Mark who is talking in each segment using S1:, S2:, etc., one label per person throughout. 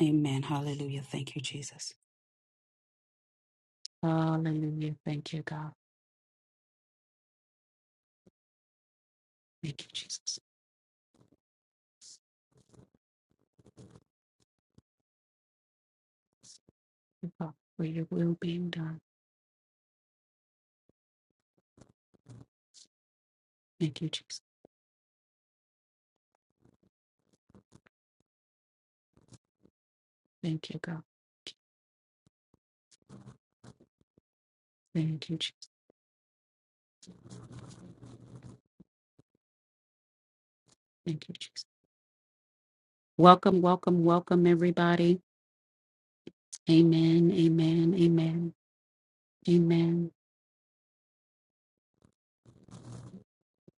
S1: Amen. Hallelujah. Thank you, Jesus. Hallelujah. Thank you, God. Thank you, Jesus. Thank you, God, for your will being done. Thank you, Jesus. Thank you, God. Thank you, Jesus. Thank you, Jesus. Welcome, welcome, welcome, everybody. Amen, amen, amen, amen.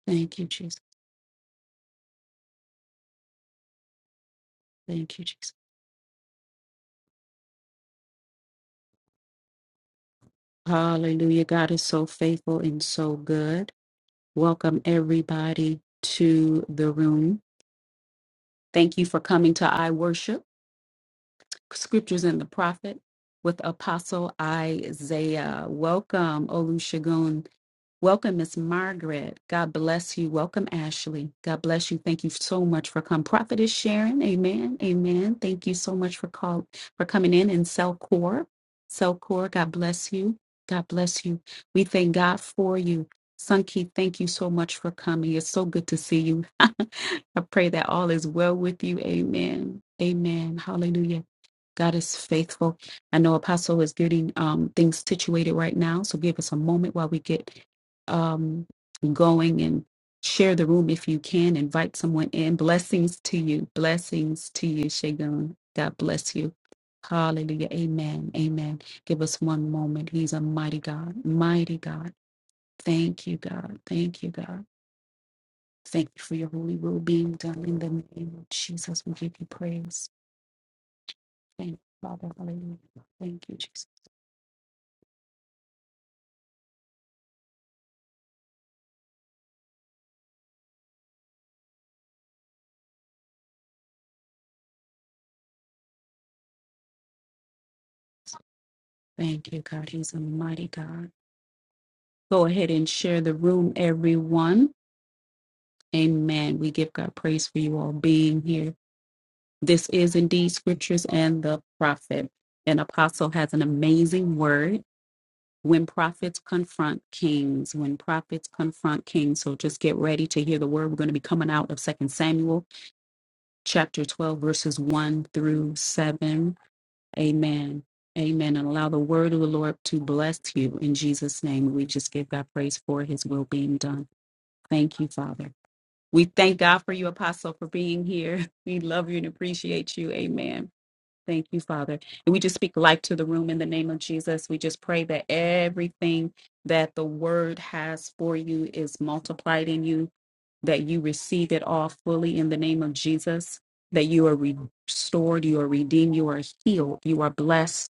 S1: Thank you, Jesus. Thank you, Jesus. Hallelujah. God is so faithful and so good. Welcome, everybody, to the room. Thank you for coming to I Worship. scriptures and the prophet with Apostle Isaiah. Welcome, Olusegun. Welcome, Miss Margaret. God bless you. Welcome, Ashley. God bless you. Thank you so much for coming. Prophet is Sharon. Amen. Amen. Thank you so much for call for coming in and cell core. God bless you. God bless you. We thank God for you. Sunki, thank you so much for coming. It's so good to see you. I pray that all is well with you. Amen. Amen. Hallelujah. God is faithful. I know Apostle is getting um, things situated right now, so give us a moment while we get um, going and share the room if you can. Invite someone in. Blessings to you. Blessings to you, Shagun. God bless you. Hallelujah. Amen. Amen. Give us one moment. He's a mighty God. Mighty God. Thank you, God. Thank you, God. Thank you for your holy will being done in the name of Jesus. We give you praise. Thank you, Father. Hallelujah. Thank you, Jesus. Thank you, God. He's a mighty God. Go ahead and share the room, everyone. Amen. We give God praise for you all being here. This is indeed scriptures and the prophet. An apostle has an amazing word when prophets confront kings. When prophets confront kings. So just get ready to hear the word. We're going to be coming out of Second Samuel chapter 12, verses 1 through 7. Amen. Amen. And allow the word of the Lord to bless you. In Jesus' name, we just give God praise for his will being done. Thank you, Father. We thank God for you, Apostle, for being here. We love you and appreciate you. Amen. Thank you, Father. And we just speak life to the room in the name of Jesus. We just pray that everything that the word has for you is multiplied in you, that you receive it all fully in the name of Jesus, that you are restored, you are redeemed, you are healed, you are blessed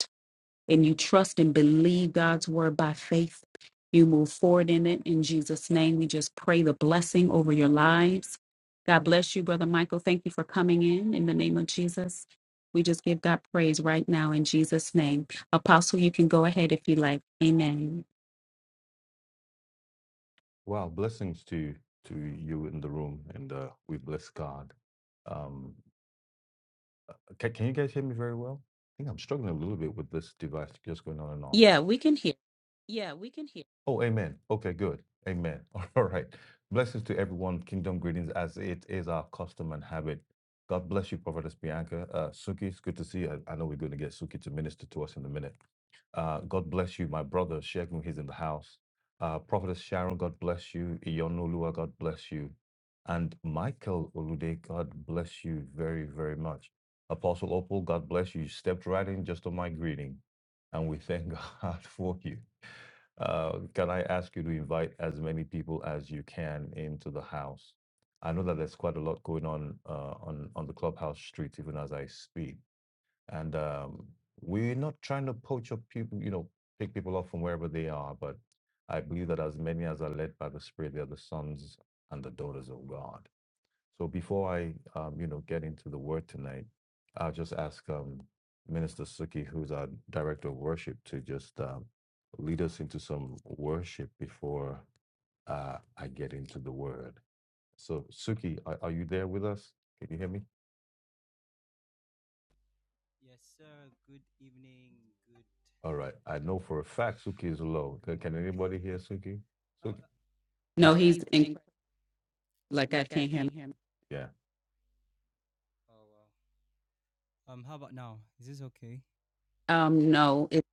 S1: and you trust and believe God's word by faith, you move forward in it. In Jesus' name, we just pray the blessing over your lives. God bless you, Brother Michael. Thank you for coming in in the name of Jesus. We just give God praise right now in Jesus' name. Apostle, you can go ahead if you like. Amen.
S2: Well, blessings to to you in the room, and uh, we bless God. Um, can, can you guys hear me very well? I think I'm struggling a little bit with this device just going on and off.
S1: Yeah, we can hear.
S2: Yeah, we can hear. Oh, amen. Okay, good. Amen. All right. Blessings to everyone. Kingdom greetings as it is our custom and habit. God bless you, Prophetess Bianca. Uh, Suki, it's good to see you. I, I know we're going to get Suki to minister to us in a minute. Uh, God bless you, my brother Shegun. He's in the house. Uh, Prophetess Sharon, God bless you. Iyonolua, God bless you. And Michael Olude, God bless you very, very much. Apostle Opal, God bless you. You stepped right in just on my greeting, and we thank God for you. Uh, can I ask you to invite as many people as you can into the house? I know that there's quite a lot going on uh, on on the clubhouse streets even as I speak. And um, we're not trying to poach up people, you know, pick people up from wherever they are, but I believe that as many as are led by the Spirit, they are the sons and the daughters of God. So before I, um, you know, get into the word tonight, I'll just ask um, Minister Suki, who's our director of worship, to just um, lead us into some worship before uh, I get into the word. So Suki, are, are you there with us? Can you hear me?
S3: Yes, sir. Good evening. Good
S2: All right. I know for a fact Suki is low.
S3: good
S2: Can can
S3: morning.
S2: anybody hear Suki?
S3: How about
S2: Suki? Uh, No,
S1: No,
S2: Uh,
S1: he's
S2: he's in,
S1: incredible. Like, I
S2: like, I
S1: can't hear
S2: can't
S1: him.
S2: hear him. yeah.
S3: oh wow. Um how about now? Is this okay?
S1: Um, no, if,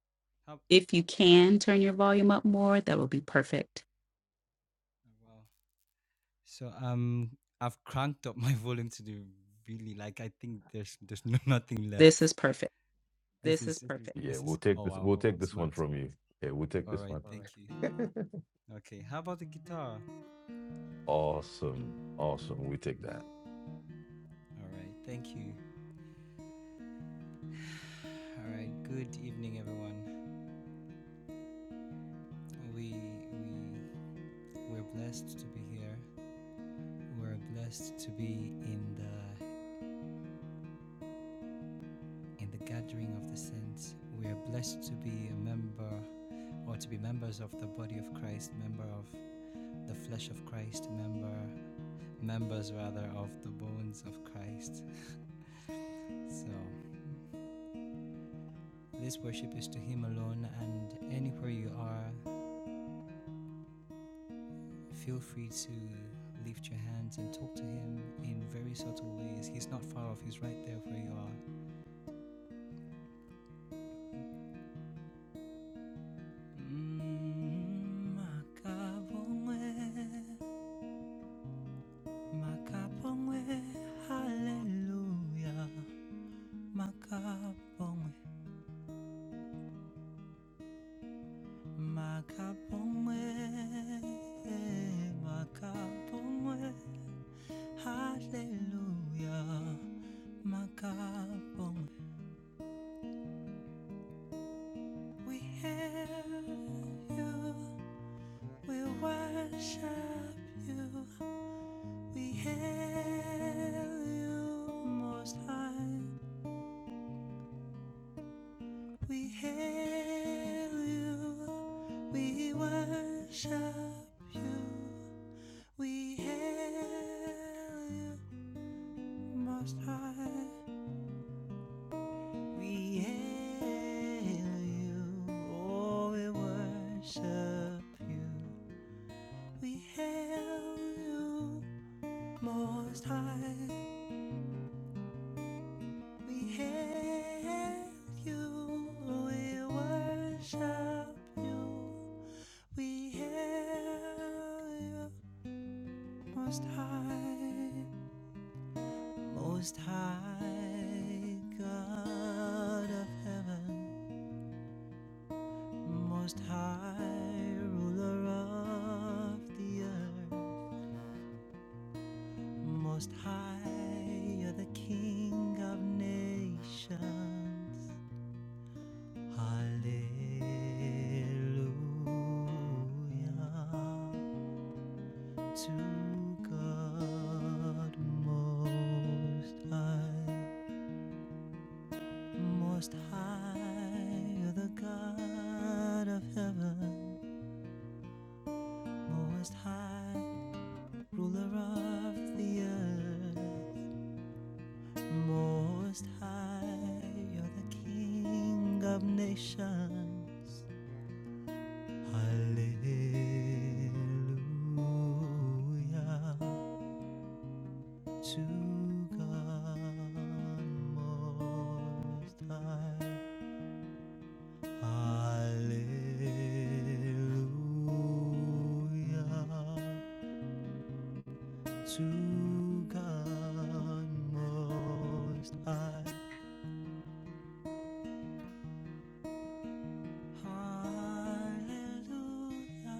S3: How
S1: if you can turn your volume up more, that would be perfect.
S3: oh, wow. So um I've cranked up my volume to the really like I think there's there's no, nothing left.
S1: This is perfect.
S3: This
S2: This is
S3: is
S2: Yeah.
S3: this
S2: We'll
S3: is
S2: take
S3: oh
S2: this.
S3: wow.
S2: We'll take
S3: It's
S2: this one
S3: max.
S2: from you. Yeah. We'll take this
S3: Alright,
S2: one. All
S3: thank
S2: right.
S3: you.
S2: Thank you.
S3: Okay, how about the guitar?
S2: Awesome. Awesome. We take that.
S3: Alright, thank you. Alright, good evening everyone. We we we're blessed to be here We're blessed to be in the in the gathering of the saints. We are blessed to be a member or to be members of the body of Christ, member of the flesh of Christ, member members rather of the bones of Christ. so this worship is to him alone and anywhere you are, feel free to lift your hands and talk to him in very subtle ways. He's not far off, he's right there where you are. Mm, makabongwe. Makapongwe, hallelujah. Makapongwe, makapongwe, makapongwe, hallelujah. Makapongwe, we hail you, we worship you, we hail you, most high. We hail you, we worship you, we hail you, Most High. We hail you, oh, we worship you. We hail you, Most High. We hail you, we worship you. We hail you, Most High, Most High, God of heaven, Most High, ruler of the earth, Most High, you're the King of nations. Hallelujah. to God most high, most high, the God of heaven, most high, ruler of the earth, most high, you're the King of nations. Hallelujah. To God most high, Hallelujah. To God most high, Hallelujah.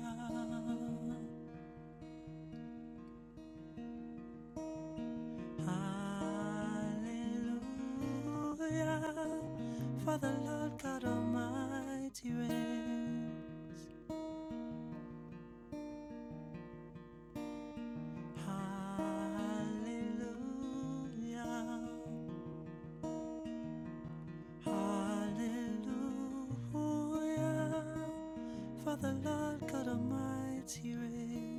S3: Hallelujah. For the Lord God Almighty reigns. Hallelujah, hallelujah. For the Lord God Almighty reigns.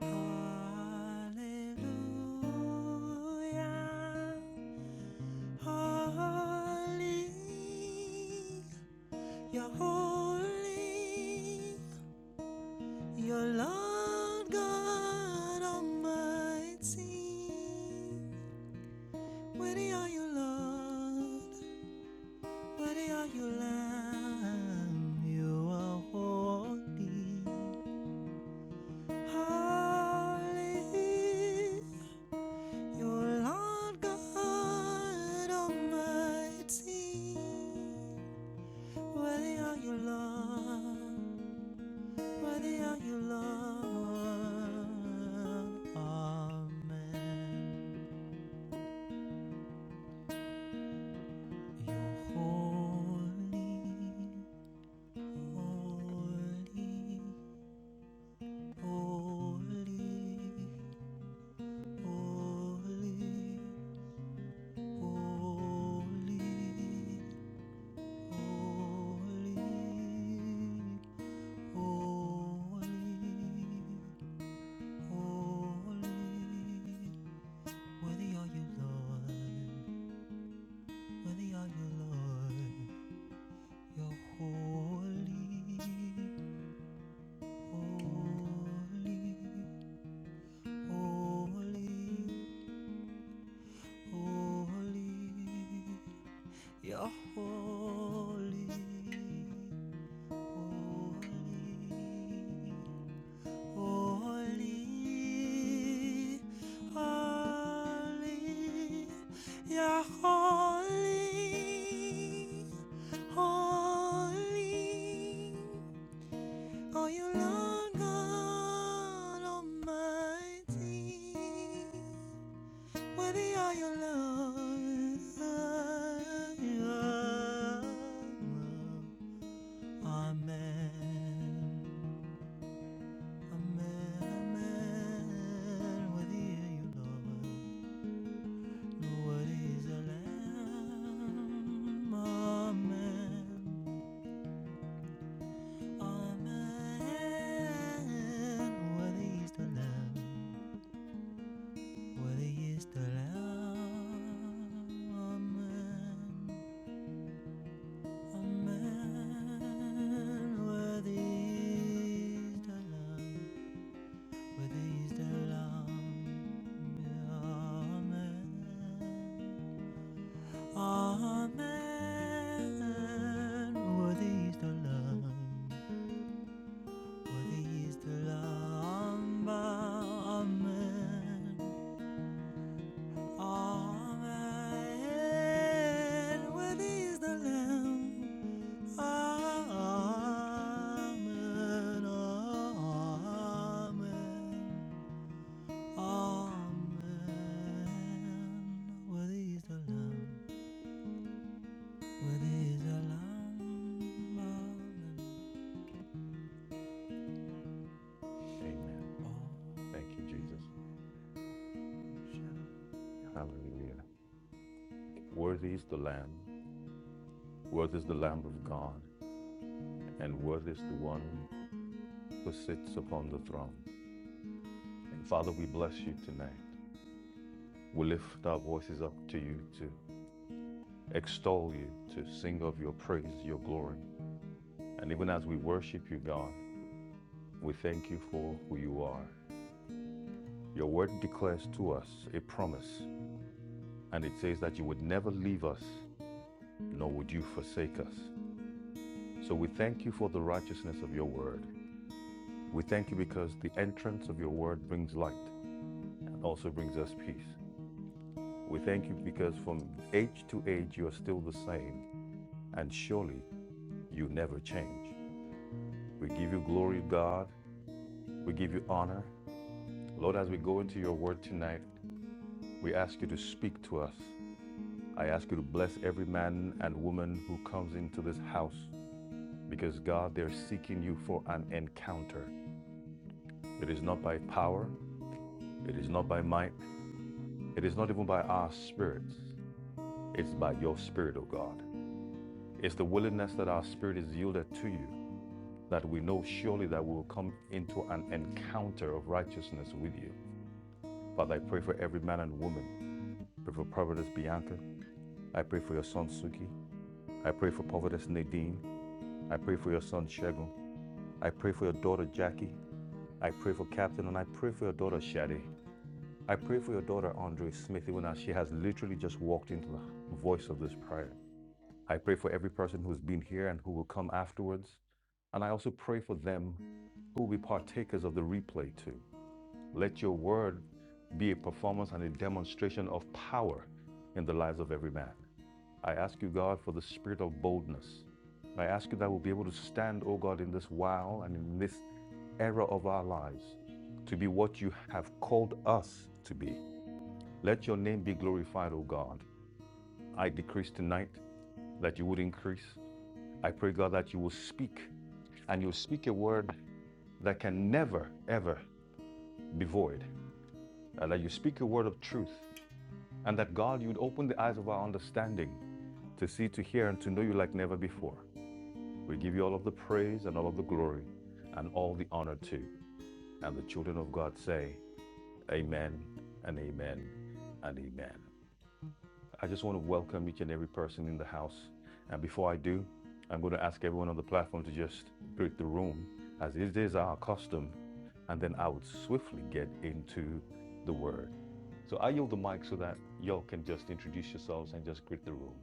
S3: Hallelujah, holy, you're holy, You're Lord God Almighty. Worthy are you, Lord. Worthy are you, Lamb. You are holy. Holy. You're Lord God Almighty. Worthy are you, Lord. Worthy are you, Lord. Amen. You're holy. Holy. Holy. Holy, holy, holy, holy. Worthy are you, Lord. Worthy are you, Lord. You're holy, holy, holy, holy. You're holy. Holy, holy, yeah, holy, holy. Oh, you Lord God Almighty? Worthy are you, Lord. Amen. A man, a man, whether you love, what is a lamb? A man, a man, what is the lamb? Whether What is the lamb? A man, a man, what is the lamb? Whether What is the lamb? amen. Amen. Worthy is the Lamb. Worthy is the Lamb. Amen. Amen. Worthy is the Lamb. Amen. Amen. Amen. Worthy is the Lamb. Worthy is the Lamb. Amen.
S2: Amen. Thank you, Jesus. Hallelujah. Worthy is the Lamb. Worthy is the Lamb of God. And worthy is the one who sits upon the throne. And Father, we bless you tonight. We lift our voices up to you to extol you, to sing of your praise, your glory. And even as we worship you, God, we thank you for who you are. Your word declares to us a promise, and it says that you would never leave us, nor would you forsake us. So we thank you for the righteousness of your word. We thank you because the entrance of your word brings light and also brings us peace. We thank you because from age to age you are still the same, and surely you never change. We give you glory, God. We give you honor Lord, as we go into your word tonight, we ask you to speak to us. I ask you to bless every man and woman who comes into this house because, God, they're seeking you for an encounter. It is not by power, it is not by might, it is not even by our spirits. It's by your spirit, O God. It's the willingness that our spirit is yielded to you that we know surely that we will come into an encounter of righteousness with you. Father, I pray for every man and woman. Pray for Providence Bianca. I pray for your son Suki. I pray for Prophetess Nadine. I pray for your son Shegun. I pray for your daughter Jackie. I pray for Captain and I pray for your daughter Shadi. I pray for your daughter Andre Smith, even as she has literally just walked into the voice of this prayer. I pray for every person who's been here and who will come afterwards. And I also pray for them who will be partakers of the replay too. Let your word be a performance and a demonstration of power in the lives of every man. I ask you, God, for the spirit of boldness. I ask you that we'll be able to stand, oh God, in this while and in this era of our lives to be what you have called us to be. Let your name be glorified, O God. I decrease tonight that you would increase. I pray, God, that you will speak and you'll speak a word that can never, ever be void, and that you speak a word of truth, and that, God, you'd open the eyes of our understanding to see, to hear, and to know you like never before. We give you all of the praise and all of the glory and all the honor too. And the children of God say, Amen and Amen and Amen. I just want to welcome each and every person in the house. And before I do, I'm going to ask everyone on the platform to just break the room, as it is our custom. And then I would swiftly get into the word. So I yield the mic so that y'all can just introduce yourselves and just greet the room.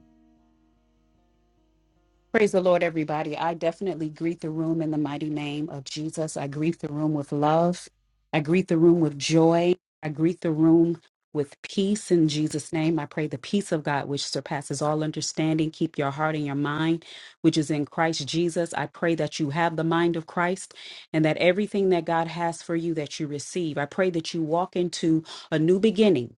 S1: Praise the Lord, everybody. I definitely greet the room in the mighty name of Jesus. I greet the room with love. I greet the room with joy. I greet the room with peace in Jesus' name. I pray the peace of God, which surpasses all understanding, keep your heart and your mind, which is in Christ Jesus. I pray that you have the mind of Christ and that everything that God has for you that you receive. I pray that you walk into a new beginning.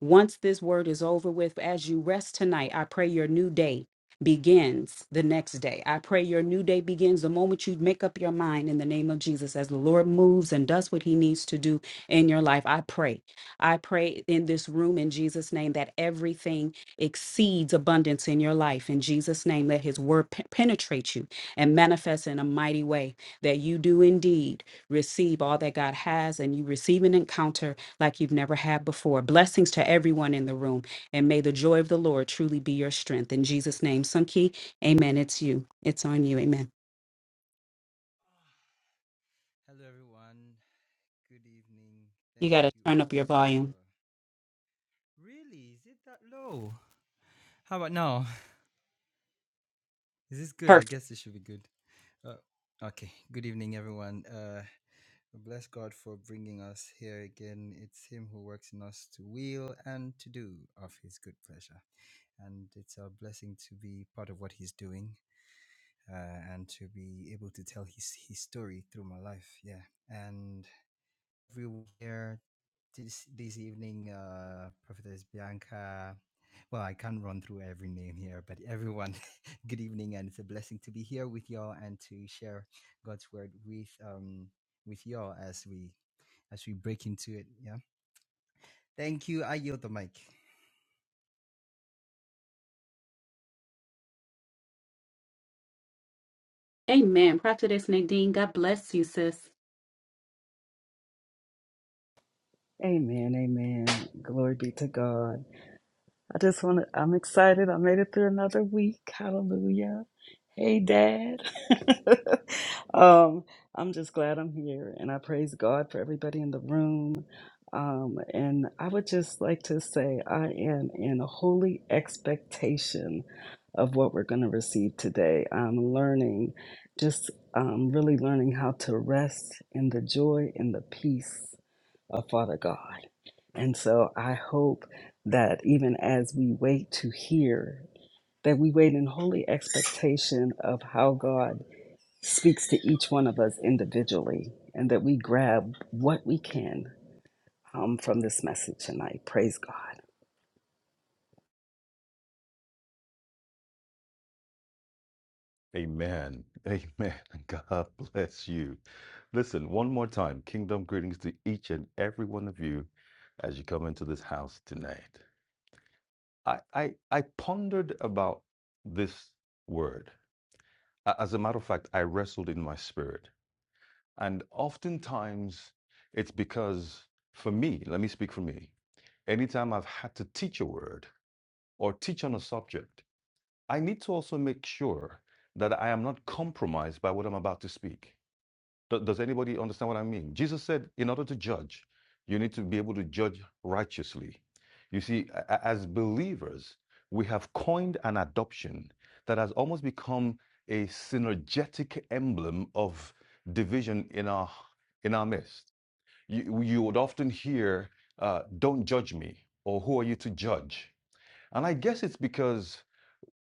S1: Once this word is over with, as you rest tonight, I pray your new day begins the next day. I pray your new day begins the moment you make up your mind in the name of Jesus as the Lord moves and does what he needs to do in your life. I pray. I pray in this room in Jesus' name that everything exceeds abundance in your life. In Jesus' name, let his word pe- penetrate you and manifest in a mighty way that you do indeed receive all that God has and you receive an encounter like you've never had before. Blessings to everyone in the room. And may the joy of the Lord truly be your strength. In Jesus' name, Sunki, amen. It's you. It's on you. Amen.
S3: Hello, everyone. Good evening.
S1: You
S3: Thank
S1: got to
S3: you
S1: turn up
S3: all
S1: your volume.
S3: for. Really? Is it that low? How about now? Is this good? I
S1: Perfect.
S3: guess this should be good. Uh, okay. Good evening, everyone. Uh, bless God for bringing us here again. It's Him who works in us to will and to do of His good pleasure. And it's a blessing to be part of what He's doing uh, and to be able to tell His, his story through my life. Yeah. And everyone here this this evening. Uh, Prophetess Bianca. Well, I can't run through every name here, but everyone, good evening, and it's a blessing to be here with y'all and to share God's word with um with y'all as we as we break into it. Yeah. Thank you. I yield the mic.
S1: Amen. Prophetess Nadine, God bless you, sis.
S4: Amen, amen. Glory be to God. I just want to, I'm excited. I made it through another week. Hallelujah. Hey, Dad. um, I'm just glad I'm here and I praise God for everybody in the room. Um, and I would just like to say I am in holy expectation of what we're going to receive today. I'm learning, just um, really learning how to rest in the joy and the peace uh, Father God. And so I hope that even as we wait to hear, that we wait in holy expectation of how God speaks to each one of us individually, and that we grab what we can um, from this message tonight. Praise God.
S2: Amen. Amen. God bless you. Listen, one more time, kingdom greetings to each and every one of you as you come into this house tonight. I, I, I pondered about this word. A- As a matter of fact, I wrestled in my spirit. And oftentimes it's because, for me, let me speak for me, anytime I've had to teach a word or teach on a subject, I need to also make sure that I am not compromised by what I'm about to speak. Do- Does anybody understand what I mean? Jesus said, in order to judge, you need to be able to judge righteously. You see, as believers, we have coined an adoption that has almost become a synergetic emblem of division in our in our midst. You, you would often hear, uh, "Don't judge me," or "Who are you to judge?" And I guess it's because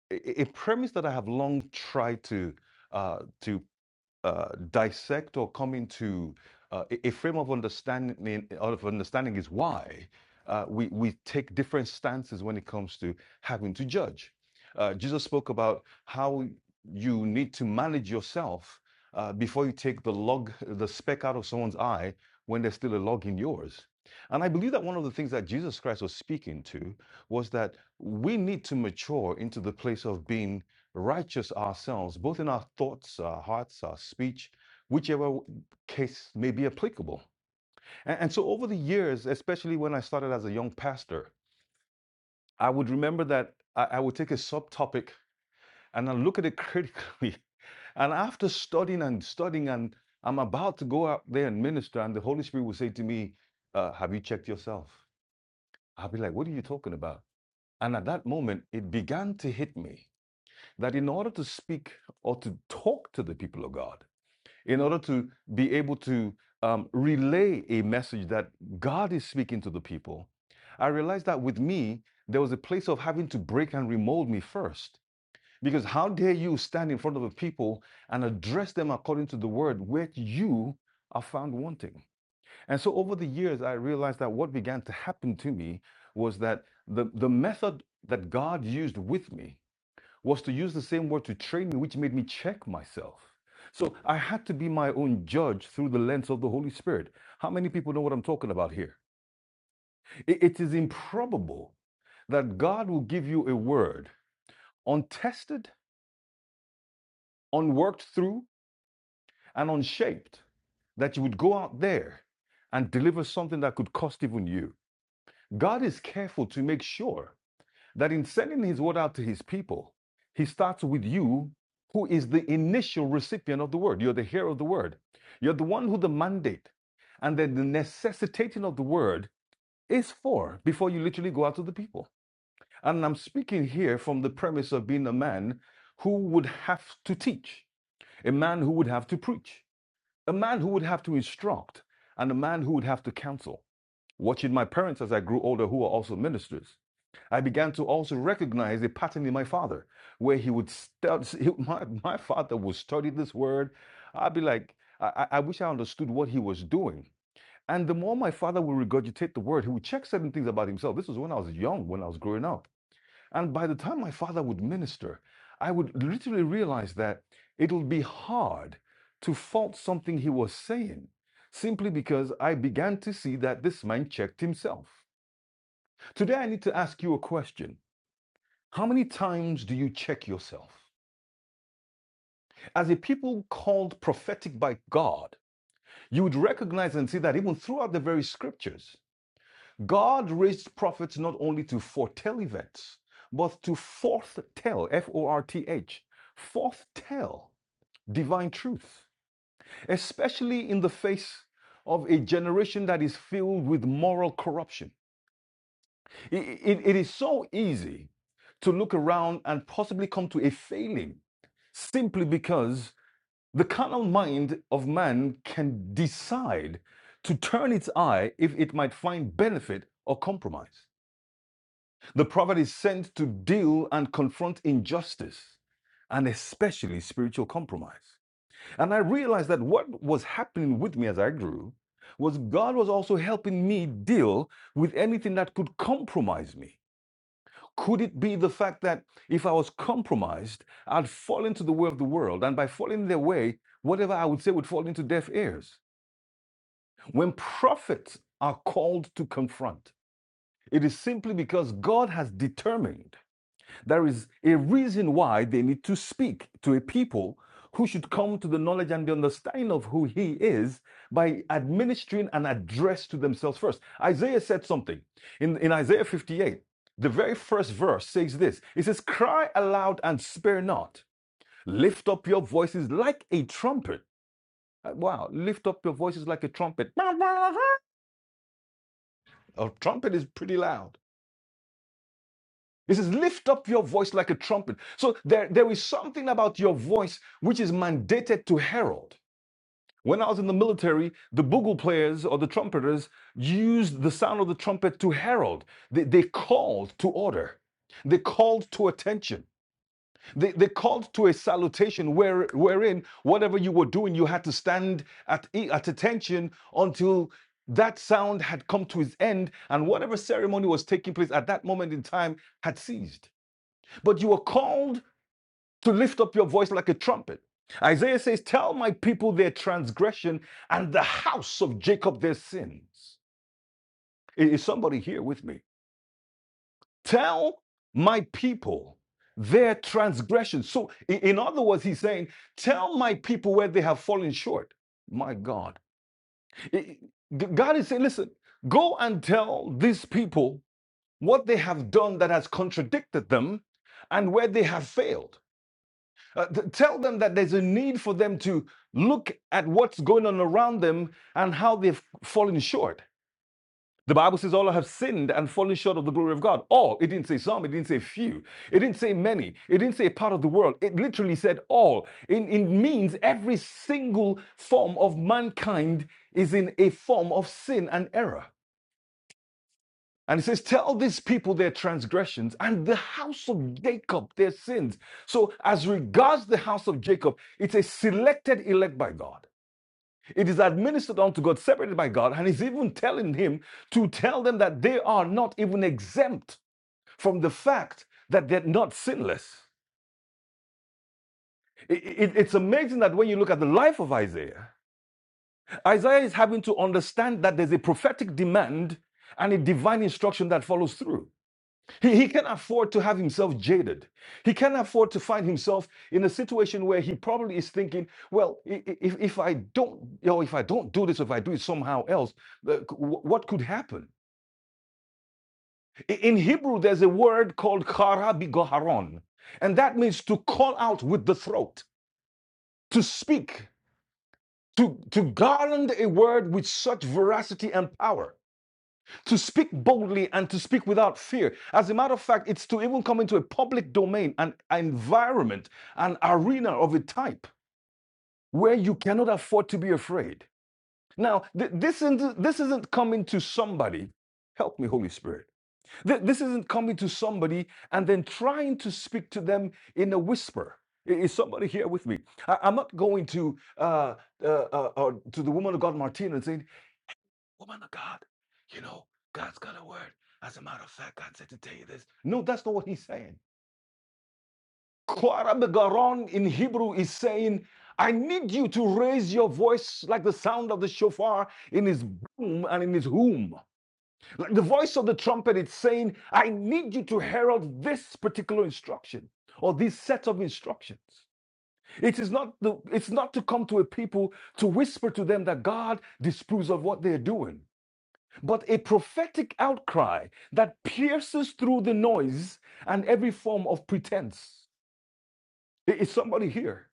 S2: a, a a premise that I have long tried to uh, to uh, dissect or come into uh, a frame of understanding of understanding is why uh, we we take different stances when it comes to having to judge. Uh, Jesus spoke about how you need to manage yourself uh, before you take the log the speck out of someone's eye when there's still a log in yours. And I believe that one of the things that Jesus Christ was speaking to was that we need to mature into the place of being righteous ourselves, both in our thoughts, our hearts, our speech, whichever case may be applicable. And, and so over the years, especially when I started as a young pastor, I would remember that I, I would take a subtopic and I look at it critically. And after studying and studying, and I'm about to go out there and minister, and the Holy Spirit would say to me, uh, Have you checked yourself? I'll be like, What are you talking about? And at that moment, it began to hit me that in order to speak or to talk to the people of God, in order to be able to um, relay a message that God is speaking to the people, I realized that with me, there was a place of having to break and remold me first. Because how dare you stand in front of a people and address them according to the word where you are found wanting? And so over the years, I realized that what began to happen to me was that the, the method that God used with me was to use the same word to train me, which made me check myself. So I had to be my own judge through the lens of the Holy Spirit. How many people know what I'm talking about here? I- it is improbable that God will give you a word untested, unworked through, and unshaped, that you would go out there and deliver something that could cost even you. God is careful to make sure that in sending his word out to his people, he starts with you, who is the initial recipient of the word. You're the hearer of the word. You're the one who the mandate and then the necessitating of the word is for before you literally go out to the people. And I'm speaking here from the premise of being a man who would have to teach, a man who would have to preach, a man who would have to instruct, and a man who would have to counsel watching my parents as I grew older, who are also ministers. I began to also recognize a pattern in my father, where he would study. my, my father would study this word. I'd be like, I I wish I understood what he was doing. And the more my father would regurgitate the word, he would check certain things about himself. This was when I was young, when I was growing up. And by the time my father would minister, I would literally realize that it would be hard to fault something he was saying simply because I began to see that this man checked himself. Today, I need to ask you a question. How many times do you check yourself? As a people called prophetic by God, you would recognize and see that even throughout the very scriptures, God raised prophets not only to foretell events, but to forthtell, F O R T H, forthtell divine truth, especially in the face of a generation that is filled with moral corruption. I- i- it is so easy to look around and possibly come to a failing simply because The carnal mind of man can decide to turn its eye if it might find benefit or compromise. The prophet is sent to deal and confront injustice and especially spiritual compromise. And I realized that what was happening with me as I grew was God was also helping me deal with anything that could compromise me. Could it be the fact that if I was compromised, I'd fall into the way of the world? And by falling their way, whatever I would say would fall into deaf ears. When prophets are called to confront, it is simply because God has determined there is a reason why they need to speak to a people who should come to the knowledge and the understanding of who he is by administering an address to themselves first. Isaiah said something in, in Isaiah 58. The very first verse says this It says, Cry aloud and spare not. Lift up your voices like a trumpet. Uh, Wow, lift up your voices like a trumpet. A trumpet is pretty loud. He says, lift up your voice like a trumpet. So there, there is something about your voice which is mandated to herald. When I was in the military, the bugle players or the trumpeters used the sound of the trumpet to herald. They, they called to order. They called to attention. They, they called to a salutation where, wherein whatever you were doing, you had to stand at, e- at attention until that sound had come to its end and whatever ceremony was taking place at that moment in time had ceased but you are called to lift up your voice like a trumpet. Isaiah says, Tell my people their transgression and the house of Jacob their sins. Is somebody here with me? Tell my people their transgression. So, in other words, he's saying, Tell my people where they have fallen short. My God. God is saying, Listen, go and tell these people what they have done that has contradicted them and where they have failed. Uh, t- tell them that there's a need for them to look at what's going on around them and how they've fallen short. The Bible says all have sinned and fallen short of the glory of God. All. It didn't say some, it didn't say few, it didn't say many, it didn't say part of the world. It literally said all. It, it means every single form of mankind is in a form of sin and error. And it says, Tell these people their transgressions and the house of Jacob their sins. So, as regards the house of Jacob, it's a selected elect by God. It is administered unto God, separated by God. And he's even telling him to tell them that they are not even exempt from the fact that they're not sinless. I- it- it's amazing that when you look at the life of Isaiah, Isaiah is having to understand that there's a prophetic demand and a divine instruction that follows through. He, he can afford to have himself jaded. He can afford to find himself in a situation where he probably is thinking, well, i- i- if, if I don't, you know, if I don't do this, if I do it somehow else, uh, c- wh- what could happen? I- In Hebrew, there's a word called kara bigoharon, and that means to call out with the throat, to speak, to, to garland a word with such veracity and power to speak boldly and to speak without fear. As a matter of fact, it's to even come into a public domain, an environment, an arena of a type where you cannot afford to be afraid. Now, th- this, isn't, this isn't coming to somebody. Help me, Holy Spirit. Th- this isn't coming to somebody and then trying to speak to them in a whisper. Is somebody here with me? I- am not going to uh, uh, uh, uh, to the woman of God, Martina, and saying, woman of God, you know, God's got a word. As a matter of fact, God said to tell you this. No, that's not what he's saying. Korah Garon in Hebrew is saying, I need you to raise your voice like the sound of the shofar in his boom and in his whom. Like the voice of the trumpet, it's saying, I need you to herald this particular instruction or this set of instructions. It is not the, it's not to come to a people to whisper to them that God disapproves of what they're doing. but a prophetic outcry that pierces through the noise and every form of pretense. I- Is somebody here?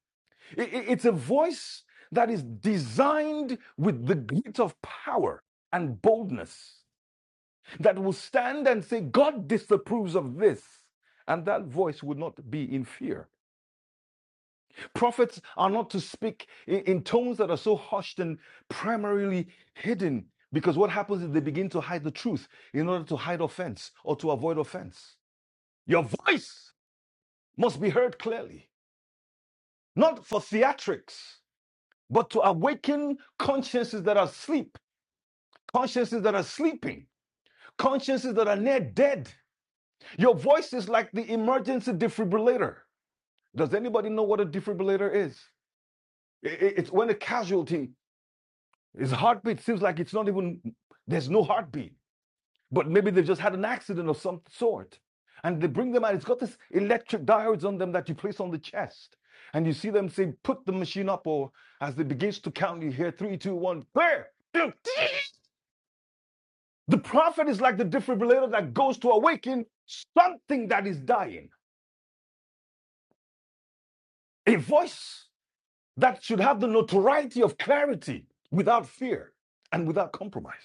S2: It's a voice that is designed with the grit of power and boldness that will stand and say, God disapproves of this. And that voice would not be in fear. Prophets are not to speak in, in tones that are so hushed and primarily hidden because what happens is they begin to hide the truth in order to hide offense or to avoid offense. Your voice must be heard clearly, not for theatrics, but to awaken consciences that are asleep, consciences that are sleeping, consciences that are near dead. Your voice is like the emergency defibrillator. Does anybody know what a defibrillator is? It's when a casualty His heartbeat seems like it's not even, there's no heartbeat, but maybe they just had an accident of some sort. And they bring them out. It's got this electric diodes on them that you place on the chest. And you see them say, put the machine up, or as they begins to count, you hear three, two, one, clear. The prophet is like the defibrillator that goes to awaken something that is dying. A voice that should have the notoriety of clarity without fear and without compromise.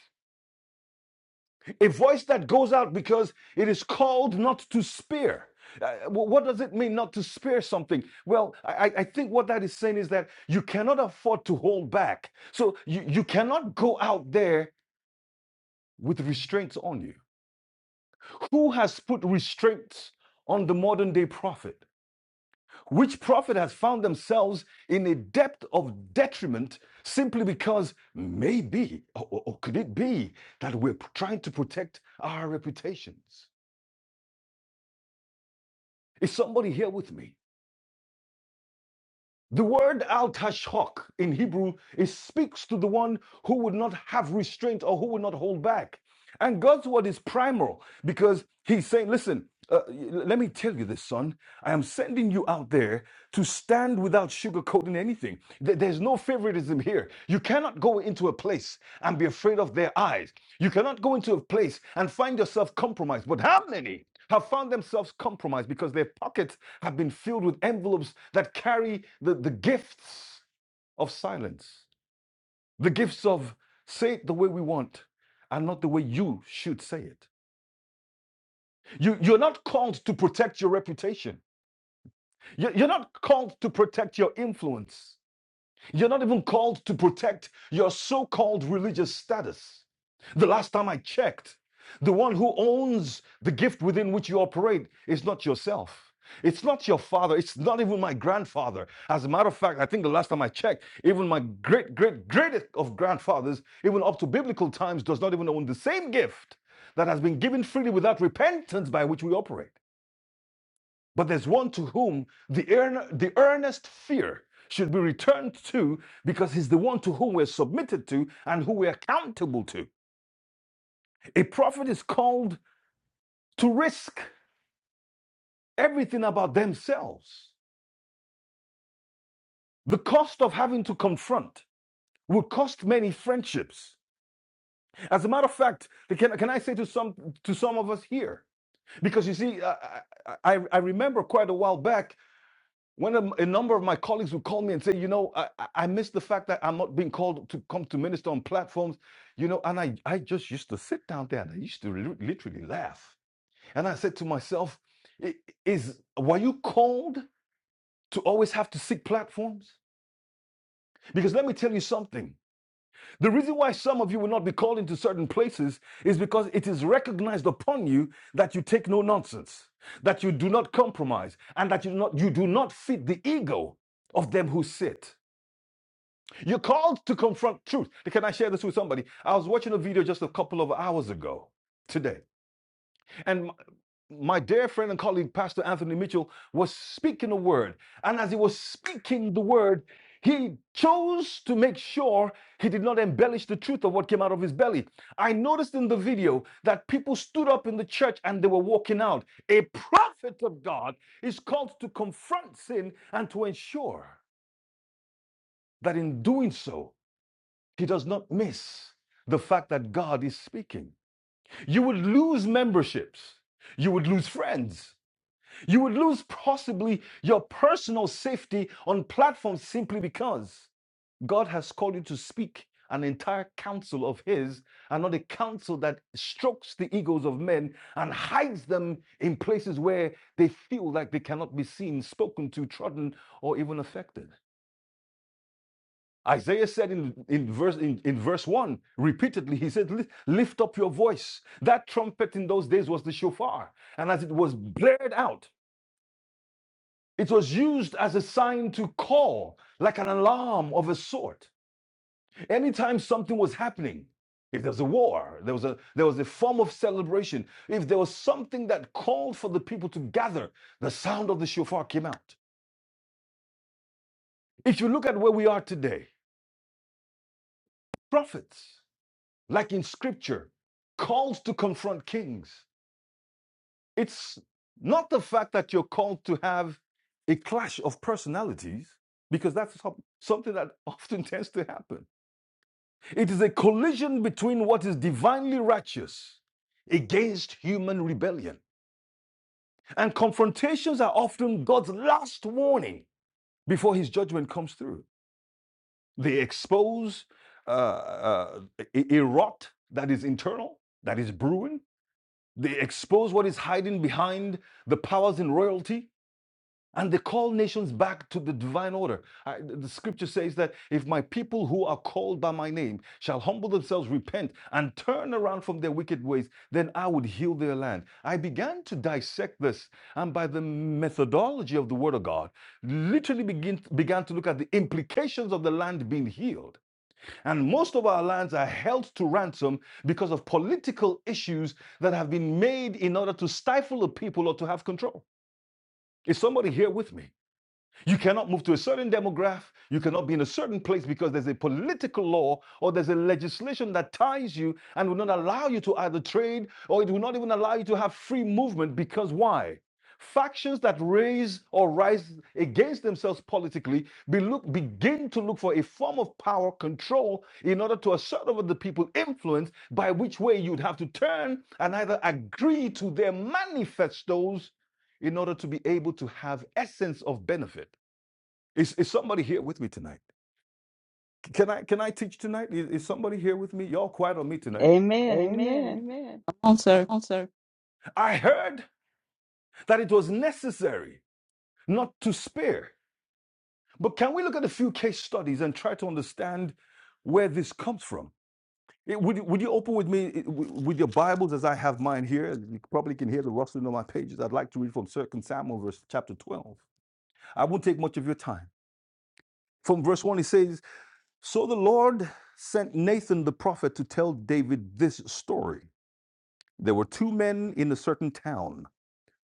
S2: A voice that goes out because it is called not to spare. Uh, what does it mean not to spare something? Well, I, I think what that is saying is that you cannot afford to hold back. So you, you cannot go out there with restraints on you. Who has put restraints on the modern day prophet? Which prophet has found themselves in a depth of detriment simply because maybe, or or could it be, that we're trying to protect our reputations? Is somebody here with me? The word al tashok in Hebrew it speaks to the one who would not have restraint or who would not hold back. And God's word is primal because he's saying, listen, uh, let me tell you this, son. I am sending you out there to stand without sugarcoating anything. There's no favoritism here. You cannot go into a place and be afraid of their eyes. You cannot go into a place and find yourself compromised. But how many have found themselves compromised because their pockets? have been filled with envelopes that carry the, the gifts of silence, the gifts of say it the way we want and not the way you should say it. You, you're not called to protect your reputation. You- You're not called to protect your influence. You're not even called to protect your so called religious status. The last time I checked, the one who owns the gift within which you operate is not yourself. It's not your father. It's not even my grandfather. As a matter of fact, I think the last time I checked, even my great, great, greatest of grandfathers, even up to biblical times, does not even own the same gift that has been given freely without repentance by which we operate. But there's one to whom the, earn, the earnest fear should be returned to because he's the one to whom we're submitted to and who we're accountable to. A prophet is called to risk everything about themselves. The cost of having to confront will cost many friendships. As a matter of fact, can, can I say to some to some of us here? Because you see, I, I, I I remember quite a while back When a, a number of my colleagues would call me and say, you know, I, I I miss the fact that I'm not being called to come to minister on platforms, you know, and I, I just used to sit down there and I used to lit- literally laugh. And I said to myself, "I- is were you called to always have to seek platforms? Because let me tell you something. The reason why some of you will not be called into certain places is because it is recognized upon you that you take no nonsense, that you do not compromise, and that you do not, you do not fit the ego of them who sit. You're called to confront truth. Can I share this with somebody? I was watching a video just a couple of hours ago today, and my, my dear friend and colleague, Pastor Anthony Mitchell, was speaking a word. And as he was speaking the word, he chose to make sure he did not embellish the truth of what came out of his belly. I noticed in the video that people stood up in the church and they were walking out. A prophet of God is called to confront sin and to ensure that in doing so, he does not miss the fact that God is speaking. You would lose memberships. You would lose friends. You would lose possibly your personal safety on platforms simply because God has called you to speak an entire counsel of His and not a counsel that strokes the egos of men and hides them in places where they feel like they cannot be seen, spoken to, trodden, or even affected. Isaiah said in, in, verse, in, in verse 1 repeatedly, he said, Lift up your voice. That trumpet in those days was the shofar. And as it was blared out, it was used as a sign to call, like an alarm of a sort. Anytime something was happening, if there was a war, there was a, there was a form of celebration, if there was something that called for the people to gather, the sound of the shofar came out. If you look at where we are today, prophets. like in scripture, calls to confront kings. It's not the fact that you're called to have a clash of personalities, because that's something that often tends to happen. It is a collision between what is divinely righteous against human rebellion. And confrontations are often God's last warning before his judgment comes through. They expose uh, uh, a a rot that is internal, that is brewing, They expose what is hiding behind the powers in royalty and they call nations back to the divine order. I- the scripture says that if my people who are called by my name shall humble themselves, repent, and turn around from their wicked ways, then I would heal their land. I began to dissect this and by the methodology of the word of God, literally begin, began to look at the implications of the land being healed. And most of our lands are held to ransom because of political issues that have been made in order to stifle the people or to have control. Is somebody here with me? You cannot move to a certain demographic. You cannot be in a certain place because there's a political law or there's a legislation that ties you and will not allow you to either trade or it will not even allow you to have free movement because why? Factions that raise or rise against themselves politically be look, begin to look for a form of power control in order to assert over the people influence by which way you'd have to turn and either agree to their manifestos in order to be able to have essence of benefit. Is, is somebody here with me tonight? Can I can I teach tonight? Is, is somebody here with me? Y'all quiet on me tonight.
S4: Amen.
S2: Amen.
S4: Amen.
S2: Amen.
S1: Come on,
S2: Come
S1: sir.
S2: on, sir. I heard that it was necessary not to spare. But can we look at a few case studies and try to understand where this comes from? Eh, Would you, would you open with me eh, w- with your Bibles as I have mine here? You probably can hear the rustling of my pages. I'd like to read from Second Samuel, verse chapter 12. I won't take much of your time. From verse 1, it says, So the Lord sent Nathan the prophet to tell David this story. There were two men in a certain town.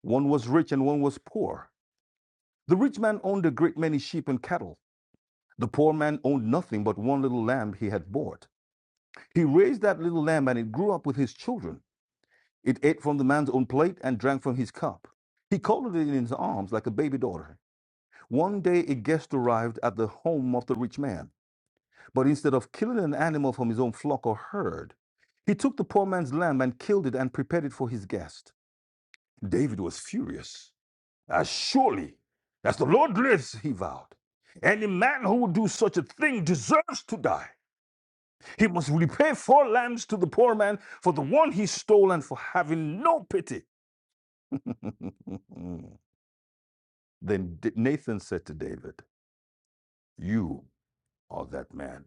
S2: One was rich and one was poor. The rich man owned a great many sheep and cattle. The poor man owned nothing but one little lamb he had bought. He raised that little lamb and it grew up with his children. It ate from the man's own plate and drank from his cup. He coddled it in his arms like a baby daughter. One day a guest arrived at the home of the rich man. But instead of killing an animal from his own flock or herd, he took the poor man's lamb and killed it and prepared it for his guest. David was furious. As surely as the Lord lives, he vowed, any man who would do such a thing deserves to die. He must repay four lambs to the poor man for the one he stole and for having no pity. then Nathan said to David, You are that man.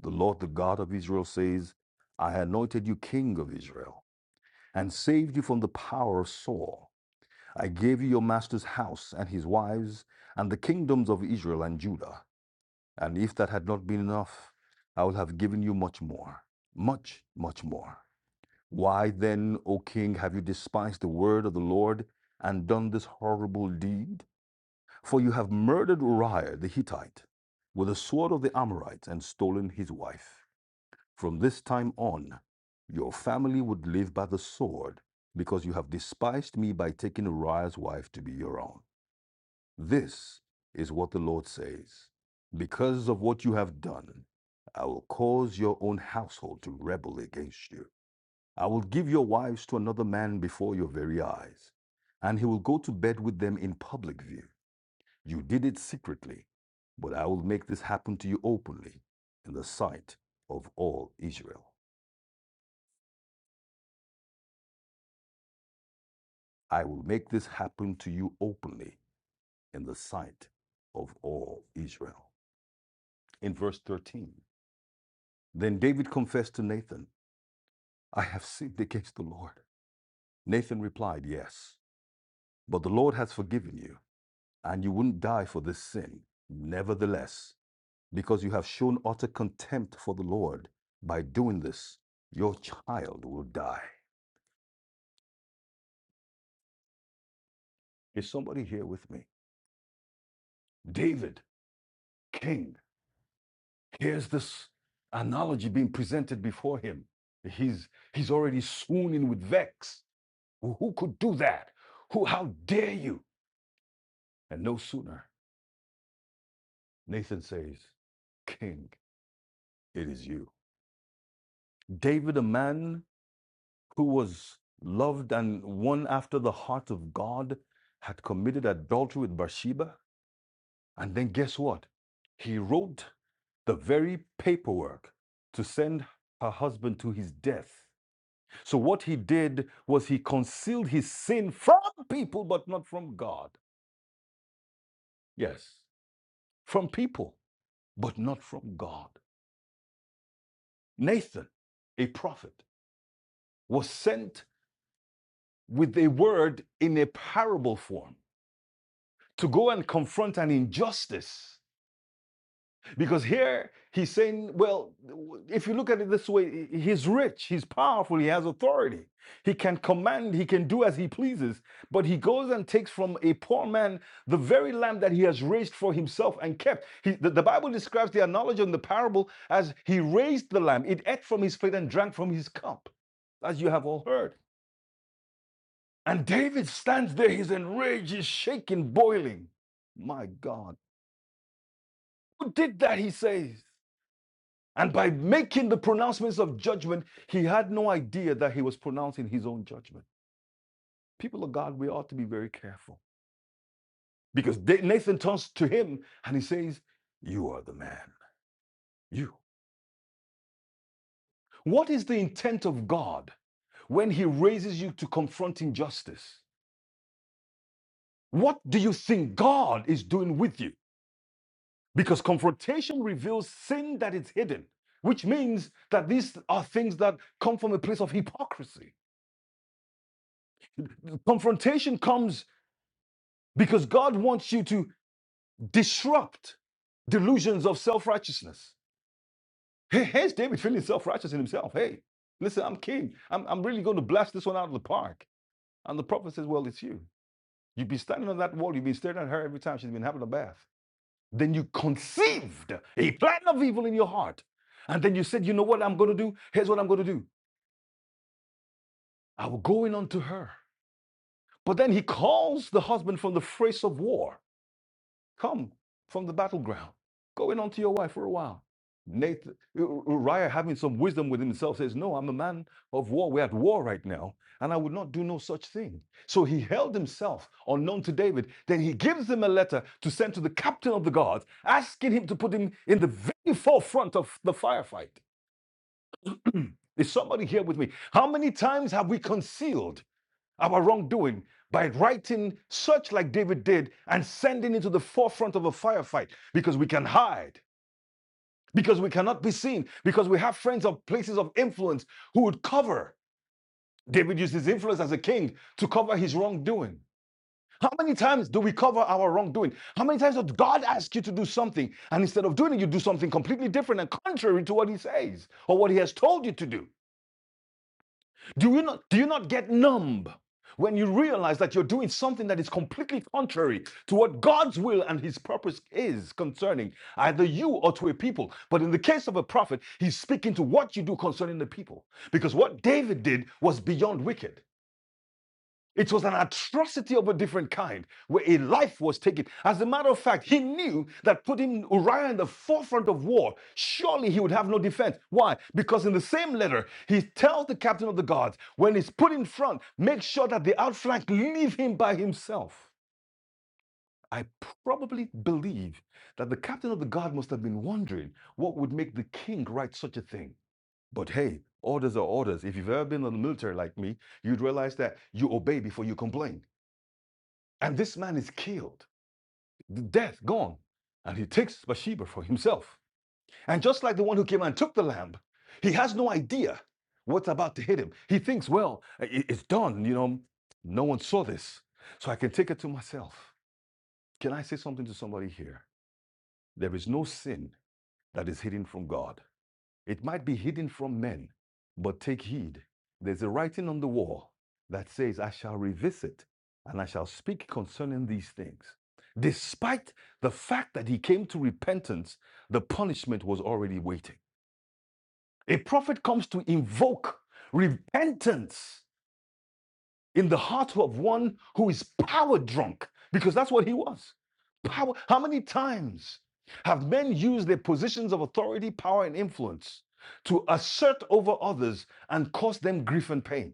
S2: The Lord, the God of Israel, says, I anointed you king of Israel. and saved you from the power of Saul. I gave you your master's house and his wives and the kingdoms of Israel and Judah. And if that had not been enough, I would have given you much more, much, much more. Why then, O king, have you despised the word of the Lord and done this horrible deed? For you have murdered Uriah the Hittite with the sword of the Amorites and stolen his wife. From this time on, your family would live by the sword, because you have despised me by taking Uriah's wife to be your own. This is what the Lord says. Because of what you have done, I will cause your own household to rebel against you. I will give your wives to another man before your very eyes, and he will go to bed with them in public view. You did it secretly, but I will make this happen to you openly in the sight of all Israel. I will make this happen to you openly in the sight of all Israel. In verse 13, then David confessed to Nathan, I have sinned against the Lord. Nathan replied, Yes, but the Lord has forgiven you, and you wouldn't die for this sin. Nevertheless, because you have shown utter contempt for the Lord by doing this, your child will die. Is somebody here with me? David, king, Here's this analogy being presented before him. He's, he's already swooning with vex. Well, Who could do that? Who, how dare you? And no sooner, Nathan says, King, it is you. David, a man who was loved and one after the heart of God, had committed adultery with Bathsheba. And then guess what? He wrote the very paperwork to send her husband to his death. So what he did was he concealed his sin from people, but not from God. Yes, from people, but not from God. Nathan, a prophet, was sent with a word in a parable form to go and confront an injustice Because here he's saying, well, if you look at it this way, he's rich, he's powerful, he has authority. He can command, he can do as he pleases. But he goes and takes from a poor man the very lamb that he has raised for himself and kept. He, the, the Bible describes the analogy in the parable as he raised the lamb, it ate from his plate and drank from his cup, as you have all heard. And David stands there, he's enraged, he's shaking, boiling. My God, who did that? He says. And by making the pronouncements of judgment, he had no idea that he was pronouncing his own judgment. People of God, we ought to be very careful because Nathan turns to him and he says, You are the man. You. What is the intent of God when he raises you to confront injustice? What do you think God is doing with you? Because confrontation reveals sin that is hidden, which means that these are things that come from a place of hypocrisy. Confrontation comes because God wants you to disrupt delusions of self righteousness. Hey, Here's David feeling self righteous in himself. Hey, listen, I'm king. I'm, I'm really going to blast this one out of the park. And the prophet says, Well, it's you. You've been standing on that wall. You've been staring at her every time she's been having a bath. Then you conceived a plan of evil in your heart. And then you said, You know what I'm going to do? Here's what I'm going to do I will go in unto her. But then he calls the husband from the face of war. Come from the battleground, going on to your wife for a while. Nathan, U- Uriah, having some wisdom with himself, says, No, I'm a man of war. We're at war right now, and I would not do no such thing. So he held himself unknown to David. Then he gives him a letter to send to the captain of the guards, asking him to put him in the very forefront of the firefight. Is somebody here with me? How many times have we concealed? our wrongdoing by writing such like David did and sending it to the forefront of a firefight because we can hide, because we cannot be seen, because we have friends of places of influence who would cover. David used his influence as a king to cover his wrongdoing. How many times do we cover our wrongdoing? How many times does God ask you to do something and instead of doing it, you do something completely different and contrary to what He says or what He has told you to do? Do you not do you not get numb when you realize that you're doing something that is completely contrary to what God's will and his purpose is concerning either you or to a people? But in the case of a prophet, he's speaking to what you do concerning the people because what David did was beyond wicked. It was an atrocity of a different kind where a life was taken. As a matter of fact, he knew that putting Uriah in the forefront of war, surely he would have no defense. Why? Because in the same letter, he tells the captain of the guards, when he's put in front, make sure that the outflank leave him by himself. I probably believe that the captain of the guard must have been wondering what would make the king write such a thing. But hey, orders are orders. If you've ever been in the military like me, you'd realize that you obey before you complain. And this man is killed, death gone. And he takes Bathsheba for himself. And just like the one who came and took the lamb, he has no idea what's about to hit him. He thinks, well, it's done, you know, no one saw this, so I can take it to myself. Can I say something to somebody here? There is no sin that is hidden from God. It might be hidden from men, but take heed. There's a writing on the wall that says, I shall revisit and I shall speak concerning these things. Despite the fact that he came to repentance, the punishment was already waiting. A prophet comes to invoke repentance in the heart of one who is power drunk, because that's what he was. Power. How many times have men used their positions of authority, power, and influence to assert over others and cause them grief and pain?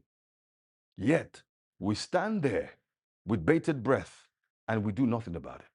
S2: Yet we stand there with bated breath and we do nothing about it.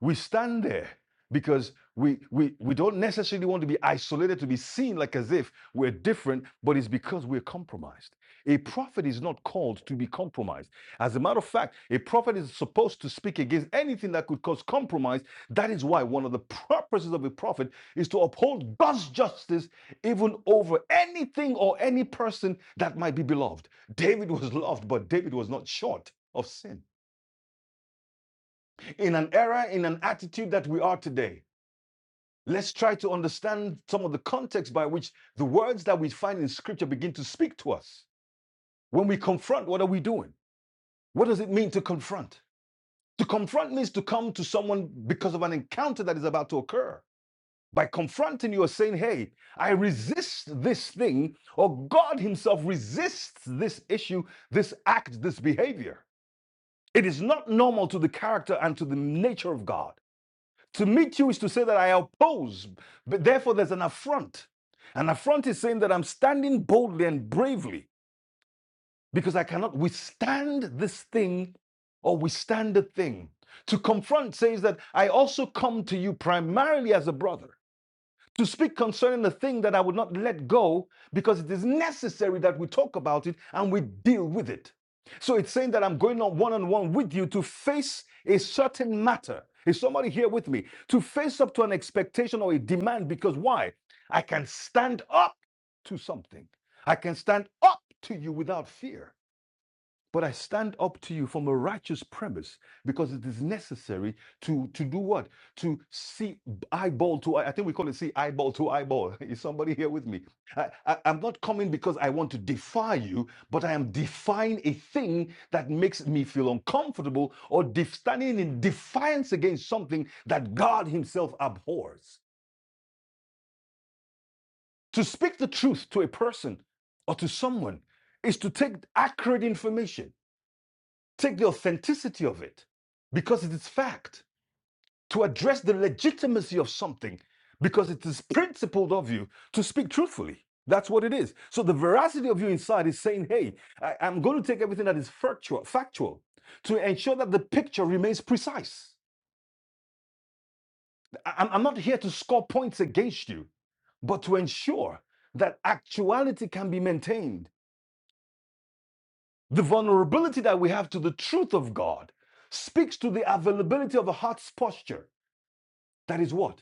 S2: We stand there because we, we, we don't necessarily want to be isolated, to be seen like as if we're different, but it's because we're compromised. A prophet is not called to be compromised. As a matter of fact, a prophet is supposed to speak against anything that could cause compromise. That is why one of the purposes of a prophet is to uphold God's justice even over anything or any person that might be beloved. David was loved, but David was not short of sin. In an era, in an attitude that we are today, Let's try to understand some of the context by which the words that we find in scripture begin to speak to us. When we confront, what are we doing? What does it mean to confront? To confront means to come to someone because of an encounter that is about to occur. By confronting, you are saying, Hey, I resist this thing, or God Himself resists this issue, this act, this behavior. It is not normal to the character and to the nature of God. To meet you is to say that I oppose, but therefore there's an affront. An affront is saying that I'm standing boldly and bravely because I cannot withstand this thing or withstand the thing. To confront says that I also come to you primarily as a brother to speak concerning the thing that I would not let go because it is necessary that we talk about it and we deal with it. So it's saying that I'm going on one on one with you to face a certain matter. Is somebody here with me? To face up to an expectation or a demand because why? I can stand up to something. I can stand up to you without fear. But I stand up to you from a righteous premise because it is necessary to, to do what? To see eyeball to eye. I think we call it see eyeball to eyeball. Is somebody here with me? I, I, I'm not coming because I want to defy you, but I am defying a thing that makes me feel uncomfortable or def- standing in defiance against something that God Himself abhors. To speak the truth to a person or to someone is to take accurate information take the authenticity of it because it is fact, to address the legitimacy of something because it is principled of you to speak truthfully. That's what it is. So the veracity of you inside is saying, hey, I, am going to take everything that is factual, factual to ensure that the picture remains precise. I- I'm not here to score points against you, but to ensure that actuality can be maintained. The vulnerability that we have to the truth of God speaks to the availability of a heart's posture that is what?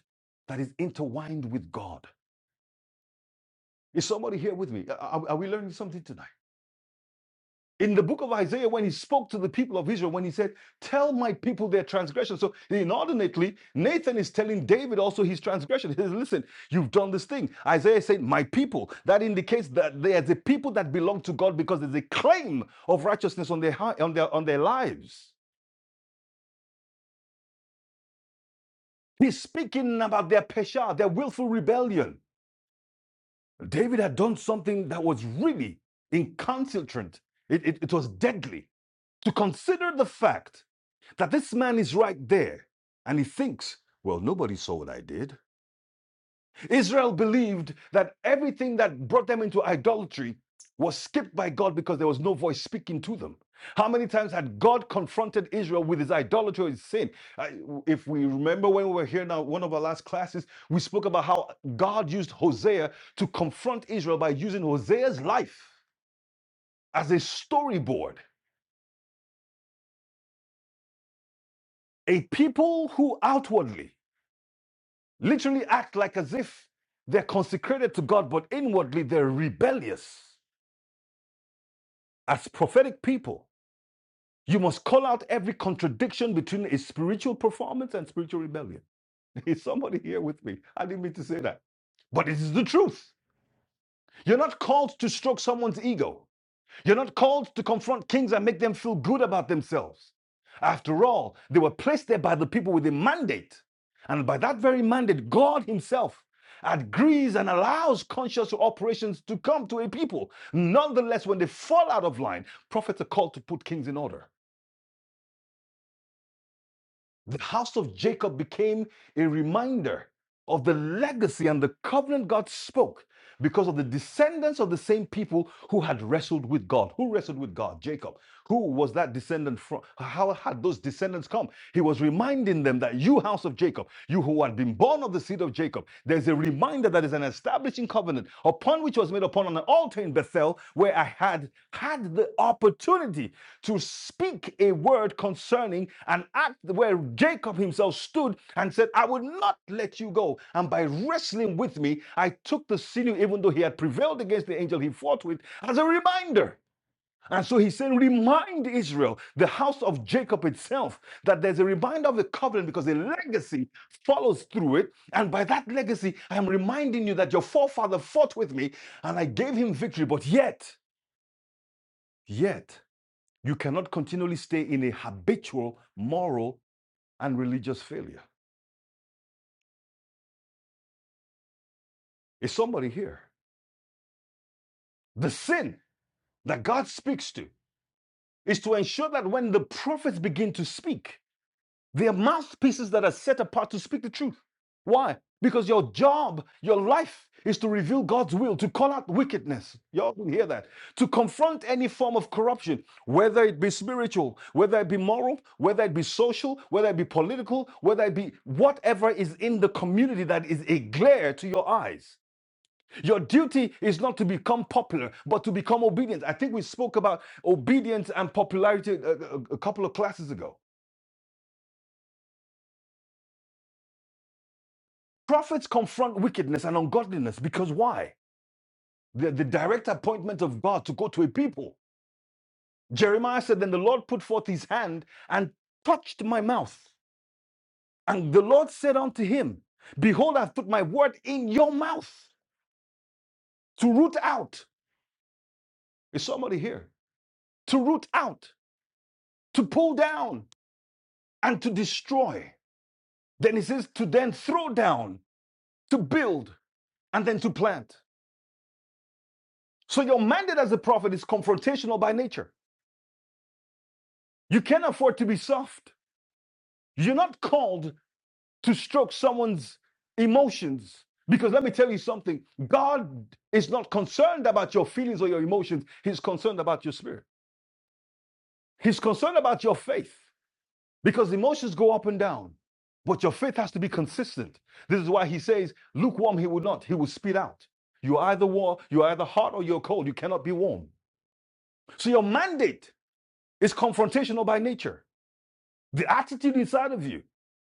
S2: That is intertwined with God. Is somebody here with me? Are, are we learning something tonight? In the book of Isaiah, when he spoke to the people of Israel, when he said, Tell my people their transgression. So, inordinately, Nathan is telling David also his transgression. He says, Listen, you've done this thing. Isaiah said, My people. That indicates that there's a people that belong to God because there's a claim of righteousness on their, on their, on their lives. He's speaking about their pesha, their willful rebellion. David had done something that was really incalcitrant. It, it, it was deadly. To consider the fact that this man is right there and he thinks, well, nobody saw what I did. Israel believed that everything that brought them into idolatry was skipped by God because there was no voice speaking to them. How many times had God confronted Israel with his idolatry or his sin? I- if we remember when we were here now, one of our last classes, we spoke about how God used Hosea to confront Israel by using Hosea's life as a storyboard. A people who outwardly literally act like as if they're consecrated to God, but inwardly they're rebellious as prophetic people You must call out every contradiction between a spiritual performance and spiritual rebellion. Is somebody here with me? I didn't mean to say that. But it is the truth. You're not called to stroke someone's ego. You're not called to confront kings and make them feel good about themselves. After all, they were placed there by the people with a mandate. And by that very mandate, God Himself agrees and allows conscious operations to come to a people. Nonetheless, when they fall out of line, prophets are called to put kings in order. The house of Jacob became a reminder of the legacy and the covenant God spoke because of the descendants of the same people who had wrestled with God. Who wrestled with God? Jacob. Who was that descendant from? How had those descendants come? He was reminding them that you, house of Jacob, you who had been born of the seed of Jacob, there's a reminder that is an establishing covenant upon which was made upon an altar in Bethel where I had had the opportunity to speak a word concerning an act where Jacob himself stood and said, I will not let you go. And by wrestling with me, I took the sinew, even though he had prevailed against the angel he fought with, as a reminder. And so he said, remind Israel, the house of Jacob itself, that there's a reminder of the covenant because a legacy follows through it. And by that legacy, I'm reminding you that your forefather fought with me and I gave him victory. But yet, yet, you cannot continually stay in a habitual moral and religious failure. Is somebody here? The sin that God speaks to is to ensure that when the prophets begin to speak, They are mouthpieces that are set apart to speak the truth. Why? Because your job, your life is to reveal God's will, to call out wickedness. Y'all can hear that. To confront any form of corruption, whether it be spiritual, whether it be moral, whether it be social, whether it be political, whether it be whatever is in the community that is a glare to your eyes. Your duty is not to become popular, but to become obedient. I think we spoke about obedience and popularity a, a a couple of classes ago. Prophets confront wickedness and ungodliness because why? The, the direct appointment of God to go to a people. Jeremiah said, Then the Lord put forth his hand and touched my mouth. And the Lord said unto him, Behold, I've put my word in your mouth to root out. Is somebody here? To root out, to pull down, and to destroy. Then he says, To then throw down, to build, and then to plant. So your mandate as a prophet is confrontational by nature. You can't afford to be soft. You're not called to stroke someone's emotions. Because let me tell you something God is not concerned about your feelings or your emotions, He's concerned about your spirit. He's concerned about your faith because emotions go up and down, but your faith has to be consistent. This is why He says, lukewarm, He will not, He will spit out. You're either warm, you're either hot or you're cold. You cannot be warm. So your mandate is confrontational by nature. The attitude inside of you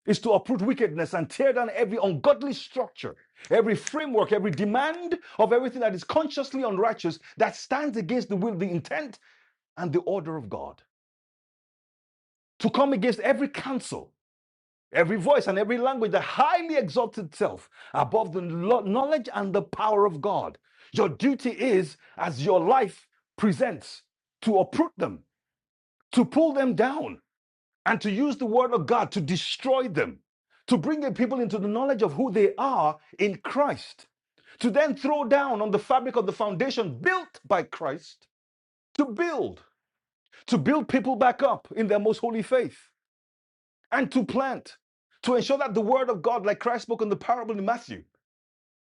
S2: is to uproot wickedness and tear down every ungodly structure, every framework, every demand of everything that is consciously unrighteous that stands against the will, the intent, and the order of God. To come against every counsel, every voice, and every language that highly exalts itself above the lo- knowledge and the power of God. Your duty is, as your life presents, to uproot them, to pull them down, and to use the word of God to destroy them, to bring the people into the knowledge of who they are in Christ, to then throw down on the fabric of the foundation built by Christ, to build, to build people back up in their most holy faith, and to plant, to ensure that the word of God, like Christ spoke in the parable in Matthew,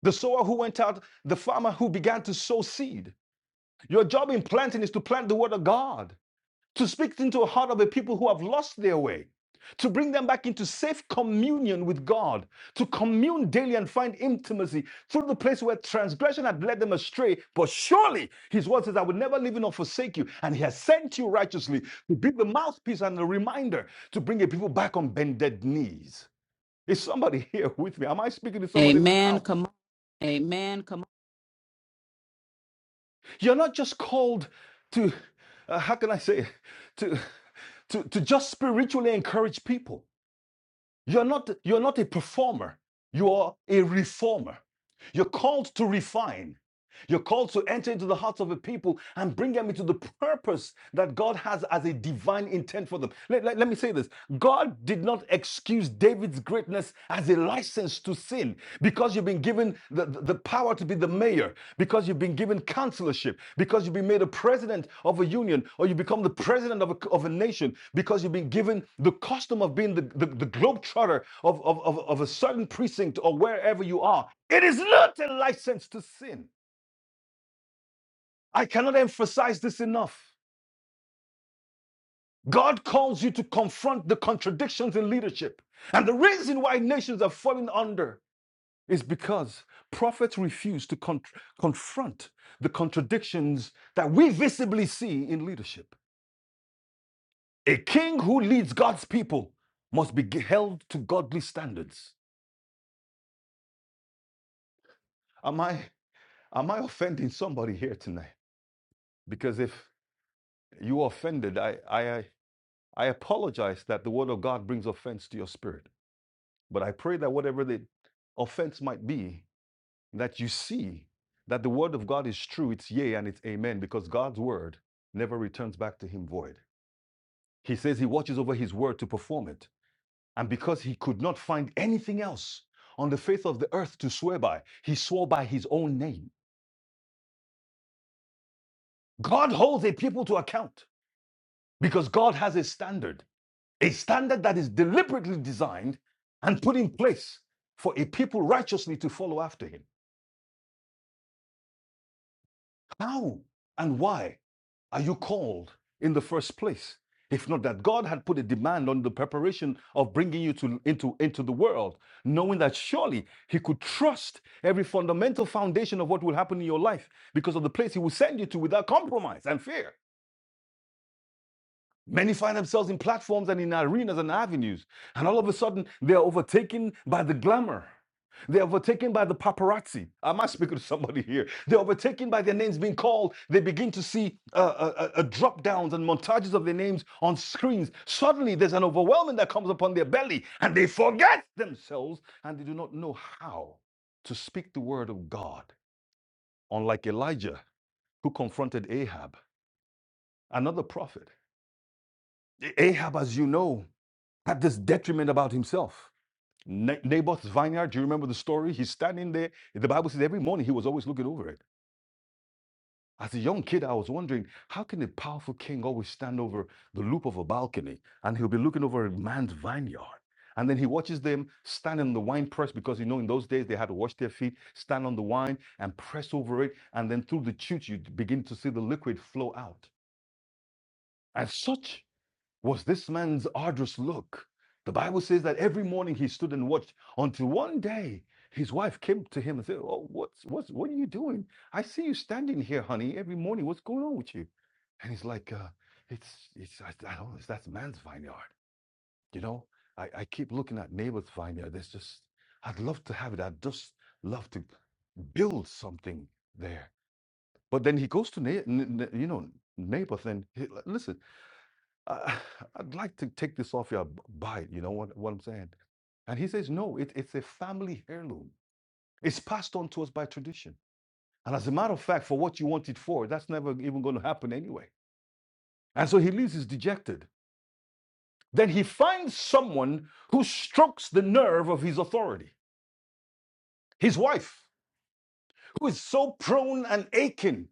S2: the sower who went out, the farmer who began to sow seed. Your job in planting is to plant the word of God to speak into the heart of a people who have lost their way, to bring them back into safe communion with God, to commune daily and find intimacy through the place where transgression had led them astray. But surely his word says, I will never leave you nor forsake you. And he has sent you righteously to be the mouthpiece and a reminder to bring a people back on bended knees. Is somebody here with me? Am I speaking to somebody in the
S1: Amen. Come
S2: house?
S1: on.
S2: Amen. Come. on. You're not just called to, uh, how can I say, it? to, to, to just spiritually encourage people. You're not, you're not a performer, you are a reformer. You're called to refine. You're called to enter into the hearts of a people and bring them into the purpose that God has as a divine intent for them. Let, let, let me say this God did not excuse David's greatness as a license to sin because you've been given the, the the power to be the mayor because you've been given counselorship, because you've been made a president of a union, or you become the president of a, c- of a nation, because you've been given the custom of being the, the, the globetrotter of, of, of, of a certain precinct or wherever you are. It is not a license to sin. I cannot emphasize this enough. God calls you to confront the contradictions in leadership. And the reason why nations are falling under is because prophets refuse to con- confront the contradictions that we visibly see in leadership. A king who leads God's people must be held to godly standards. Am I am I offending somebody here tonight? Because if you are offended, I I I apologize that the word of God brings offense to your spirit. But I pray that whatever the offense might be, that you see that the word of God is true, it's yea and it's amen, because God's word never returns back to him void. He says he watches over his word to perform it. And because he could not find anything else on the face of the earth to swear by, he swore by his own name. God holds a people to account because God has a standard, a standard that is deliberately designed and put in place for a people righteously to follow after him. How and why are you called in the first place? If not that God had put a demand on the preparation of bringing you to, into, into the world, knowing that surely He could trust every fundamental foundation of what will happen in your life because of the place He will send you to without compromise and fear. Many find themselves in platforms and in arenas and avenues, and all of a sudden they are overtaken by the glamour. They're overtaken by the paparazzi. Am I speaking to somebody here? They're overtaken by their names being called. They begin to see uh, uh, uh, drop downs and montages of their names on screens. Suddenly, there's an overwhelming that comes upon their belly, and they forget themselves and they do not know how to speak the word of God. Unlike Elijah, who confronted Ahab, another prophet. Ahab, as you know, had this detriment about himself. Naboth's vineyard, do you remember the story? He's standing there. The Bible says every morning he was always looking over it. As a young kid, I was wondering, how can a powerful king always stand over the loop of a balcony and he'll be looking over a man's vineyard? And then he watches them stand in the wine press because you know in those days they had to wash their feet, stand on the wine and press over it. And then through the chutes, you begin to see the liquid flow out. And such was this man's arduous look. The Bible says that every morning he stood and watched until one day his wife came to him and said, Oh, what's, what's, what are you doing? I see you standing here, honey, every morning. What's going on with you? And he's like, uh, it's, it's, I, I don't know, that's man's vineyard. You know, I, I keep looking at neighbor's vineyard. There's just, I'd love to have it. I'd just love to build something there. But then he goes to, na- n- n- you know, neighbor, then, he, listen, I I'd like to take this off your bite. You know what, what I'm saying? And he says, no, it, it's a family heirloom. It's passed on to us by tradition. And as a matter of fact, for what you want it for, that's never even going to happen anyway. And so he leaves, he's dejected. Then he finds someone who strokes the nerve of his authority, his wife, who is so prone and aching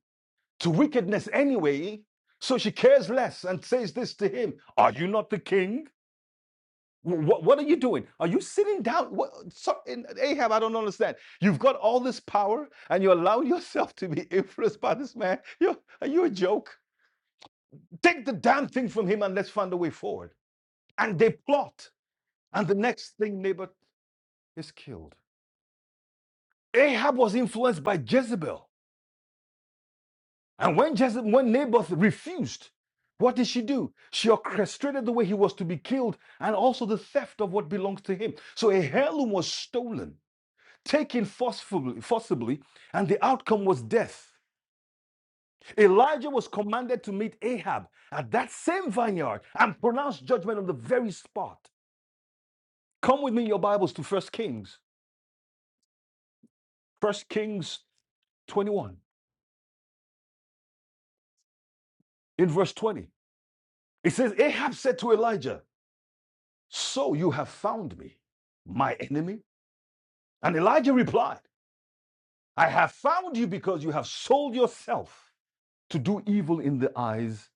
S2: to wickedness anyway. So she cares less and says this to him Are you not the king? What, what are you doing? Are you sitting down? What, so, in, Ahab, I don't understand. You've got all this power and you allow yourself to be influenced by this man. you are you a joke? Take the damn thing from him and let's find a way forward. And they plot. And the next thing, Naboth is killed. Ahab was influenced by Jezebel. And when, Jezebel, when Naboth refused, what did she do? She orchestrated the way he was to be killed and also the theft of what belongs to him. So a heirloom was stolen taken forcefully, forcibly, and the outcome was death. Elijah was commanded to meet Ahab at that same vineyard and pronounce judgment on the very spot. Come with me in your Bibles to First Kings, First Kings 21, in verse 20. It says, Ahab said to Elijah, So you have found me, my enemy? And Elijah replied, I have found you because you have sold yourself to do evil in the eyes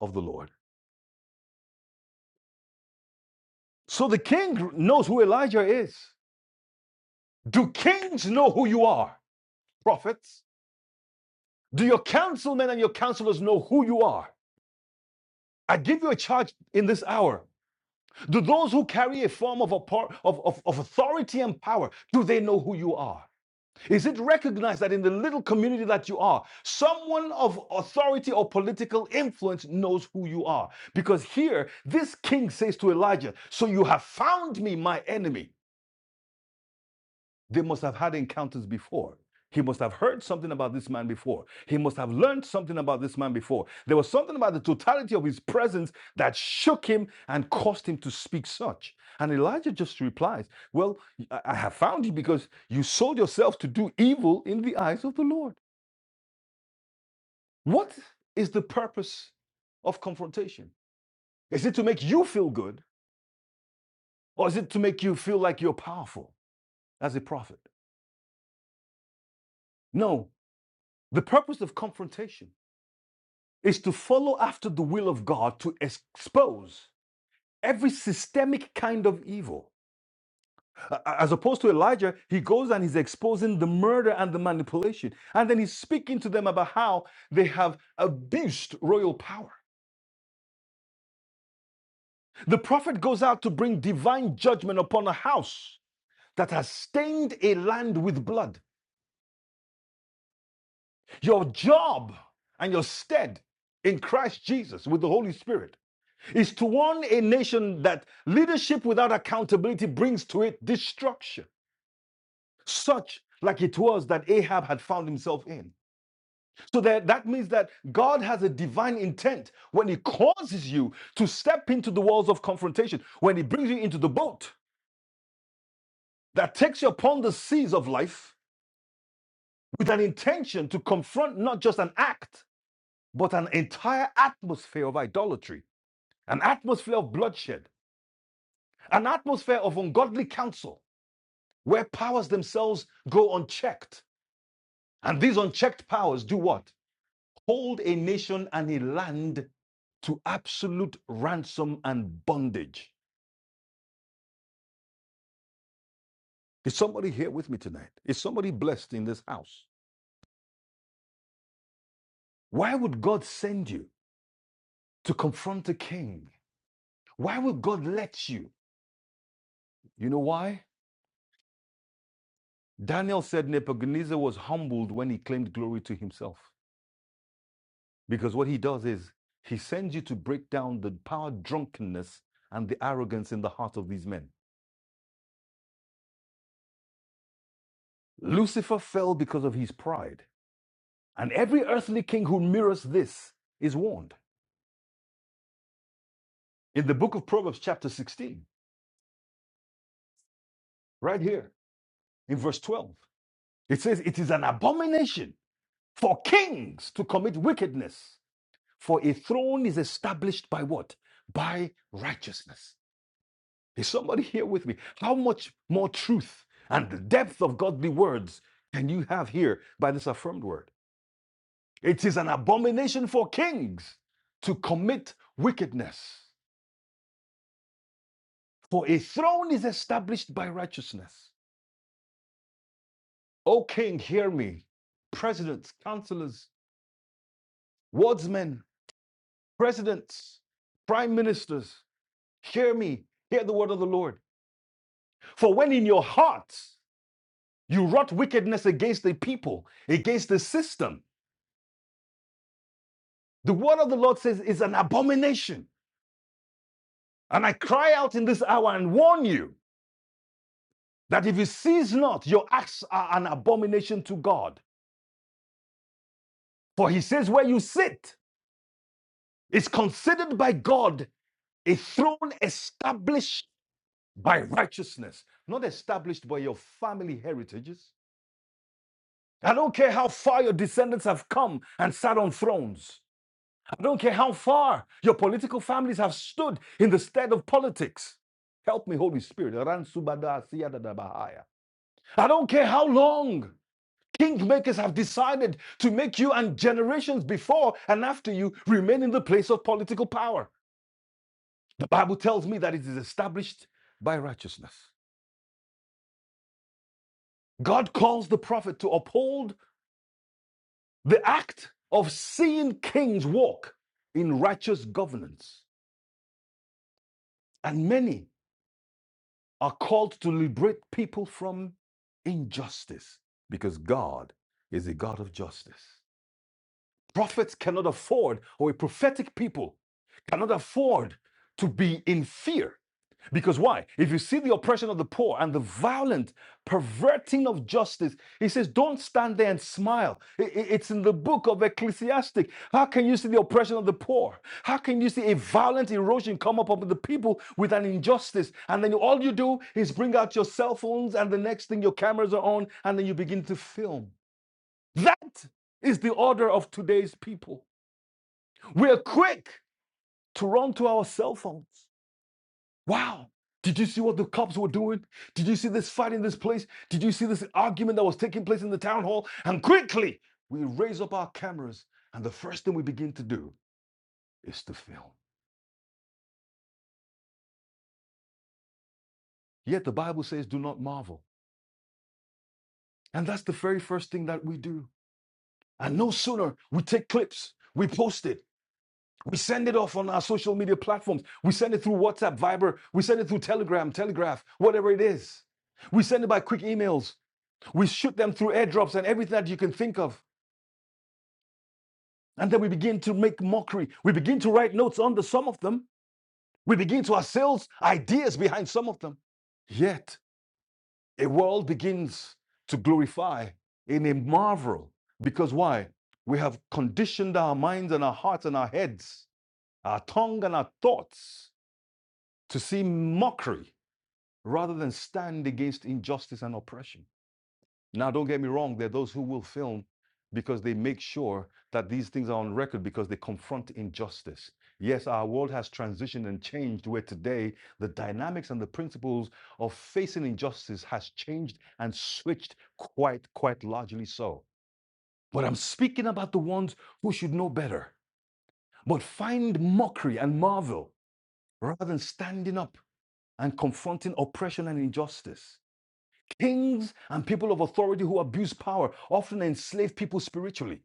S2: of the Lord. So the king knows who Elijah is. Do kings know who you are, prophets? Do your councilmen and your counselors know who you are? I give you a charge in this hour. Do those who carry a form of, of, of, of authority and power, do they know who you are? Is it recognized that in the little community that you are, someone of authority or political influence knows who you are? Because here, this king says to Elijah, So you have found me, my enemy. They must have had encounters before. He must have heard something about this man before. He must have learned something about this man before. There was something about the totality of his presence that shook him and caused him to speak such. And Elijah just replies, Well, I have found you because you sold yourself to do evil in the eyes of the Lord. What is the purpose of confrontation? Is it to make you feel good or is it to make you feel like you're powerful as a prophet? No, the purpose of confrontation is to follow after the will of God to expose every systemic kind of evil. As opposed to Elijah, he goes and he's exposing the murder and the manipulation. And then he's speaking to them about how they have abused royal power. The prophet goes out to bring divine judgment upon a house that has stained a land with blood. Your job and your stead in Christ Jesus with the Holy Spirit is to warn a nation that leadership without accountability brings to it destruction, such like it was that Ahab had found himself in. So that, that means that God has a divine intent when He causes you to step into the walls of confrontation, when He brings you into the boat that takes you upon the seas of life with an intention to confront not just an act, but an entire atmosphere of idolatry, an atmosphere of bloodshed, an atmosphere of ungodly counsel where powers themselves go unchecked. And these unchecked powers do what? Hold a nation and a land to absolute ransom and bondage. Is somebody here with me tonight? Is somebody blessed in this house? Why would God send you to confront a king? Why would God let you? You know why? Daniel said Nebuchadnezzar was humbled when he claimed glory to himself. Because what he does is he sends you to break down the power drunkenness and the arrogance in the heart of these men. Lucifer fell because of his pride, and every earthly king who mirrors this is warned. In the book of Proverbs, chapter 16, right here in verse 12, it says, It is an abomination for kings to commit wickedness, for a throne is established by what? By righteousness. Is somebody here with me? How much more truth and the depth of godly words can you have here by this affirmed word? It is an abomination for kings to commit wickedness, for a throne is established by righteousness. O king, hear me. Presidents, counselors, wardsmen, presidents, prime ministers, hear me. Hear the word of the Lord. For when in your hearts you wrought wickedness against the people, against the system, the word of the Lord says is an abomination. And I cry out in this hour and warn you that if you cease not, your acts are an abomination to God. For he says, Where you sit is considered by God a throne established by righteousness, not established by your family heritages. I don't care how far your descendants have come and sat on thrones. I don't care how far your political families have stood in the stead of politics. Help me, Holy Spirit. I don't care how long. Kingmakers have decided to make you and generations before and after you remain in the place of political power. The Bible tells me that it is established by righteousness. God calls the prophet to uphold the act of seeing kings walk in righteous governance. And many are called to liberate people from injustice because God is a God of justice. Prophets cannot afford, or a prophetic people cannot afford to be in fear. Because why? If you see the oppression of the poor and the violent perverting of justice, he says, don't stand there and smile. It's in the book of Ecclesiastic. How can you see the oppression of the poor? How can you see a violent erosion come up upon the people with an injustice? And then all you do is bring out your cell phones, and the next thing your cameras are on, and then you begin to film. That is the order of today's people. We're quick to run to our cell phones. Wow. Did you see what the cops were doing? Did you see this fight in this place? Did you see this argument that was taking place in the town hall? And quickly, we raise up our cameras, and the first thing we begin to do is to film. Yet the Bible says, do not marvel. And that's the very first thing that we do. And no sooner we take clips, we post it, We send it off on our social media platforms. We send it through WhatsApp, Viber. We send it through Telegram, Telegraph, whatever it is. We send it by quick emails. We shoot them through airdrops and everything that you can think of. And then we begin to make mockery. We begin to write notes under some of them. We begin to ourselves ideas behind some of them. Yet a world begins to glorify in a marvel. Because why? We have conditioned our minds and our hearts and our heads, our tongue and our thoughts to see mockery rather than stand against injustice and oppression. Now, don't get me wrong, there are those who will film because they make sure that these things are on record because they confront injustice. Yes, our world has transitioned and changed where today the dynamics and the principles of facing injustice has changed and switched quite, quite largely so. But I'm speaking about the ones who should know better, but find mockery and marvel rather than standing up and confronting oppression and injustice. Kings and people of authority who abuse power often enslave people spiritually.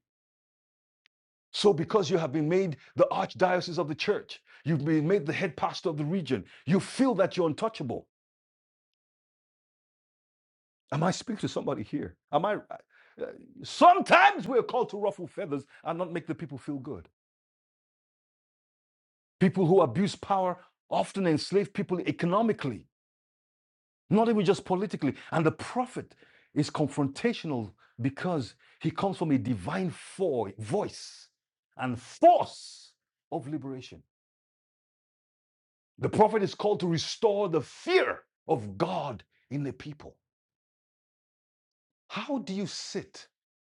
S2: So, because you have been made the archdiocese of the church, you've been made the head pastor of the region, you feel that you're untouchable. Am I speaking to somebody here? Am I? uh, Sometimes we're called to ruffle feathers and not make the people feel good. People who abuse power often enslave people economically not even just politically. And the prophet is confrontational because he comes from a divine fo- voice and force of liberation. The prophet is called to restore the fear of God in the people. How do you sit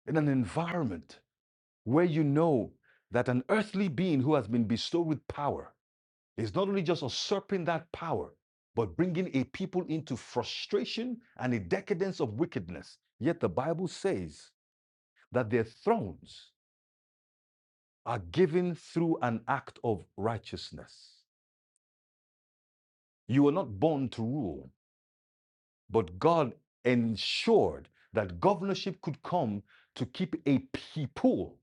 S2: in an environment where you know that an earthly being who has been bestowed with power It's not only just usurping that power, but bringing a people into frustration and a decadence of wickedness. Yet the Bible says that their thrones are given through an act of righteousness. You were not born to rule, but God ensured that governorship could come to keep a people,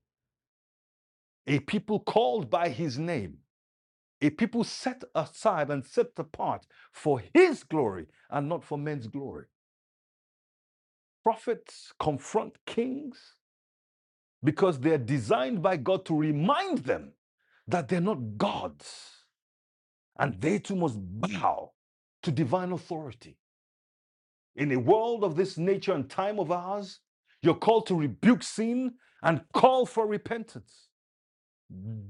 S2: a people called by his name, a people set aside and set apart for his glory and not for men's glory. Prophets confront kings because they're designed by God to remind them that they're not gods and they too must bow to divine authority. In a world of this nature and time of ours, you're called to rebuke sin and call for repentance.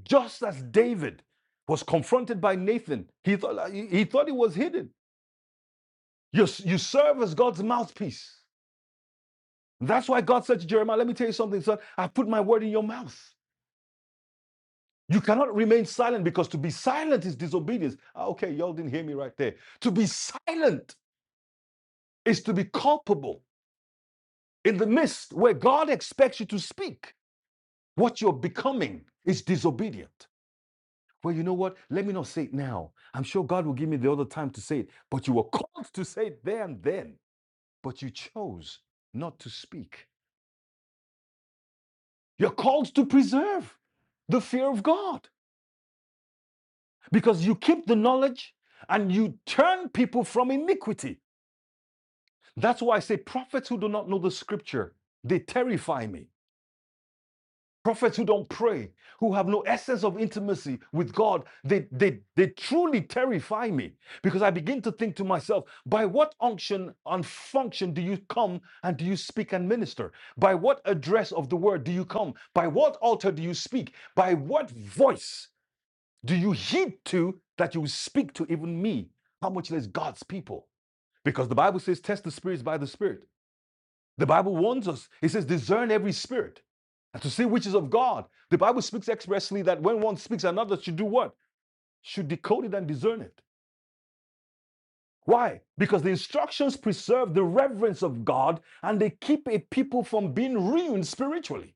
S2: Just as David was confronted by Nathan, he thought uh, he thought it was hidden. You, you serve as God's mouthpiece. That's why God said to Jeremiah, Let me tell you something, son. I put my word in your mouth. You cannot remain silent because to be silent is disobedience. Ah, Okay, y'all didn't hear me right there. To be silent is to be culpable in the midst where God expects you to speak. What you're becoming is disobedient. Well, you know what? Let me not say it now. I'm sure God will give me the other time to say it, but you were called to say it there and then, but you chose not to speak. You're called to preserve the fear of God because you keep the knowledge and you turn people from iniquity. That's why I say prophets who do not know the scripture, they terrify me. Prophets who don't pray, who have no essence of intimacy with God, they, they, they truly terrify me because I begin to think to myself, by what unction and function do you come and do you speak and minister? By what address of the word do you come? By what altar do you speak? By what voice do you heed to that you will speak to even me? How much less God's people? Because the Bible says, test the spirits by the spirit. The Bible warns us. It says, discern every spirit and to see which is of God. The Bible speaks expressly that when one speaks, another should do what? Should decode it and discern it. Why? Because the instructions preserve the reverence of God and they keep a people from being ruined spiritually.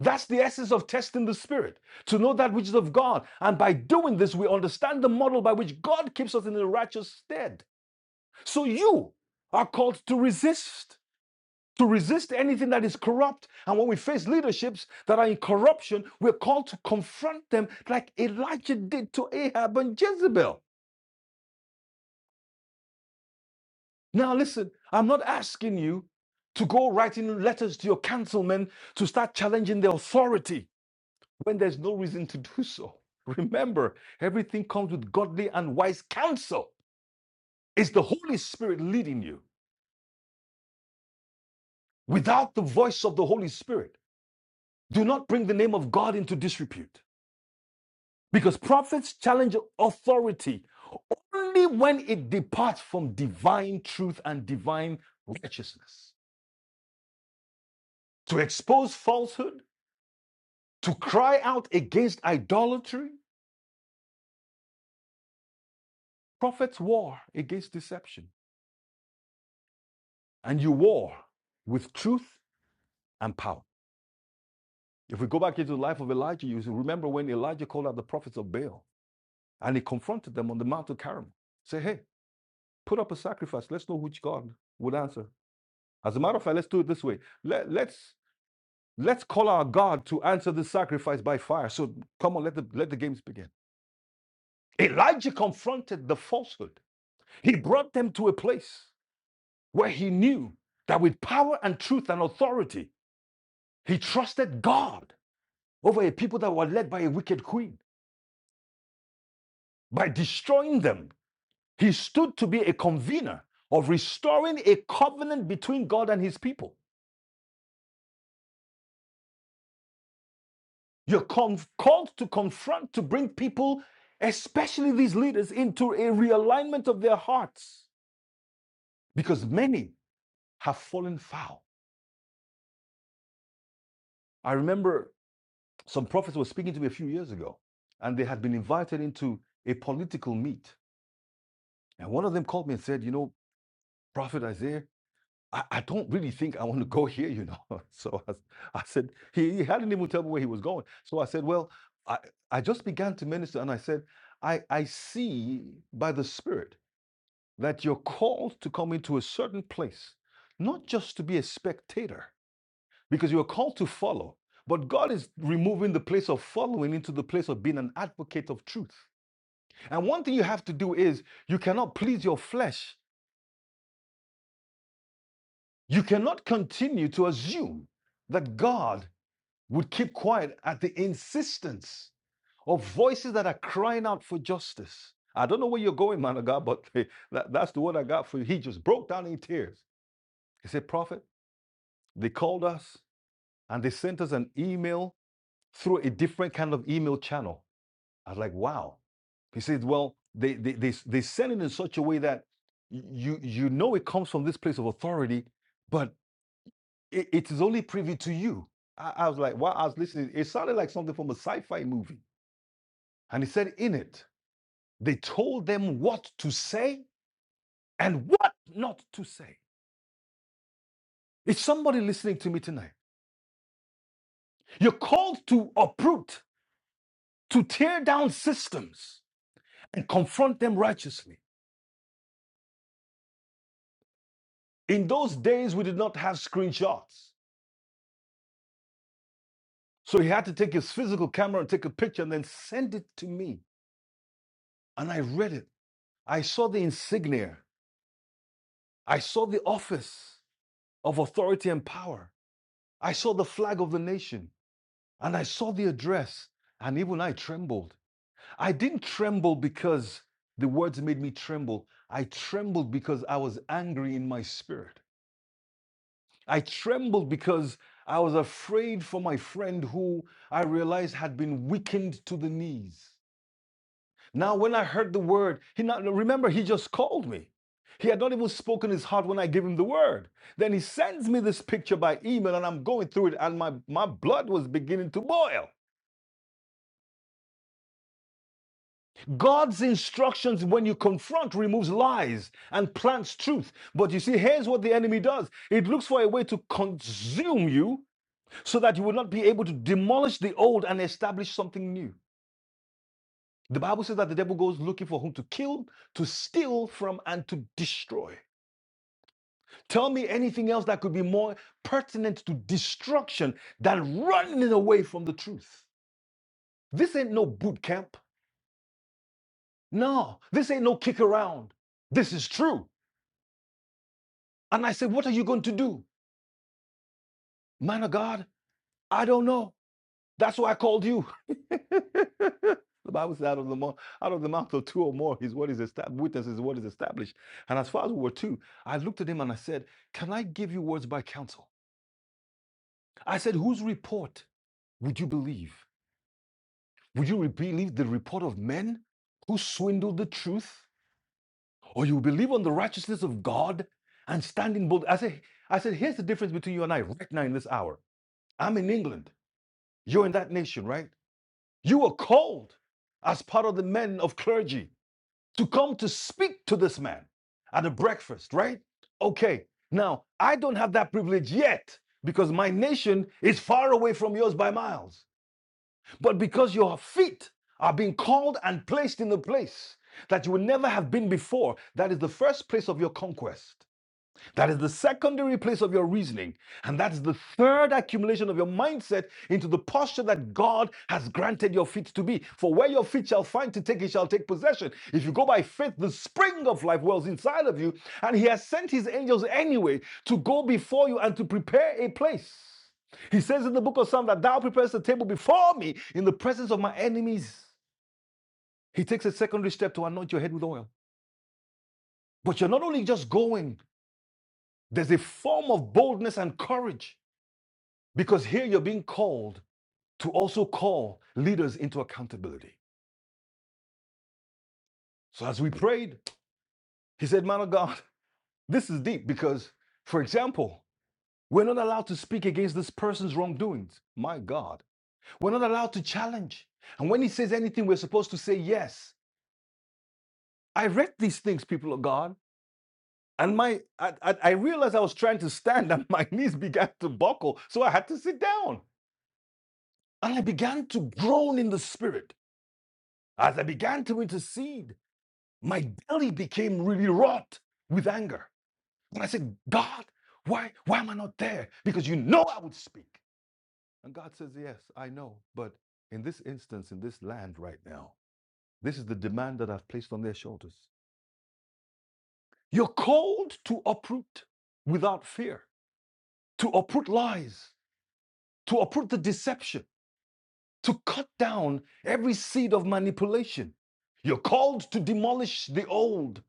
S2: That's the essence of testing the spirit, to know that which is of God. And by doing this, we understand the model by which God keeps us in the righteous stead. So you are called to resist. to resist anything that is corrupt. And when we face leaderships that are in corruption, we're called to confront them like Elijah did to Ahab and Jezebel. Now, listen, I'm not asking you to go writing letters to your councilmen to start challenging the authority when there's no reason to do so. Remember, everything comes with godly and wise counsel. It's the Holy Spirit leading you. Without the voice of the Holy Spirit, do not bring the name of God into disrepute. Because prophets challenge authority only when it departs from divine truth and divine righteousness. To expose falsehood, to cry out against idolatry, prophets war against deception. And you war with truth and power. If we go back into the life of Elijah, you remember when Elijah called out the prophets of Baal and he confronted them on the Mount of Carmel. Say, hey, put up a sacrifice. Let's know which God would answer. As a matter of fact, let's do it this way. Let, us Let's call our God to answer the sacrifice by fire. So come on, let the, let the games begin. Elijah confronted the falsehood. He brought them to a place where he knew that with power and truth and authority, he trusted God over a people that were led by a wicked queen. By destroying them, he stood to be a convener of restoring a covenant between God and his people. You're called to confront, to bring people, especially these leaders, into a realignment of their hearts because many have fallen foul. I remember some prophets were speaking to me a few years ago, and they had been invited into a political meet. And one of them called me and said, You know, Prophet Isaiah, I, I don't really think I want to go here, you know. So I I said, he, he hadn't even told me where he was going. So I said, Well, I, I just began to minister, and I said, I, I see by the Spirit that you're called to come into a certain place, not just to be a spectator, because you are called to follow. But God is removing the place of following into the place of being an advocate of truth. And one thing you have to do is you cannot please your flesh. You cannot continue to assume that God would keep quiet at the insistence of voices that are crying out for justice. I don't know where you're going, man of God, but that- that's the word I got for you. He just broke down in tears. He said, Prophet, they called us and they sent us an email through a different kind of email channel I was like, wow. He said, well, they they they, they send it in such a way that you you know it comes from this place of authority, but it, it is only privy to you. I, I was like, wow, I was listening. It sounded like something from a sci-fi movie. And he said, in it, they told them what to say and what not to say. Is somebody listening to me tonight? You're called to uproot, to tear down systems and confront them righteously. In those days, we did not have screenshots. So he had to take his physical camera and take a picture and then send it to me. And I read it. I saw the insignia. I saw the office of authority and power. I saw the flag of the nation and I saw the address. And even I trembled. I didn't tremble because the words made me tremble. I trembled because I was angry in my spirit. I trembled because I was afraid for my friend who I realized had been weakened to the knees. Now, when I heard the word, he not, remember, he just called me. He had not even spoken his heart when I gave him the word. Then he sends me this picture by email, and I'm going through it, and my, my blood was beginning to boil. God's instructions, when you confront, removes lies and plants truth. But you see, here's what the enemy does it looks for a way to consume you so that you will not be able to demolish the old and establish something new. The Bible says that the devil goes looking for whom to kill, to steal from, and to destroy. Tell me anything else that could be more pertinent to destruction than running away from the truth. This ain't no boot camp. No, this ain't no kick around. This is true. And I said, What are you going to do? Man of God, I don't know. That's why I called you. the Bible says, out of the, mouth, out of the mouth of two or more is what is established, witness is what is established. And as far as we were two, I looked at him and I said, Can I give you words by counsel? I said, Whose report would you believe? Would you believe the report of men who swindled the truth? Or you believe on the righteousness of God and stand in bold? I said, I said, here's the difference between you and I right now in this hour. I'm in England. You're in that nation, right? You were called as part of the men of clergy to come to speak to this man at a breakfast, right? Okay. Now, I don't have that privilege yet because my nation is far away from yours by miles. But because your feet are being called and placed in the place that you would never have been before, that is the first place of your conquest. That is the secondary place of your reasoning. And that's the third accumulation of your mindset into the posture that God has granted your feet to be. For where your feet shall find to take, it shall take possession. If you go by faith, the spring of life wells inside of you. And He has sent His angels anyway to go before you and to prepare a place. He says in the book of Psalms that thou preparest a table before me in the presence of my enemies. He takes a secondary step to anoint your head with oil. But you're not only just going, there's a form of boldness and courage Because here you're being called to also call leaders into accountability. So as we prayed, he said, Man of God, this is deep because, for example, we're not allowed to speak against this person's wrongdoings. My God. We're not allowed to challenge. And when he says anything, we're supposed to say yes. I read these things, people of God. And my I, I, I realized I was trying to stand and my knees began to buckle. So I had to sit down. And I began to groan in the spirit as I began to intercede my belly became really wrought with anger. And I said, God, why, why am I not there? Because you know I would speak. And God says, Yes, I know. But in this instance, in this land right now, this is the demand that I've placed on their shoulders. You're called to uproot without fear, to uproot lies, to uproot the deception, to cut down every seed of manipulation. You're called to demolish the old.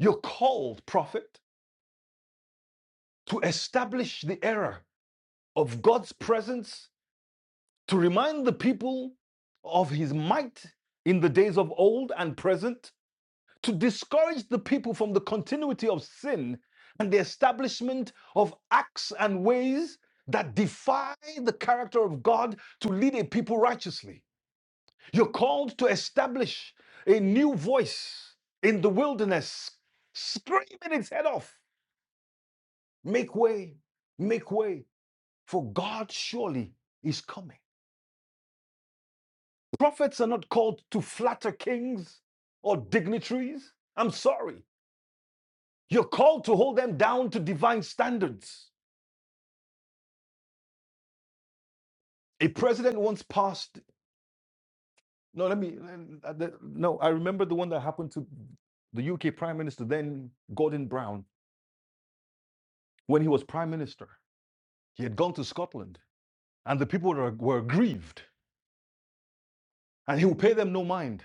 S2: You're called, prophet, to establish the error of God's presence to remind the people of his might in the days of old and present, to discourage the people from the continuity of sin and the establishment of acts and ways that defy the character of God to lead a people righteously. You're called to establish a new voice in the wilderness, screaming its head off. Make way, make way, for God surely is coming. Prophets are not called to flatter kings or dignitaries. I'm sorry. You're called to hold them down to divine standards. A president once passed, no, let me, uh, no, I remember the one that happened to the UK Prime Minister, then Gordon Brown, when he was Prime Minister. He had gone to Scotland and the people were, were aggrieved and he would pay them no mind.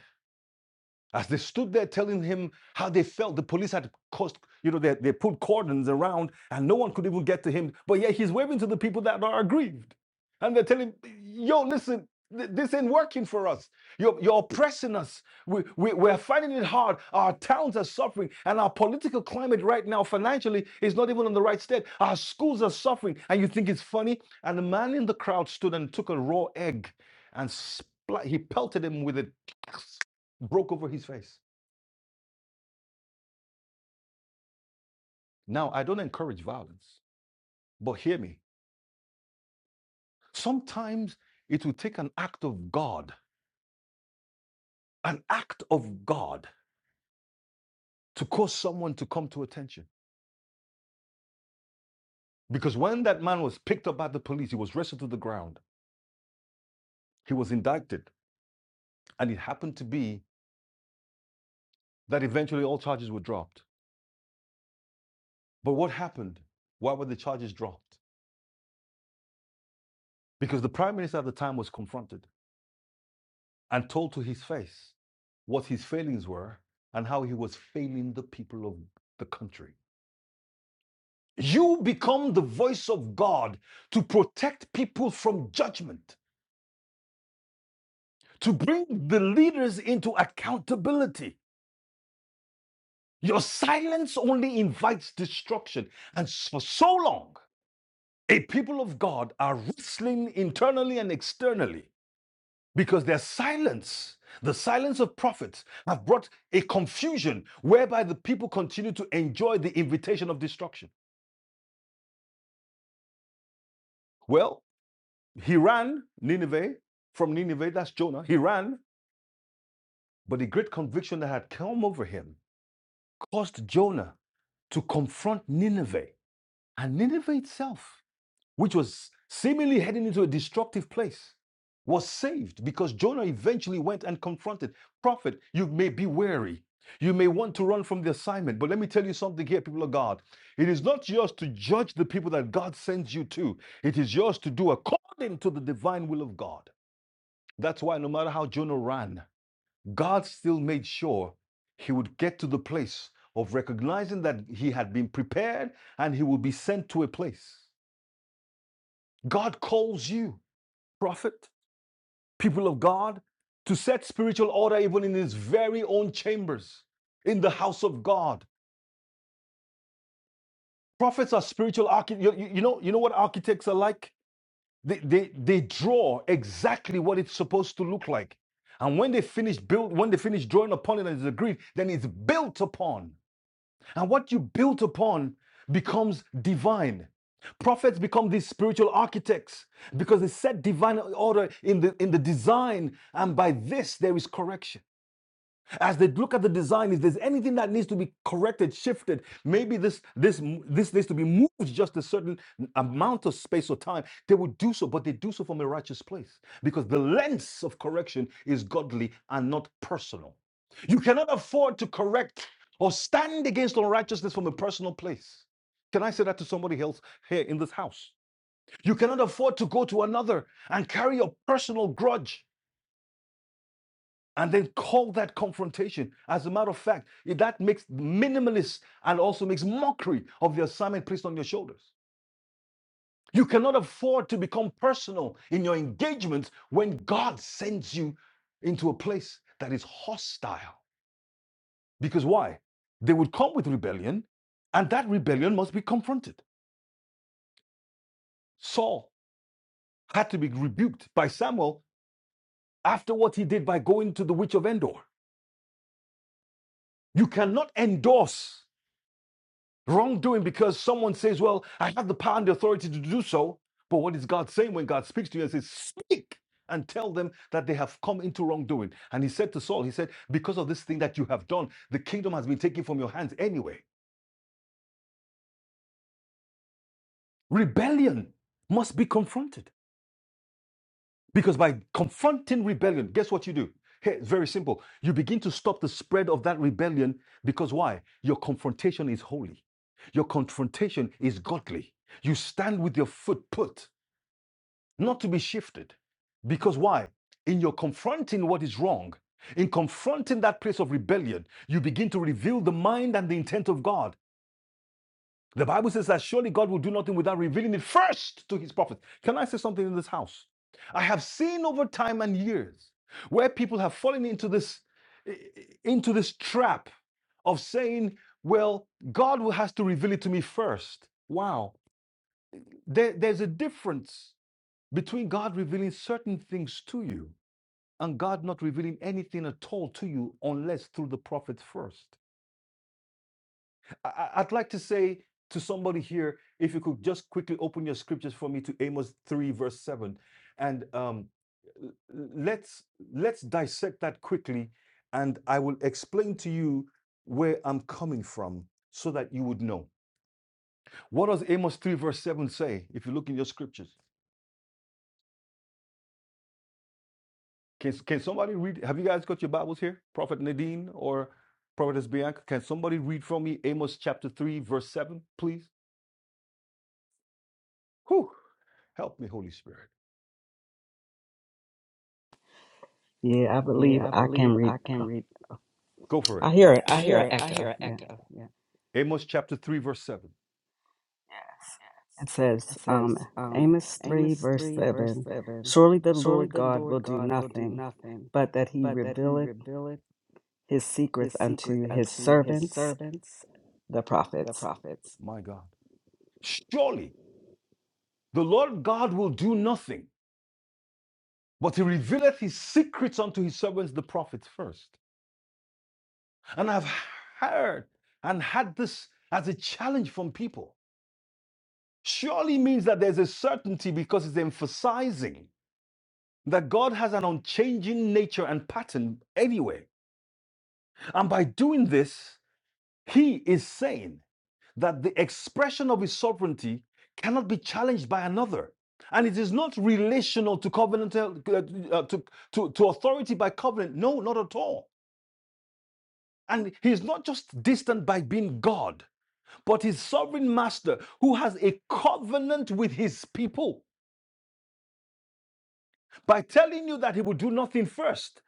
S2: As they stood there telling him how they felt, the police had caused, you know, they, they put cordons around and no one could even get to him. But yet he's waving to the people that are aggrieved. And they're telling, yo, listen, th- this ain't working for us. You're, you're oppressing us. We, we, we're finding it hard. Our towns are suffering. And our political climate right now, financially, is not even on the right state. Our schools are suffering. And you think it's funny? And the man in the crowd stood and took a raw egg and he pelted him with it broke over his face. Now, I don't encourage violence, but hear me. Sometimes it will take an act of God, an act of God to cause someone to come to attention. Because when that man was picked up by the police, he was wrestled to the ground, he was indicted, and it happened to be that eventually all charges were dropped. But what happened? Why were the charges dropped? Because the prime minister at the time was confronted. and told to his face what his failings were and how he was failing the people of the country. You become the voice of God to protect people from judgment, to bring the leaders into accountability. Your silence only invites destruction. And for so long, a people of God are wrestling internally and externally because their silence the silence of prophets have brought a confusion whereby the people continue to enjoy the invitation of destruction well he ran nineveh from nineveh that's jonah he ran but the great conviction that had come over him caused jonah to confront nineveh and nineveh itself which was seemingly heading into a destructive place, was saved because Jonah eventually went and confronted. Prophet, you may be wary. You may want to run from the assignment, but let me tell you something here, people of God. It is not yours to judge the people that God sends you to, it is yours to do according to the divine will of God. That's why no matter how Jonah ran, God still made sure he would get to the place of recognizing that he had been prepared and he would be sent to a place. God calls you prophet, people of God, to set spiritual order even in his very own chambers, in the house of God. Prophets are spiritual architects. You, you know, you know what architects are like? They, they, they draw exactly what it's supposed to look like. And when they finish build, when they finish drawing upon it and it's agreed, then it's built upon. And what you built upon becomes divine. Prophets become these spiritual architects because they set divine order in the, in the design, and by this there is correction as they look at the design if there's anything that needs to be corrected shifted maybe this this this needs to be moved just a certain amount of space or time they would do so but they do so from a righteous place because the lens of correction is godly and not personal you cannot afford to correct or stand against unrighteousness from a personal place can I say that to somebody else here in this house? You cannot afford to go to another and carry your personal grudge and then call that confrontation. As a matter of fact, that makes minimalist and also makes mockery of the assignment placed on your shoulders. You cannot afford to become personal in your engagements when God sends you into a place that is hostile. Because why? They would come with rebellion, and that rebellion must be confronted. Saul had to be rebuked by Samuel after what he did by going to the witch of Endor. You cannot endorse Wrongdoing because someone says, Well, I have the power and the authority to do so. But what is God saying when God speaks to you and says, Speak and tell them that they have come into wrongdoing? And he said to Saul, He said, Because of this thing that you have done, the kingdom has been taken from your hands anyway. Rebellion must be confronted. Because by confronting rebellion, guess what you do? Hey, it's very simple. You begin to stop the spread of that rebellion because why? Your confrontation is holy. Your confrontation is godly. You stand with your foot put. not to be shifted. Because why? In your confronting what is wrong, in confronting that place of rebellion, you begin to reveal the mind and the intent of God. The Bible says that surely God will do nothing without revealing it first to his prophets. Can I say something in this house? I have seen over time and years where people have fallen into this into this trap of saying, well, God will has to reveal it to me first. Wow. There- there's a difference between God revealing certain things to you and God not revealing anything at all to you unless through the prophet first. I, I- would like to say to somebody here, if you could just quickly open your scriptures for me to Amos 3, verse 7. And um, l- let's let's dissect that quickly, and I will explain to you where I'm coming from so that you would know. What does Amos 3, verse 7 say? If you look in your scriptures. Can can somebody read? Have you guys got your Bibles here, Prophet Nadine or Prophetess Bianca? Can somebody read for me Amos chapter three, verse seven, please? Whew, help me, Holy Spirit.
S4: Yeah, I believe
S2: Yeah, I
S4: I can
S2: believe
S4: read.
S2: I can read. Go for it.
S4: I hear it.
S2: I
S4: I hear
S2: hear
S4: an
S2: it. I hear
S4: echo.
S2: an
S4: Yeah.
S2: echo. Yeah. Amos chapter three, verse seven. Yes.
S4: It
S2: It
S4: says, um,
S2: says, um,
S4: Amos 3,
S2: Amos
S4: verse
S2: 3, verse
S4: 7
S2: 7
S4: Surely the
S2: Surely
S4: Lord
S2: the
S4: God will
S2: Lord
S4: do
S2: God will do
S4: nothing,
S2: nothing,
S4: but that he
S2: but that he
S4: revealeth
S2: revealeth
S4: his secret
S2: his secret
S4: unto his
S2: unto his
S4: servants,
S2: servants,
S4: the
S2: the
S4: prophets.
S2: prophets. My God, surely. The Lord God will do nothing, but he revealeth his secrets unto his servants, the prophets first. And I've heard and had this as a challenge from people. Surely means that there's a certainty because it's emphasizing that God has an unchanging nature and pattern anyway. And by doing this, he is saying that the expression of his sovereignty cannot be challenged by another. And it is not relational to covenant uh, to, uh, to, to authority by covenant. No, not at all. And he's not just distant by being God, but his sovereign master who has a covenant with his people by telling you that he will do nothing first.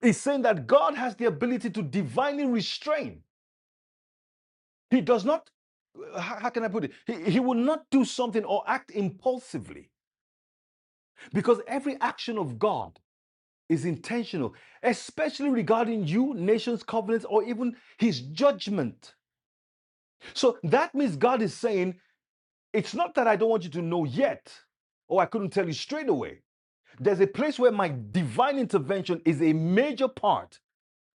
S2: He's saying that God has the ability to divinely restrain. He does not, how can I put it? He, he will not do something or act impulsively Because every action of God is intentional, especially regarding you, nations, covenants, or even his judgment. So that means God is saying, it's not that I don't want you to know yet, or I couldn't tell you straight away. There's a place where my divine intervention is a major part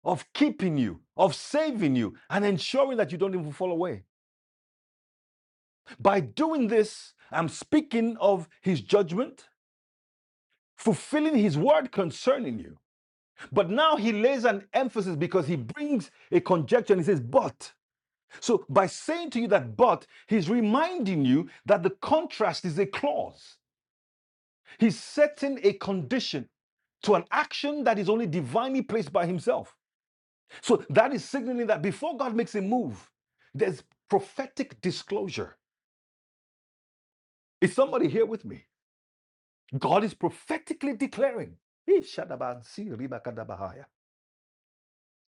S2: of keeping you, of saving you, and ensuring that you don't even fall away. By doing this, I'm speaking of his judgment, fulfilling his word concerning you But now he lays an emphasis because he brings a conjecture and he says, but. So by saying to you that but, he's reminding you that the contrast is a clause. He's setting a condition to an action that is only divinely placed by himself. So that is signaling that before God makes a move, there's prophetic disclosure. Is somebody here with me? God is prophetically declaring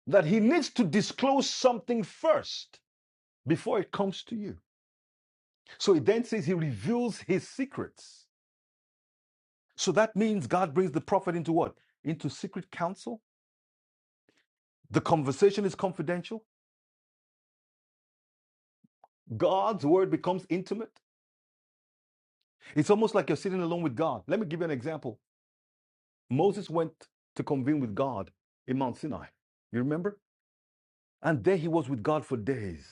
S2: that he needs to disclose something first. before it comes to you. So it then says he reveals his secrets. So that means God brings the prophet into what? Into secret counsel. The conversation is confidential. God's word becomes intimate. It's almost like you're sitting alone with God. Let me give you an example. Moses went to convene with God in Mount Sinai. You remember? And there he was with God for days.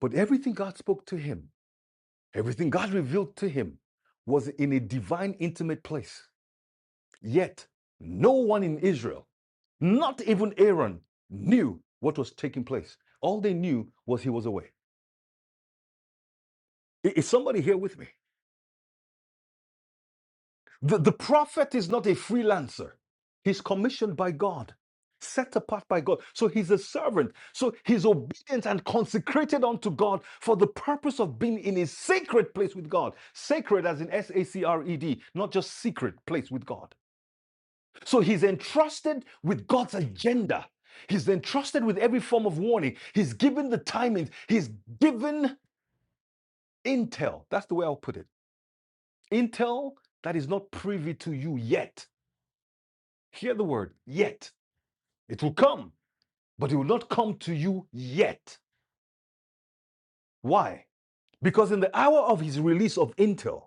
S2: But everything God spoke to him, everything God revealed to him was in a divine intimate place. Yet, no one in Israel, not even Aaron, knew what was taking place. All they knew was he was away. Is somebody here with me? The, the prophet is not a freelancer, he's commissioned by God, set apart by God. So he's a servant. So he's obedient and consecrated unto God for the purpose of being in a sacred place with God. Sacred as in S A C R E D, not just secret place with God. So he's entrusted with God's agenda. He's entrusted with every form of warning. He's given the timings. He's given intel. That's the way I'll put it. Intel that is not privy to you yet. Hear the word yet. It will come, but it will not come to you yet. Why? Because in the hour of his release of intel,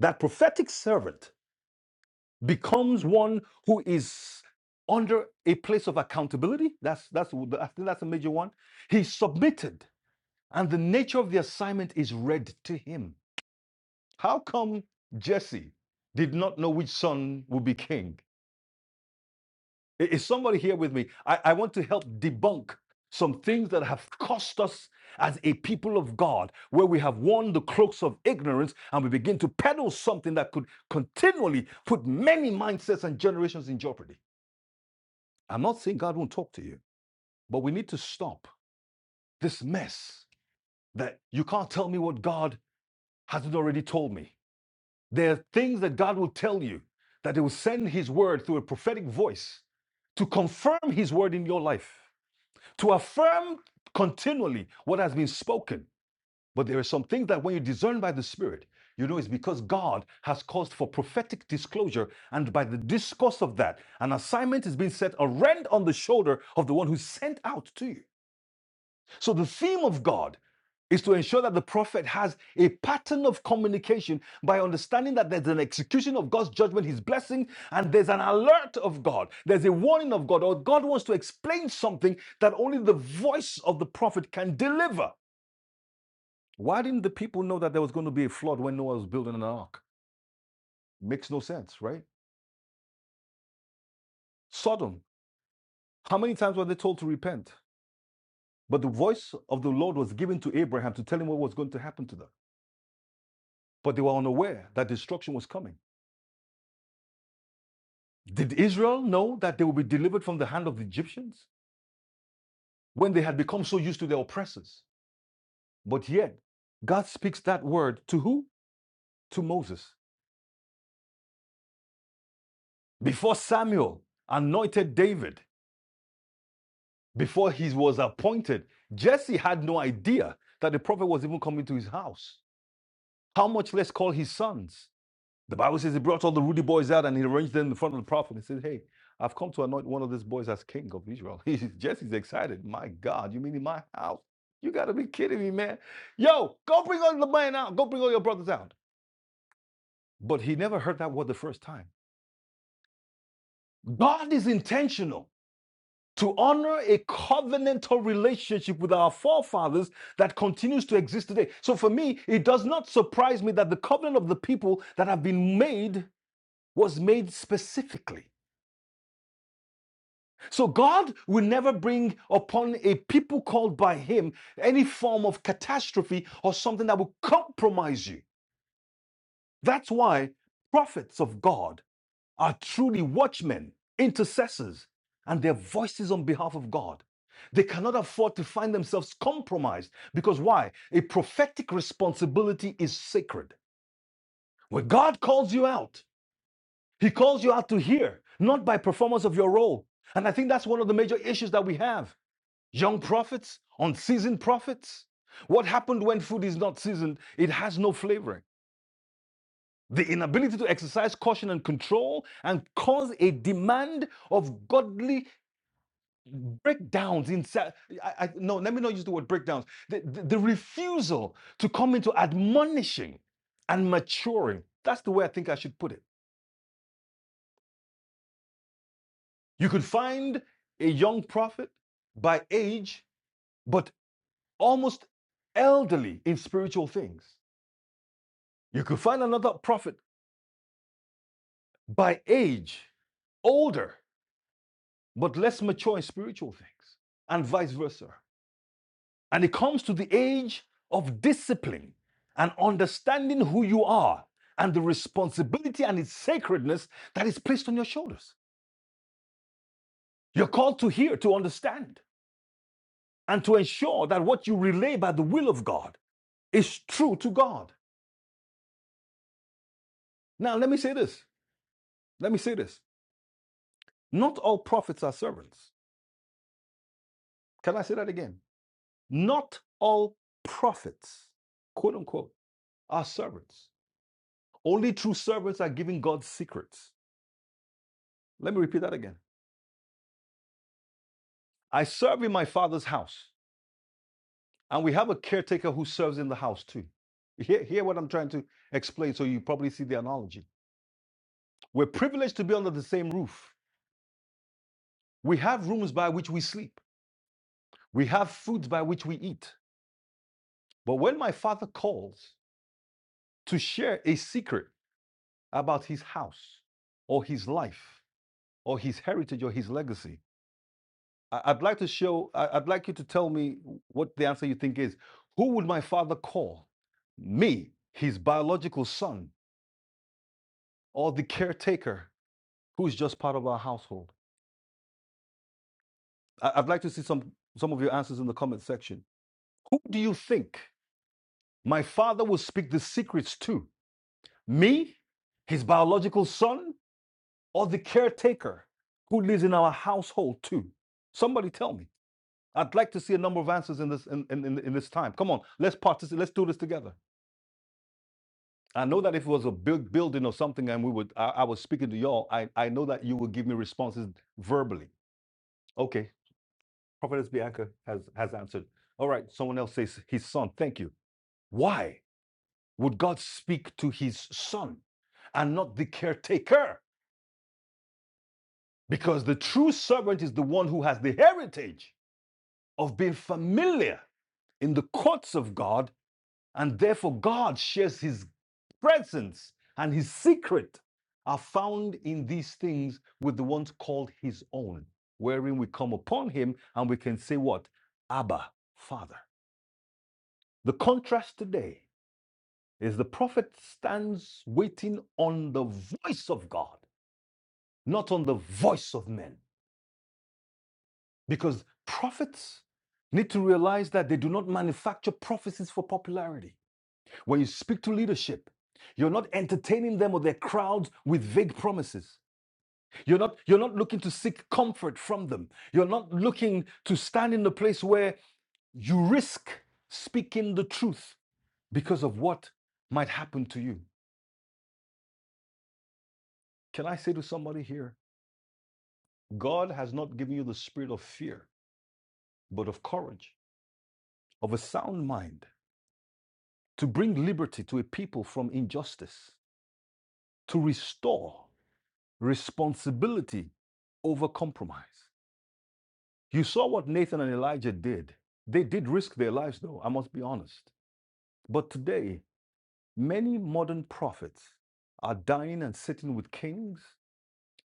S2: that prophetic servant becomes one who is under a place of accountability. That's that's I think that's a major one. He's submitted And the nature of the assignment is read to him. How come Jesse did not know which son would be king? Is somebody here with me? I, I want to help debunk some things that have cost us as a people of God, where we have worn the cloaks of ignorance and we begin to peddle something that could continually put many mindsets and generations in jeopardy. I'm not saying God won't talk to you, but we need to stop this mess that you can't tell me what God hasn't already told me. There are things that God will tell you that He will send His word through a prophetic voice to confirm His word in your life, to affirm continually what has been spoken. But there are some things that when you discern by the Spirit, you know it's because God has caused for prophetic disclosure, and by the discourse of that, an assignment is being set, a rent on the shoulder of the one who's sent out to you. So the theme of God is to ensure that the prophet has a pattern of communication by understanding that there's an execution of God's judgment, his blessing, and there's an alert of God. There's a warning of God, or God wants to explain something that only the voice of the prophet can deliver. Why didn't the people know that there was going to be a flood when Noah was building an ark? Makes no sense, right? Sodom, how many times were they told to repent? But the voice of the Lord was given to Abraham to tell him what was going to happen to them. But they were unaware that destruction was coming. Did Israel know that they would be delivered from the hand of the Egyptians when they had become so used to their oppressors? But yet, God speaks that word to who? To Moses. Before Samuel anointed David, before he was appointed, Jesse had no idea that the prophet was even coming to his house. How much less call his sons? The Bible says he brought all the ruddy boys out and he arranged them in front of the prophet. He said, Hey, I've come to anoint one of these boys as king of Israel. He's, Jesse's excited. My God, you mean in my house? You got to be kidding me, man. Yo, go bring all the man out. Go bring all your brothers out. But he never heard that word the first time. God is intentional to honor a covenantal relationship with our forefathers that continues to exist today. So for me, it does not surprise me that the covenant of the people that have been made was made specifically So God will never bring upon a people called by him any form of catastrophe or something that will compromise you. That's why prophets of God are truly watchmen, intercessors, and their voices on behalf of God. They cannot afford to find themselves compromised because why? A prophetic responsibility is sacred. When God calls you out, he calls you out to hear, not by performance of your role. And I think that's one of the major issues that we have. Young prophets, unseasoned prophets. What happened when food is not seasoned? It has no flavoring. The inability to exercise caution and control and cause a demand of godly breakdowns inside. I, I, no, let me not use the word breakdowns. The, the, the refusal to come into admonishing and maturing. That's the way I think I should put it. You could find a young prophet by age, but almost elderly in spiritual things. You could find another prophet by age, older, but less mature in spiritual things, and vice versa. And it comes to the age of discipline and understanding who you are and the responsibility and its sacredness that is placed on your shoulders. You're called to hear, to understand, and to ensure that what you relay by the will of God is true to God. Now, let me say this. Let me say this. Not all prophets are servants. Can I say that again? Not all prophets, quote unquote, are servants. Only true servants are giving God's secrets. Let me repeat that again. I serve in my father's house, and we have a caretaker who serves in the house too. Hear, hear what I'm trying to explain so you probably see the analogy. We're privileged to be under the same roof. We have rooms by which we sleep, we have foods by which we eat. But when my father calls to share a secret about his house or his life or his heritage or his legacy, I- I'd like to show, I- I'd like you to tell me what the answer you think is. Who would my father call? Me, his biological son, or the caretaker who's just part of our household? I- I'd like to see some, some of your answers in the comment section. Who do you think my father will speak the secrets to? Me, his biological son, or the caretaker who lives in our household too? Somebody tell me. I'd like to see a number of answers in this in, in, in in this time. Come on, let's participate. Let's do this together. I know that if it was a big building or something and we would, I, I was speaking to y'all, I, I know that you would give me responses verbally. Okay, Prophetess Bianca has, has answered. All right, someone else says his son. Thank you. Why would God speak to his son and not the caretaker? Because the true servant is the one who has the heritage of being familiar in the courts of God And therefore, God shares his presence and his secret are found in these things with the ones called his own, wherein we come upon him and we can say, What? Abba, Father. The contrast today is the prophet stands waiting on the voice of God, not on the voice of men, because prophets need to realize that they do not manufacture prophecies for popularity. When you speak to leadership, you're not entertaining them or their crowds with vague promises. You're not, you're not looking to seek comfort from them. You're not looking to stand in the place where you risk speaking the truth because of what might happen to you. Can I say to somebody here, God has not given you the spirit of fear, but of courage, of a sound mind, to bring liberty to a people from injustice, to restore responsibility over compromise. You saw what Nathan and Elijah did. They did risk their lives, though, I must be honest. But today, many modern prophets are dining and sitting with kings.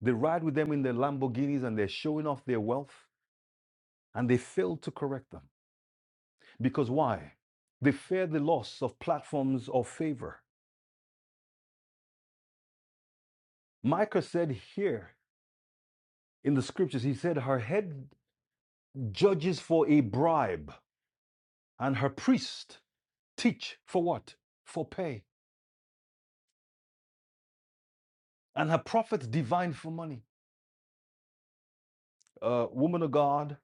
S2: They ride with them in their Lamborghinis and they're showing off their wealth, and they fail to correct them. Because why? They fear the loss of platforms or favor. Micah said here in the scriptures, he said, Her head judges for a bribe, and her priest teach for what? For pay. and her prophets divined for money. Uh, woman of God,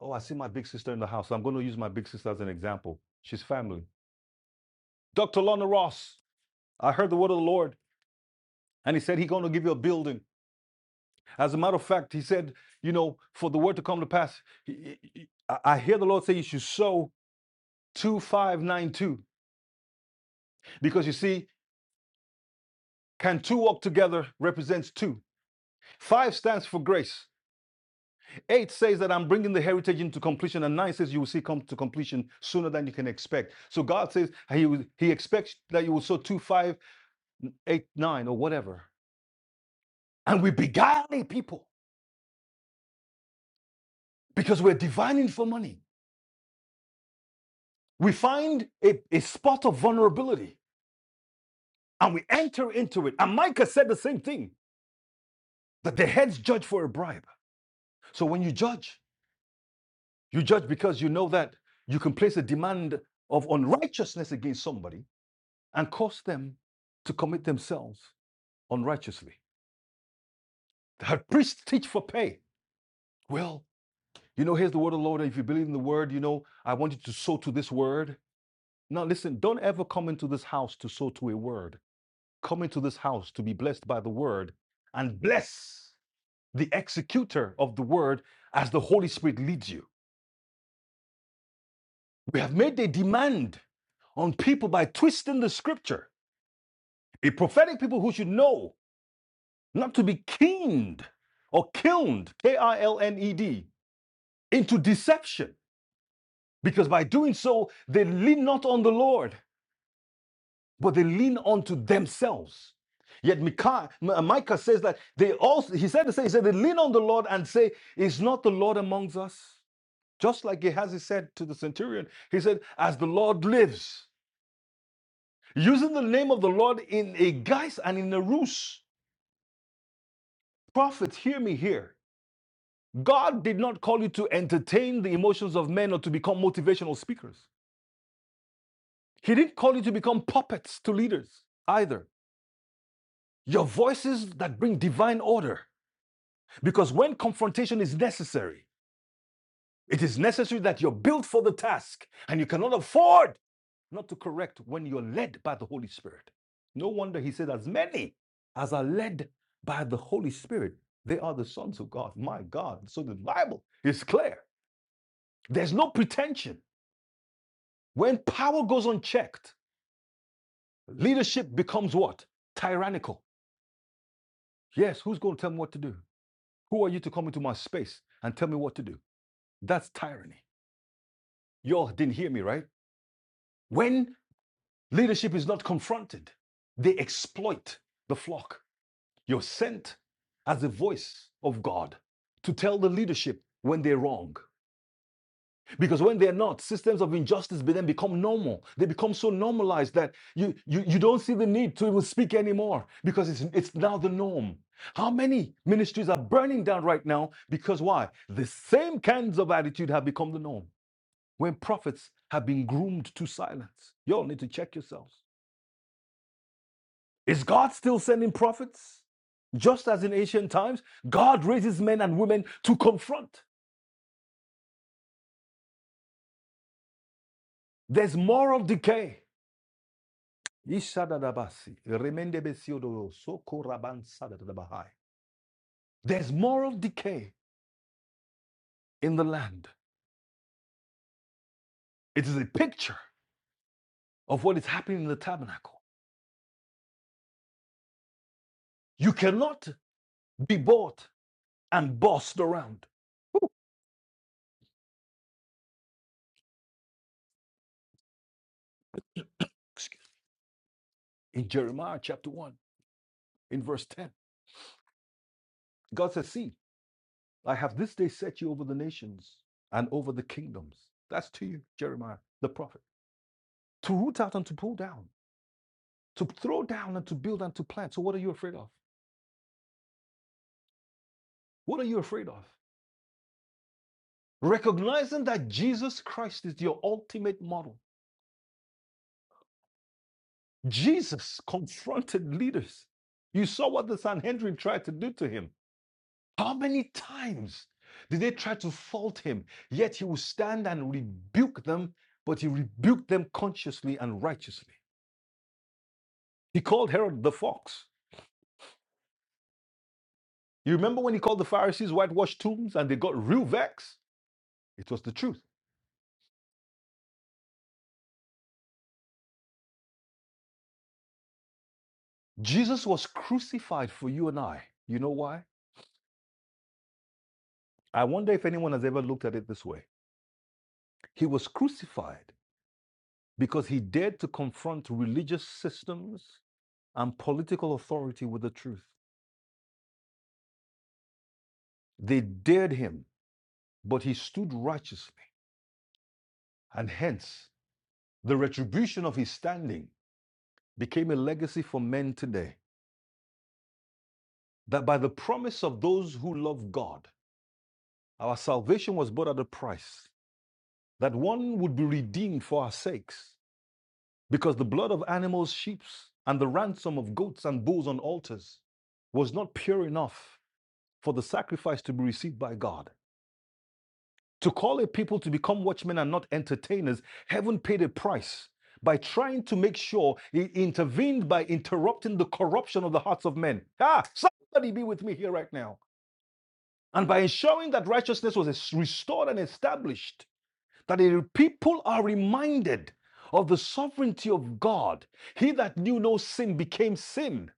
S2: oh, I see my big sister in the house. So I'm going to use my big sister as an example. She's family. Dr. Lorna Ross, I heard the word of the Lord, and he said he's going to give you a building. As a matter of fact, he said, you know, for the word to come to pass, he- he- I hear the Lord say you should sow 2592 because you see, can two walk together represents two. Five stands for grace. Eight says that I'm bringing the heritage into completion, and nine says you will see come to completion sooner than you can expect. So God says He He expects that you will sow two, five, eight, nine, or whatever, and we beguile people because we're divining for money. We find a, a spot of vulnerability and we enter into it. And Micah said the same thing that the heads judge for a bribe. So when you judge, you judge because you know that you can place a demand of unrighteousness against somebody and cause them to commit themselves unrighteously. The priests teach for pay. Well, you know, here's the word of the Lord. If you believe in the word, you know, I want you to sow to this word. Now, listen, don't ever come into this house to sow to a word. Come into this house to be blessed by the word and bless the executor of the word as the Holy Spirit leads you. We have made a demand on people by twisting the scripture. A prophetic people who should know not to be keened or kilned, K I L N E D, into deception Because by doing so, they lean not on the Lord, but they lean onto themselves. Yet Micah, Micah says that they also, he said the same, he said, they lean on the Lord and say, Is not the Lord amongst us? Just like Gehazi said to the centurion, he said, As the Lord lives, using the name of the Lord in a guise and in a ruse. Prophet, hear me here. God did not call you to entertain the emotions of men or to become motivational speakers. He didn't call you to become puppets to leaders either. Your voices that bring divine order. Because when confrontation is necessary, it is necessary that you're built for the task and you cannot afford not to correct when you're led by the Holy Spirit. No wonder he said, as many as are led by the Holy Spirit, they are the sons of God. My God. So the Bible is clear. There's no pretension. When power goes unchecked, leadership becomes what? Tyrannical. Yes, who's going to tell me what to do? Who are you to come into my space and tell me what to do? That's tyranny. You all didn't hear me, right? When leadership is not confronted, they exploit the flock. You're sent as the voice of God to tell the leadership when they're wrong. Because when they're not, systems of injustice then become normal. They become so normalized that you, you, you don't see the need to even speak anymore because it's, it's now the norm. How many ministries are burning down right now? Because why? The same kinds of attitude have become the norm. when prophets have been groomed to silence. You all need to check yourselves. Is God still sending prophets? Just as in ancient times, God raises men and women to confront. There's moral decay. There's moral decay in the land. It is a picture of what is happening in the tabernacle. You cannot be bought and bossed around. In Jeremiah chapter 1, in verse 10, God says, See, I have this day set you over the nations and over the kingdoms. That's to you, Jeremiah, the prophet. To root out and to pull down, to throw down and to build and to plant. So, what are you afraid of? What are you afraid of? Recognizing that Jesus Christ is your ultimate model. Jesus confronted leaders. You saw what the Sanhedrin tried to do to him. How many times did they try to fault him? Yet he would stand and rebuke them, but he rebuked them consciously and righteously. He called Herod the fox. You remember when he called the Pharisees whitewashed tombs and they got real vexed? It was the truth. Jesus was crucified for you and I. You know why? I wonder if anyone has ever looked at it this way. He was crucified because he dared to confront religious systems and political authority with the truth. They dared him, but he stood righteously. And hence, the retribution of his standing became a legacy for men today that by the promise of those who love God Our salvation was bought at a price that one would be redeemed for our sakes, because the blood of animals, sheep, and the ransom of goats and bulls on altars was not pure enough for the sacrifice to be received by God. To call a people to become watchmen and not entertainers, heaven paid a price by trying to make sure it intervened by interrupting the corruption of the hearts of men. Ah, somebody be with me here right now. And by ensuring that righteousness was restored and established that the people are reminded of the sovereignty of God. He that knew no sin became sin,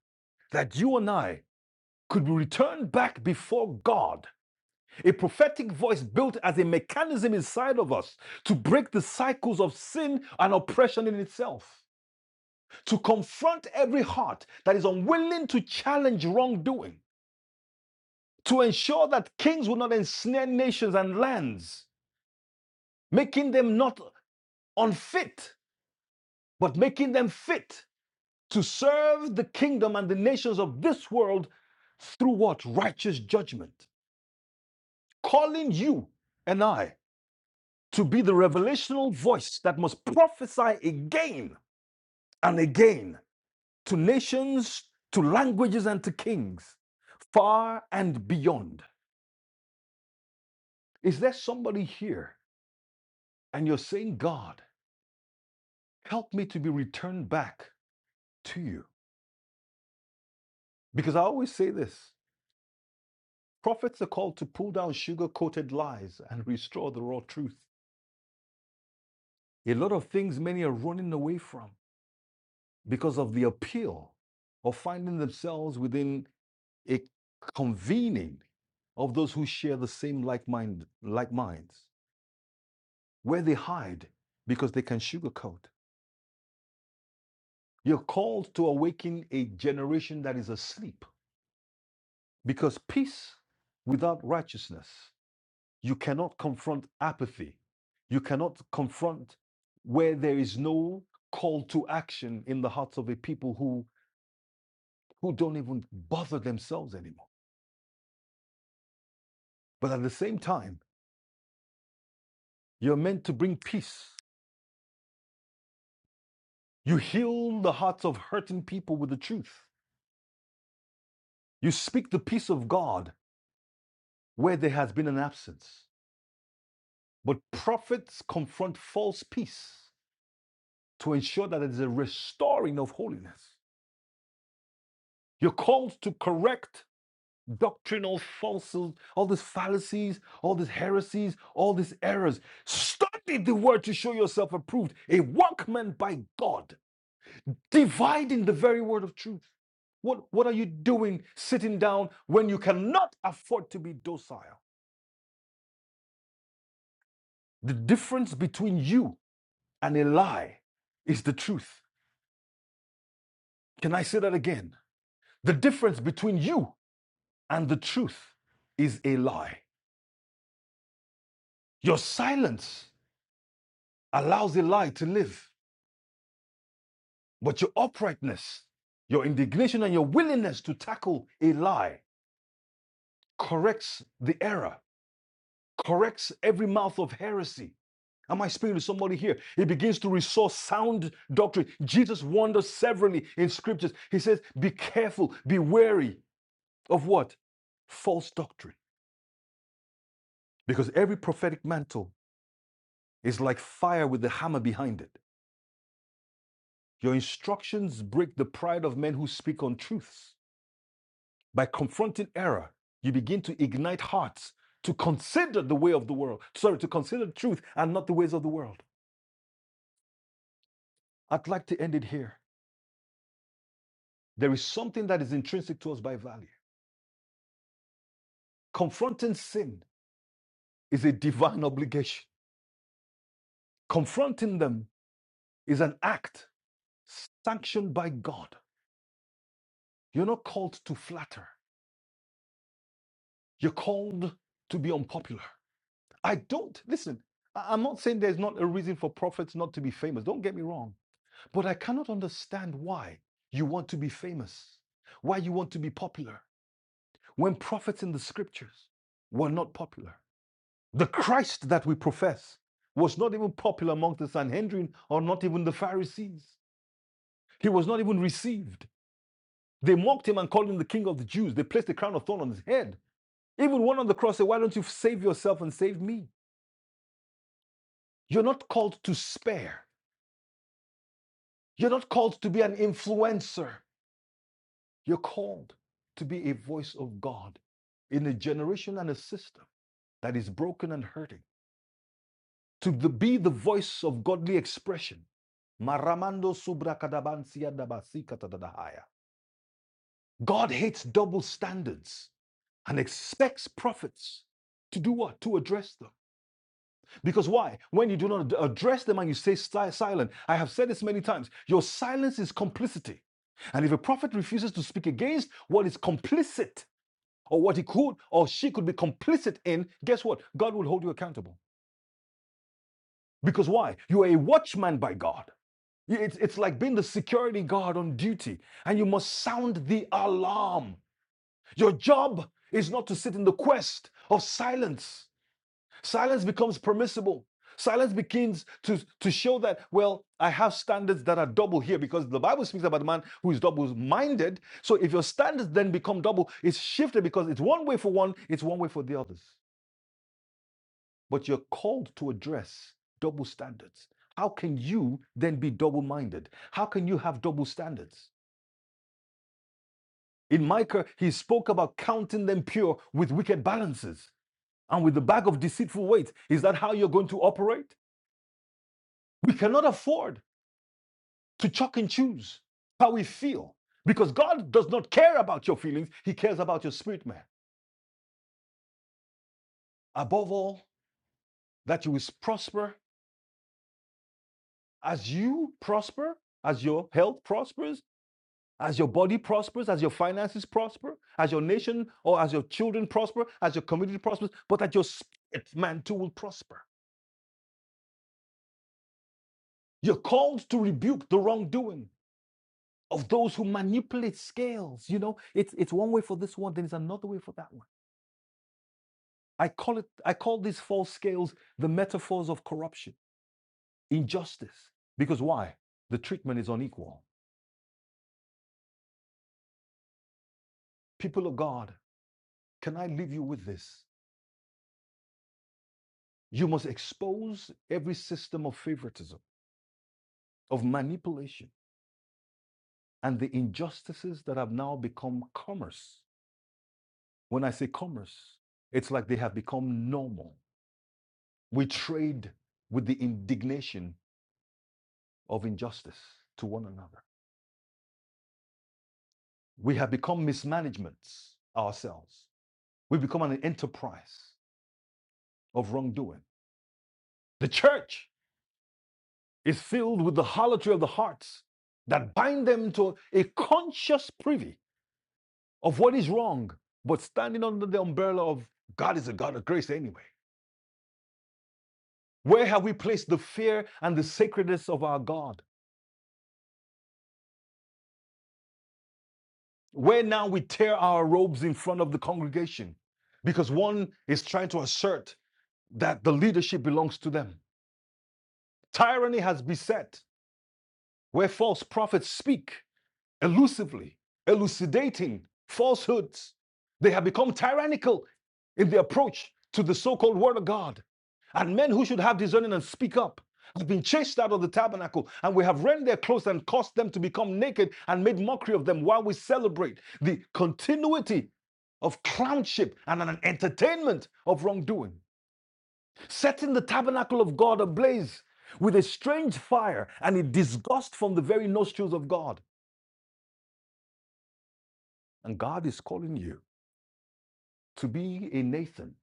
S2: that you and I could be returned back before God. A prophetic voice built as a mechanism inside of us to break the cycles of sin and oppression in itself, to confront every heart that is unwilling to challenge wrongdoing, to ensure that kings will not ensnare nations and lands, making them not unfit, but making them fit to serve the kingdom and the nations of this world through what? Righteous judgment. Calling you and I to be the revelational voice that must prophesy again and again to nations, to languages, and to kings, far and beyond. Is there somebody here and you're saying, God, help me to be returned back to you? Because I always say this prophets are called to pull down sugar coated lies and restore the raw truth. A lot of things many are running away from because of the appeal of finding themselves within a convening of those who share the same like mind, like minds, where they hide because they can sugarcoat. You're called to awaken a generation that is asleep because peace without righteousness, you cannot confront apathy. You cannot confront where there is no call to action in the hearts of a people who who don't even bother themselves anymore. But at the same time, you're meant to bring peace. You heal the hearts of hurting people with the truth. You speak the peace of God where there has been an absence. But prophets confront false peace to ensure that it is a restoring of holiness. You're called to correct doctrinal falsehoods, all these fallacies, all these heresies, all these errors. Study the word to show yourself approved, a workman by God dividing the very word of truth. What, what are you doing sitting down when you cannot afford to be docile? The difference between you and a lie is the truth. Can I say that again? The difference between you and the truth is a lie. Your silence allows a lie to live, but your uprightness, your indignation, and your willingness to tackle a lie corrects the error. corrects every mouth of heresy. Am I speaking to somebody here? He begins to restore sound doctrine. Jesus warned us severally in scriptures. He says, Be careful, be wary of what? False doctrine. Because every prophetic mantle is like fire with the hammer behind it. Your instructions break the pride of men who speak on truths. By confronting error, you begin to ignite hearts to consider the way of the world. Sorry, to consider truth and not the ways of the world. I'd like to end it here. There is something that is intrinsic to us by value. Confronting sin is a divine obligation. Confronting them is an act sanctioned by God. You're not called to flatter, you're called to be unpopular. I don't, listen, I- I'm not saying there's not a reason for prophets not to be famous. Don't get me wrong. But I cannot understand why you want to be famous, why you want to be popular when prophets in the scriptures were not popular. The Christ that we profess was not even popular among the Sanhedrin or not even the Pharisees. He was not even received. They mocked him and called him the king of the Jews. They placed a crown of thorn on his head. Even one on the cross said, Why don't you save yourself and save me? You're not called to spare. You're not called to be an influencer. You're called to be a voice of God in a generation and a system that is broken and hurting. to the, be the voice of godly expression. God hates double standards and expects prophets to do what? To address them. Because why? When you do not address them and you stay si- silent, I have said this many times, your silence is complicity. And if a prophet refuses to speak against what is complicit or what he could or she could be complicit in, guess what? God will hold you accountable. Because why? You are a watchman by God. It's, it's like being the security guard on duty, and you must sound the alarm. Your job is not to sit in the quest of silence. Silence becomes permissible. Silence begins to, to show that, well, I have standards that are double here because the Bible speaks about a man who is double minded. So if your standards then become double, it's shifted because it's one way for one, it's one way for the others. But you're called to address double standards. How can you then be double minded? How can you have double standards? In Micah, he spoke about counting them pure with wicked balances and with the bag of deceitful weight. Is that how you're going to operate? We cannot afford to chuck and choose how we feel because God does not care about your feelings. He cares about your spirit, man. Above all, that you will prosper as you prosper, as your health prospers, as your body prospers, as your finances prosper, as your nation or as your children prosper, as your community prospers, but that your spirit, man, too, will prosper. You're called to rebuke the wrongdoing of those who manipulate scales. You know, it's it's one way for this one, then it's another way for that one. I call it I call these false scales the metaphors of corruption, injustice. Because why? The treatment is unequal. People of God, can I leave you with this? You must expose every system of favoritism, of manipulation, and the injustices that have now become commerce. When I say commerce, it's like they have become normal. We trade with the indignation of injustice to one another. We have become mismanagements ourselves. We become an enterprise of wrongdoing. The church is filled with the harlotry of the hearts that bind them to a conscious privy of what is wrong, but standing under the umbrella of God is a God of grace anyway. Where have we placed the fear and the sacredness of our God? where now we tear our robes in front of the congregation because one is trying to assert that the leadership belongs to them. Tyranny has beset where false prophets speak elusively, elucidating falsehoods. They have become tyrannical in their approach to the so called Word of God. And men who should have discerning and speak up have been chased out of the tabernacle, and we have rent their clothes and caused them to become naked and made mockery of them while we celebrate the continuity of clownship and an entertainment of wrongdoing, setting the tabernacle of God ablaze with a strange fire and a disgust from the very nostrils of God. And God is calling you To be a Nathan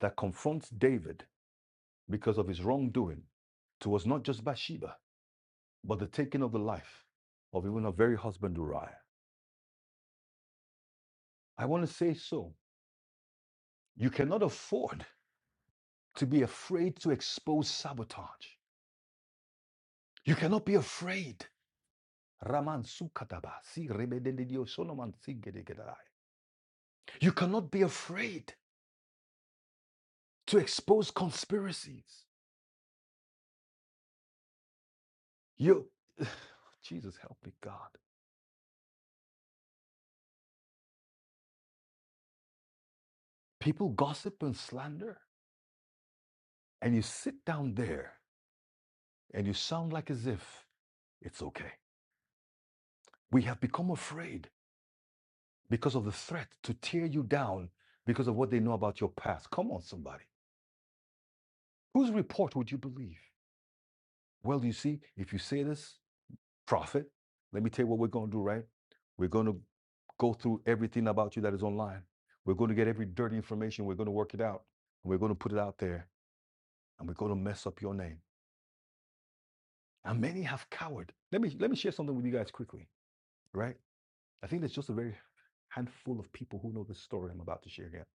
S2: that confronts David because of his wrongdoing towards not just Bathsheba, but the taking of the life of even her very husband Uriah. I want to say so. You cannot afford to be afraid to expose sabotage. You cannot be afraid. Raman sukataba, si rebededio sonoman sigedegedai. You cannot be afraid to expose conspiracies. You, Jesus, help me, God. People gossip and slander. and you sit down there and you sound like as if it's okay. We have become afraid because of the threat to tear you down because of what they know about your past. Come on, somebody. Whose report would you believe? Well, you see, if you say this, prophet, let me tell you what we're going to do, right? We're going to go through everything about you that is online. We're going to get every dirty information. We're going to work it out. And we're going to put it out there and we're going to mess up your name. And many have cowered. Let me let me share something with you guys quickly, right? I think there's just a very handful of people who know this story I'm about to share here.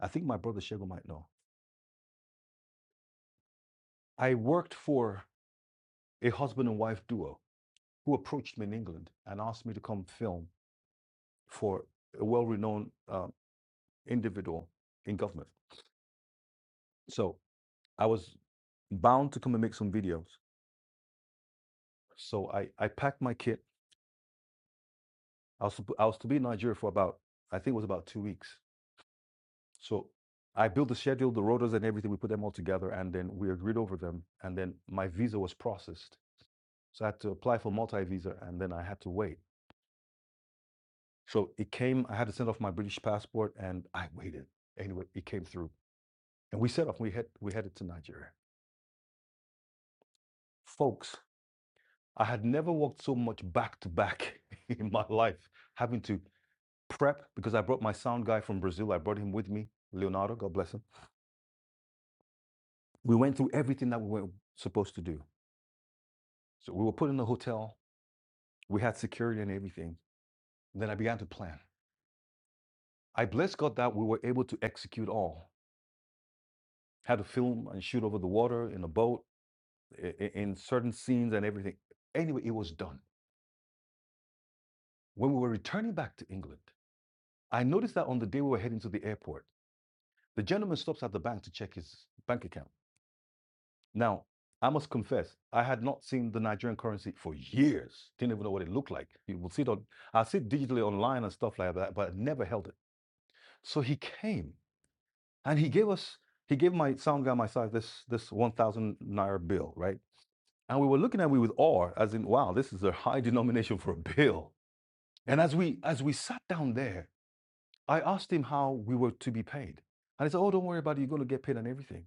S2: I think my brother Shego might know. I worked for a husband and wife duo who approached me in England and asked me to come film for a well renowned uh, individual in government. So I was bound to come and make some videos. So I, I packed my kit. I was, I was to be in Nigeria for about, I think it was about two weeks. So I built the schedule, the rotas, and everything. We put them all together, and then we agreed over them. And then my visa was processed, so I had to apply for multi visa, and then I had to wait. So it came. I had to send off my British passport, and I waited. Anyway, it came through, and we set off. We head we headed to Nigeria, folks. I had never walked so much back to back in my life, having to prep because I brought my sound guy from Brazil. I brought him with me, Leonardo. God bless him. We went through everything that we were supposed to do So we were put in a hotel. We had security and everything. Then I began to plan. I bless God that we were able to execute all. Had to film and shoot over the water in a boat, i- i- in certain scenes and everything. Anyway, it was done. When we were returning back to England, I noticed that on the day we were heading to the airport, the gentleman stops at the bank to check his bank account. Now, I must confess, I had not seen the Nigerian currency for years. Didn't even know what it looked like. You will see it on, I see it digitally online and stuff like that, but I never held it. So he came And he gave us, he gave my sound guy, myself, this this 1,000 naira bill, right? And we were looking at it with awe, as in, wow, this is a high denomination for a bill. And as we as we sat down there, I asked him how we were to be paid. And he said, Oh, don't worry about it, you're gonna get paid and everything.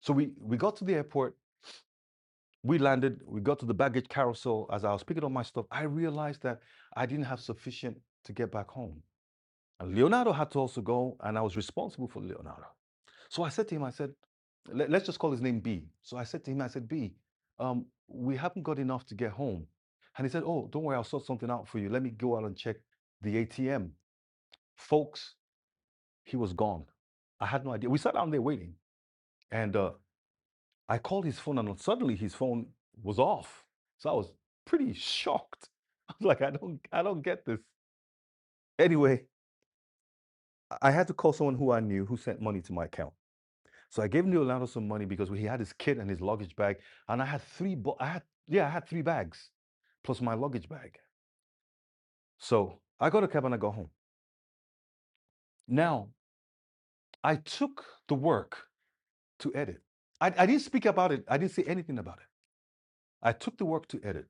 S2: So we we got to the airport, we landed, we got to the baggage carousel. As I was picking up my stuff, I realized that I didn't have sufficient to get back home. And Leonardo had to also go, and I was responsible for Leonardo. So I said to him, I said, "Let- let's just call his name B. So I said to him, I said, B, um, we haven't got enough to get home. And he said, Oh, don't worry, I'll sort something out for you. Let me go out and check the ATM. Folks, he was gone. I had no idea. We sat down there waiting. And uh, I called his phone, and suddenly his phone was off. So I was pretty shocked. I was like, I don't, I don't get this. Anyway, I I had to call someone who I knew who sent money to my account. So I gave him to Orlando some money because he had his kit and his luggage bag, and I had three. Bo- I had yeah, I had three bags plus my luggage bag. So I got a cab and I go home. Now I took the work to edit. I, I didn't speak about it. I didn't say anything about it. I took the work to edit.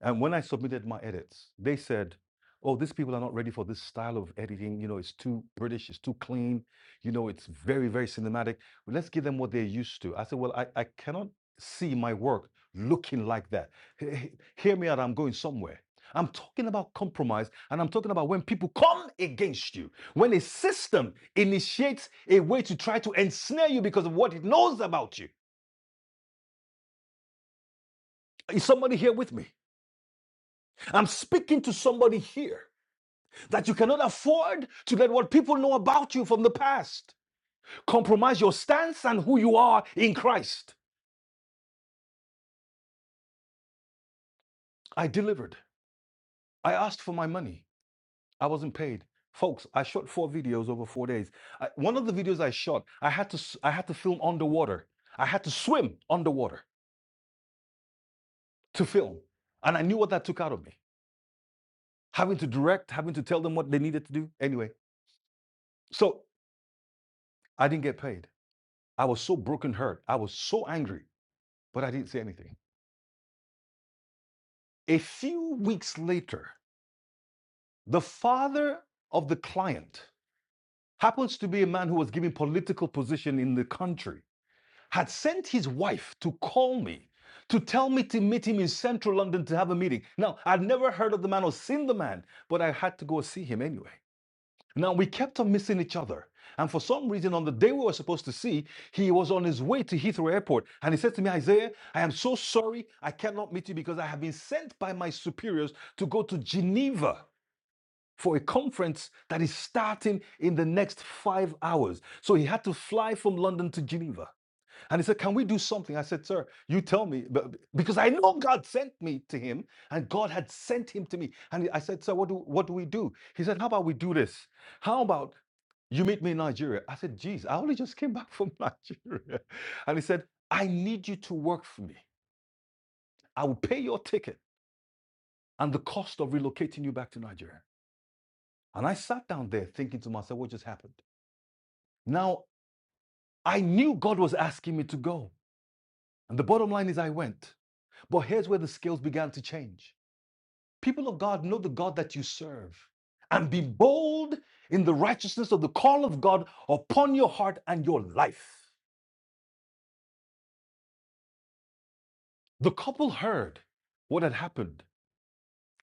S2: And when I submitted my edits, they said, "Oh, these people are not ready for this style of editing. You know, it's too British, it's too clean. You know, it's very, very cinematic. Well, Let's give them what they're used to." I said, "Well, I, I cannot see my work looking like that. He- Hear me out. I'm going somewhere." I'm talking about compromise and I'm talking about when people come against you, when a system initiates a way to try to ensnare you because of what it knows about you. Is somebody here with me? I'm speaking to somebody here. that you cannot afford to let what people know about you from the past compromise your stance and who you are in Christ. I delivered. I asked for my money. I wasn't paid. Folks, I shot four videos over four days. I, one of the videos I shot, I had to I had to film underwater. I had to swim underwater to film, and I knew what that took out of me. Having to direct, having to tell them what they needed to do. Anyway, so I didn't get paid. I was so broken hurt. I was so angry, but I didn't say anything. A few weeks later, the father of the client happens to be a man who was given political position in the country, had sent his wife to call me to tell me to meet him in central London to have a meeting. Now, I'd never heard of the man or seen the man, but I had to go see him anyway. Now we kept on missing each other. And for some reason, on the day we were supposed to see, he was on his way to Heathrow Airport. And he said to me, Isaiah, I am so sorry I cannot meet you because I have been sent by my superiors to go to Geneva for a conference that is starting in the next five hours. So he had to fly from London to Geneva. And he said, Can we do something? I said, Sir, you tell me. Because I know God sent me to him and God had sent him to me. And I said, Sir, what do, what do we do? He said, How about we do this? How about you meet me in Nigeria? I said, Geez, I only just came back from Nigeria. And he said, I need you to work for me. I will pay your ticket and the cost of relocating you back to Nigeria. And I sat down there thinking to myself, What just happened? Now, I knew God was asking me to go. And the bottom line is, I went. But here's where the scales began to change. People of God, know the God that you serve and be bold in the righteousness of the call of God upon your heart and your life. The couple heard what had happened,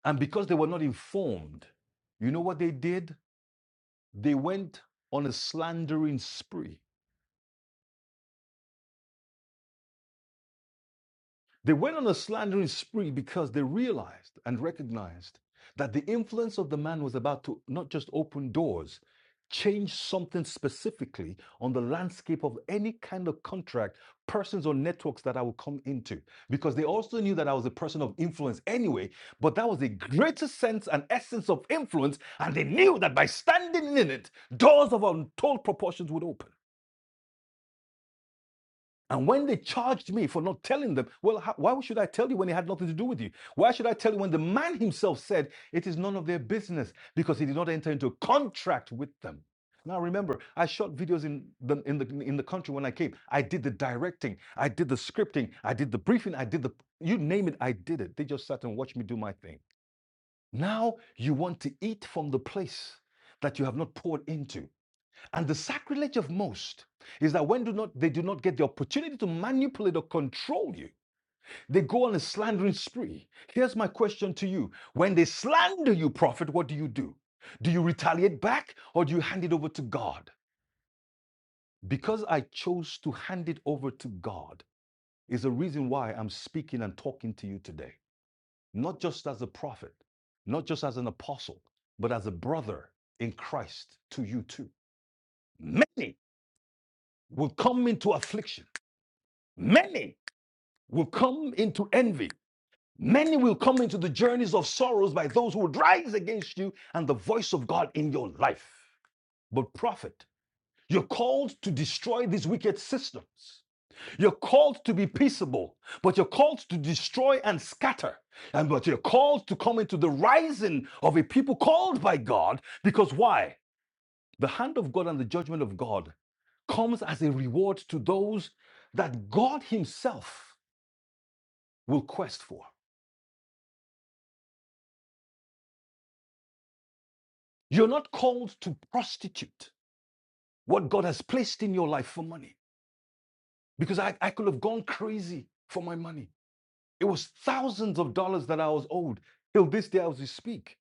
S2: and because they were not informed, you know what they did? They went on a slandering spree. They went on a slandering spree because they realized and recognized that the influence of the man was about to not just open doors, change something specifically on the landscape of any kind of contract, persons, or networks that I would come into. Because they also knew that I was a person of influence anyway, but that was a greater sense and essence of influence. And they knew that by standing in it, doors of untold proportions would open. And when they charged me for not telling them, well, how, why should I tell you when it had nothing to do with you? Why should I tell you when the man himself said it is none of their business because he did not enter into a contract with them? Now remember, I shot videos in the, in the in the country when I came. I did the directing, I did the scripting, I did the briefing, I did the you name it, I did it. They just sat and watched me do my thing. Now you want to eat from the place that you have not poured into. And the sacrilege of most is that when do not, they do not get the opportunity to manipulate or control you, they go on a slandering spree. Here's my question to you When they slander you, prophet, what do you do? Do you retaliate back or do you hand it over to God? Because I chose to hand it over to God is the reason why I'm speaking and talking to you today, not just as a prophet, not just as an apostle, but as a brother in Christ to you too. Many will come into affliction Many will come into envy. Many will come into the journeys of sorrows by those who would rise against you and the voice of God in your life. But, prophet, you're called to destroy these wicked systems. You're called to be peaceable, but you're called to destroy and scatter. And but you're called to come into the rising of a people called by God. Because why? The hand of God and the judgment of God comes as a reward to those that God Himself will quest for. You're not called to prostitute what God has placed in your life for money. Because I, I could have gone crazy for my money. It was thousands of dollars that I was owed. Till this day, I was to speak.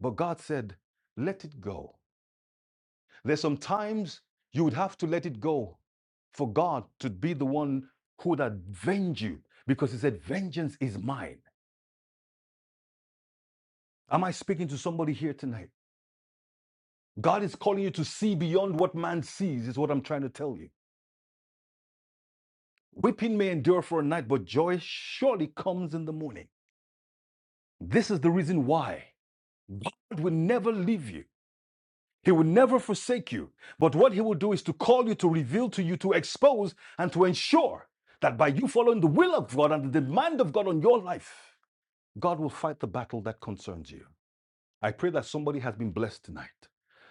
S2: But God said, let it go. There's some times you would have to let it go for God to be the one who would avenge you because He said, Vengeance is mine. Am I speaking to somebody here tonight? God is calling you to see beyond what man sees, is what I'm trying to tell you. Weeping may endure for a night, but joy surely comes in the morning. This is the reason why God will never leave you. He will never forsake you. But what He will do is to call you, to reveal to you, to expose, and to ensure that by you following the will of God and the demand of God on your life, God will fight the battle that concerns you. I pray that somebody has been blessed tonight.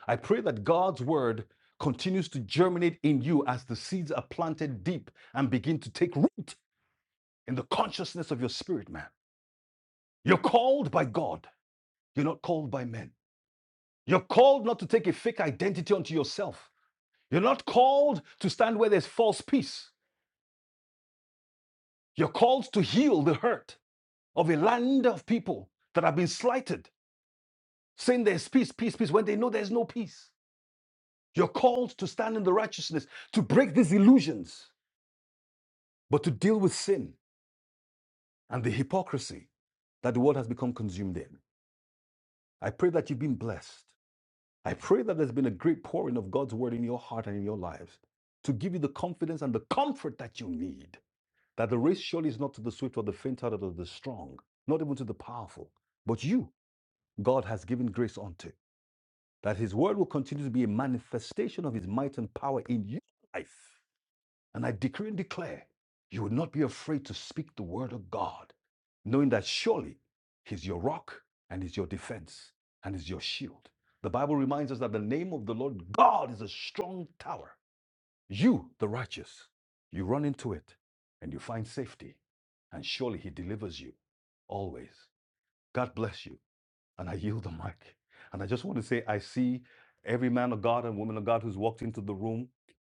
S2: I pray that God's word continues to germinate in you as the seeds are planted deep and begin to take root in the consciousness of your spirit, man. You're called by God. You're not called by men. You're called not to take a fake identity onto yourself. You're not called to stand where there's false peace. You're called to heal the hurt of a land of people that have been slighted, saying there's peace, peace, peace, when they know there's no peace. You're called to stand in the righteousness, to break these illusions, but to deal with sin and the hypocrisy that the world has become consumed in. I pray that you've been blessed. I pray that there's been a great pouring of God's word in your heart and in your lives to give you the confidence and the comfort that you need. That the race surely is not to the swift or the faint hearted or the strong, not even to the powerful, but you, God has given grace unto. That his word will continue to be a manifestation of his might and power in your life and I decree and declare you will not be afraid to speak the word of God, knowing that surely He's your rock and He's your defense and He's your shield. The Bible reminds us that the name of the Lord God is a strong tower. You, the righteous, you run into it and you find safety, and surely He delivers you always. God bless you. And I yield the mic. And I just want to say, I see every man of God and woman of God who's walked into the room.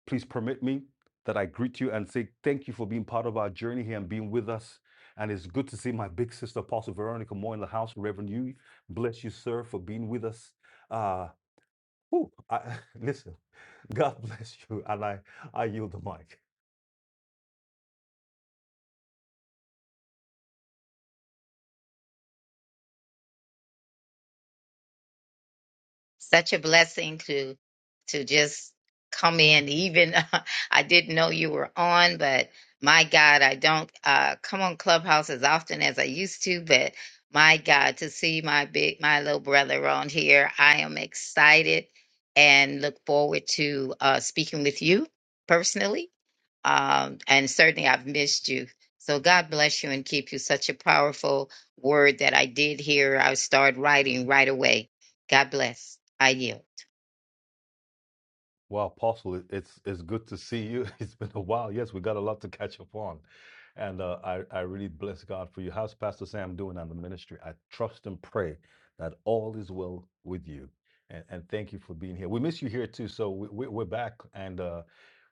S2: Please permit me that I greet you and say thank you for being part of our journey here and being with us. And it's good to see my big sister, Apostle Veronica Moore, in the house. Reverend you, bless you, sir, for being with us. Uh, whew, I, listen, God bless you. And I, I yield the mic.
S5: such a blessing to to just come in even i didn't know you were on but my god i don't uh come on clubhouse as often as i used to but my god to see my big my little brother on here i am excited and look forward to uh speaking with you personally um, and certainly I've missed you. So God bless you and keep you. Such a powerful word that I did hear. I start writing right away. God bless. I yield.
S2: Well, Apostle, it- it's it's good to see you. It's been a while. Yes, we got a lot to catch up on, and uh, I I really bless God for you. How's Pastor Sam doing and the ministry? I trust and pray that all is well with you, and and thank you for being here. We miss you here too, so we, we we're back, and uh,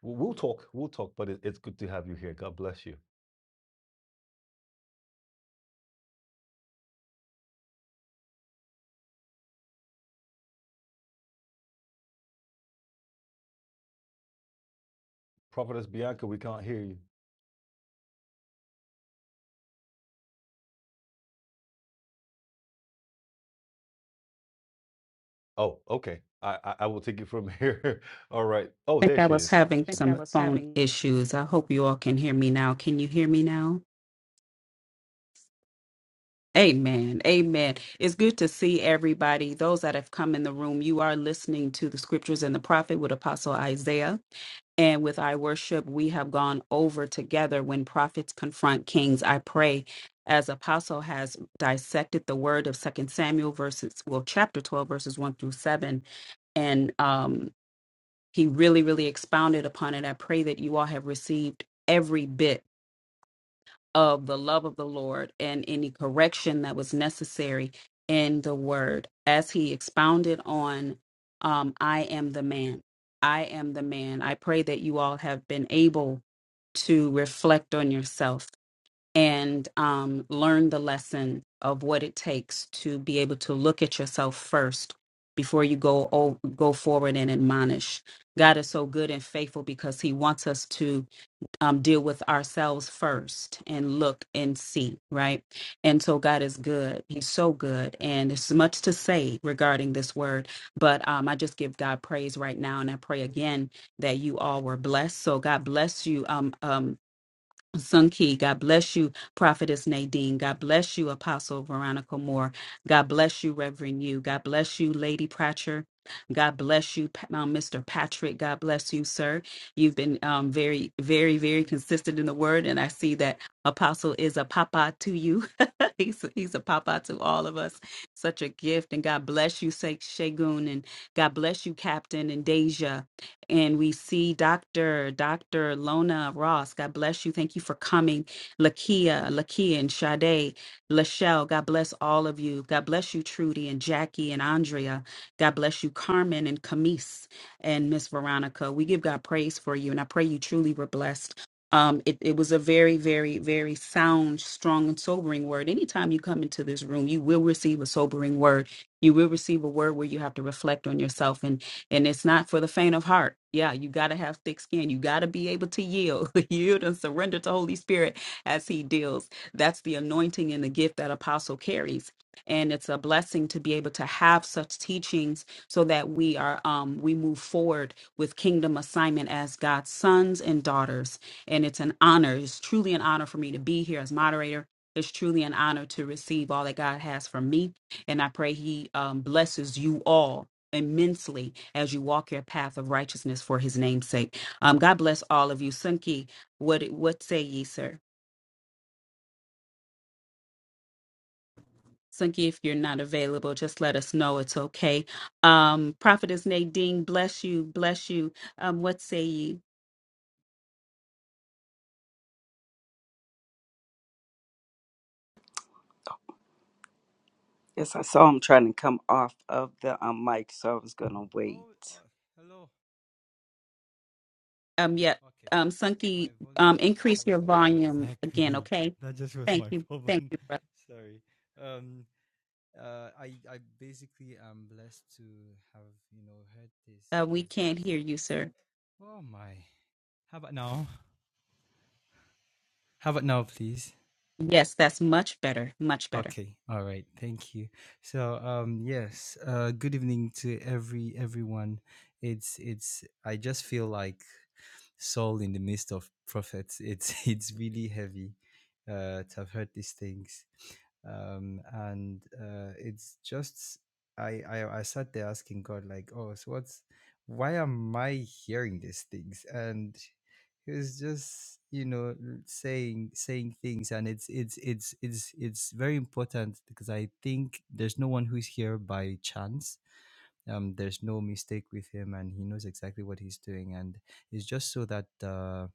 S2: we- we'll talk. We'll talk, but it, it's good to have you here. God bless you, Prophetess Bianca. We can't hear you. Oh, okay. I I, I will take it from here. all right. Oh,
S1: I think
S2: there
S1: I
S2: she
S1: was
S2: is. She's
S1: having
S2: think I back.
S1: some
S2: was
S1: phone
S2: having
S1: issues. I hope you all can hear me now. Can you hear me now? Amen. Amen. It's good to see everybody. Those that have come in the room, you are listening to the scriptures and the prophet with Apostle Isaiah. And with our worship, we have gone over together when prophets confront kings. I pray as apostle has dissected the word of second samuel verses well chapter 12 verses 1 through 7 and um, he really really expounded upon it i pray that you all have received every bit of the love of the Lord and any correction that was necessary in the word as he expounded on um, I am the man. I am the man. I pray that you all have been able to reflect on yourself and um, learn the lesson of what it takes to be able to look at yourself first before you go o- go forward and admonish. God is so good and faithful because He wants us to um, deal with ourselves first and look and see, right? And so God is good. He's so good. And there's much to say regarding this word, but um, I just give God praise right now. And I pray again that you all were blessed. So God bless you. Um, um, Sun Key, God bless you, Prophetess Nadine. God bless you, Apostle Veronica Moore. God bless you, Reverend You. God bless you, Lady Pratcher. God bless you, Pa- um, Mr. Patrick. God bless you, sir. You've been um, very, very, very consistent in the word, and I see that Apostle is a papa to you. he's, he's a papa to all of us. Such a gift, and God bless you, Sha- Shagun, and God bless you, Captain and Deja and we see Dr. Dr. Lona Ross. God bless you. Thank you for coming. Lakia, Lakia and Sade, Lachelle, God bless all of you. God bless you, Trudy and Jackie and Andrea. God bless you, Carmen and Camise and Miss Veronica. We give God praise for you, and I pray you truly were blessed. Um, it, it was a very, very, very sound, strong, and sobering word. Anytime you come into this room, you will receive a sobering word. You will receive a word where you have to reflect on yourself. And and it's not for the faint of heart. Yeah, you got to have thick skin. You got to be able to yield, yield and surrender to Holy Spirit as He deals. That's the anointing and the gift that Apostle carries. And it's a blessing to be able to have such teachings so that we are um, we move forward with kingdom assignment as God's sons and daughters. And it's an honor. It's truly an honor for me to be here as moderator. It's truly an honor to receive all that God has for me. And I pray He um, blesses you all immensely as you walk your path of righteousness for his name's sake. Um, God bless all of you. Sunki, what what say ye, sir? Sunki, if you're not available, just let us know. It's okay. Um, Prophetess Nadine, bless you, bless you. Um, what say ye?
S4: Yes, I saw him trying to come off of the um, mic, so I was going to wait.
S3: Oh, uh, hello.
S1: Um, yeah.
S3: Okay.
S1: Um,
S3: My
S1: Sunki,
S3: volume
S1: um,
S3: was
S1: increase
S3: low.
S1: your volume again,
S3: Exactly.
S1: okay?
S3: That just was
S1: Thank
S3: my
S1: you, thank
S3: problem.
S1: you, brother.
S3: Sorry. Um, uh, I I basically am blessed to have you know heard this
S1: Uh, we
S3: because
S1: can't
S3: it's
S1: hear you, sir.
S3: oh my. How about now? How about now, please?
S1: Yes, that's much better, much better.
S3: Okay, all right, thank you. So um, yes, uh, good evening to every everyone. It's it's. I just feel like Saul in the midst of prophets. It's it's really heavy uh, to have heard these things, um, and uh, it's just I, I I sat there asking God like, oh, so what's why am I hearing these things? And he was just you know l- saying saying things, and it's it's it's it's it's very important because I think there's no one who's here by chance um, there's no mistake with him and he knows exactly what he's doing and it's just so that uh,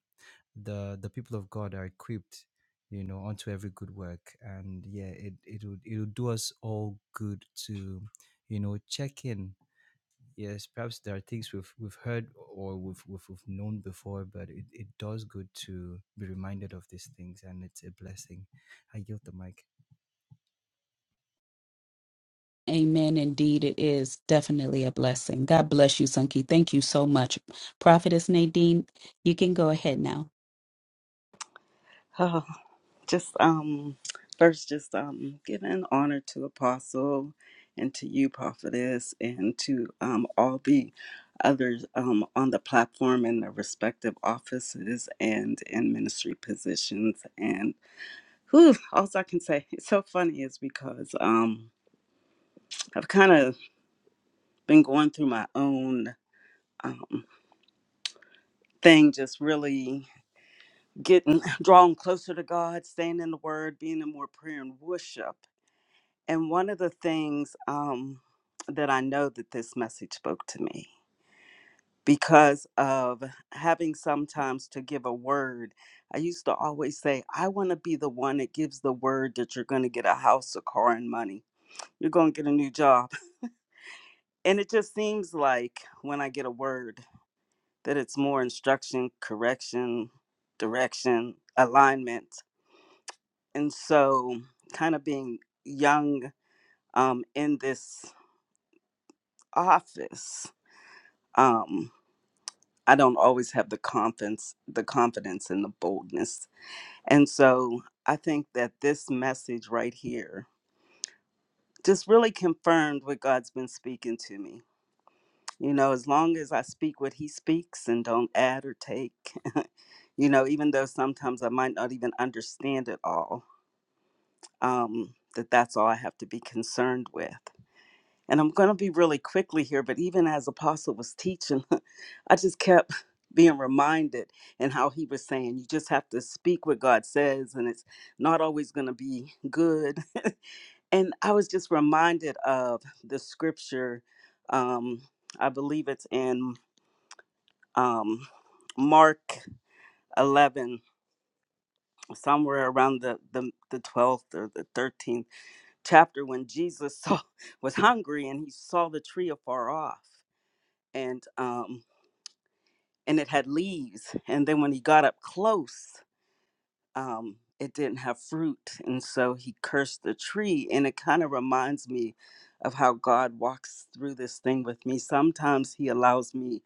S3: the the people of god are equipped you know onto every good work and yeah it it would it would do us all good to you know check in yes perhaps there are things we've we've heard or we've we've, we've known before but it, it does good to be reminded of these things and it's a blessing i yield the mic
S1: Amen. Indeed, it is definitely a blessing. God bless you, Sunky. Thank you so much. Prophetess Nadine, you can go ahead now.
S4: just um first just um giving honor to apostle and to you prophetess and to um all the others um on the platform in their respective offices and in ministry positions and who all i can say it's so funny is because um i've kind of been going through my own um thing just really getting drawn closer to god staying in the word being in more prayer and worship And one of the things um, that I know that this message spoke to me because of having sometimes to give a word, I used to always say, I want to be the one that gives the word that you're going to get a house, a car, and money. You're going to get a new job. And it just seems like when I get a word that it's more instruction, correction, direction, alignment. And so, kind of being young um, in this office, um, I don't always have the confidence, the confidence and the boldness. And so I think that this message right here just really confirmed what God's been speaking to me. You know, as long as I speak what He speaks and don't add or take, you know, even though sometimes I might not even understand it all, um, that that's all I have to be concerned with. And I'm going to be really quickly here, but even as Apostle was teaching, I just kept being reminded and how he was saying, you just have to speak what God says, and it's not always going to be good. And I was just reminded of the scripture, um, I believe it's in um, Mark 11, somewhere around the, the, the 12th or the 13th chapter, when Jesus saw, was hungry and he saw the tree afar off. And um, and it had leaves. And then when he got up close, um, it didn't have fruit. And so he cursed the tree. And it kind of reminds me of how God walks through this thing with me. Sometimes he allows me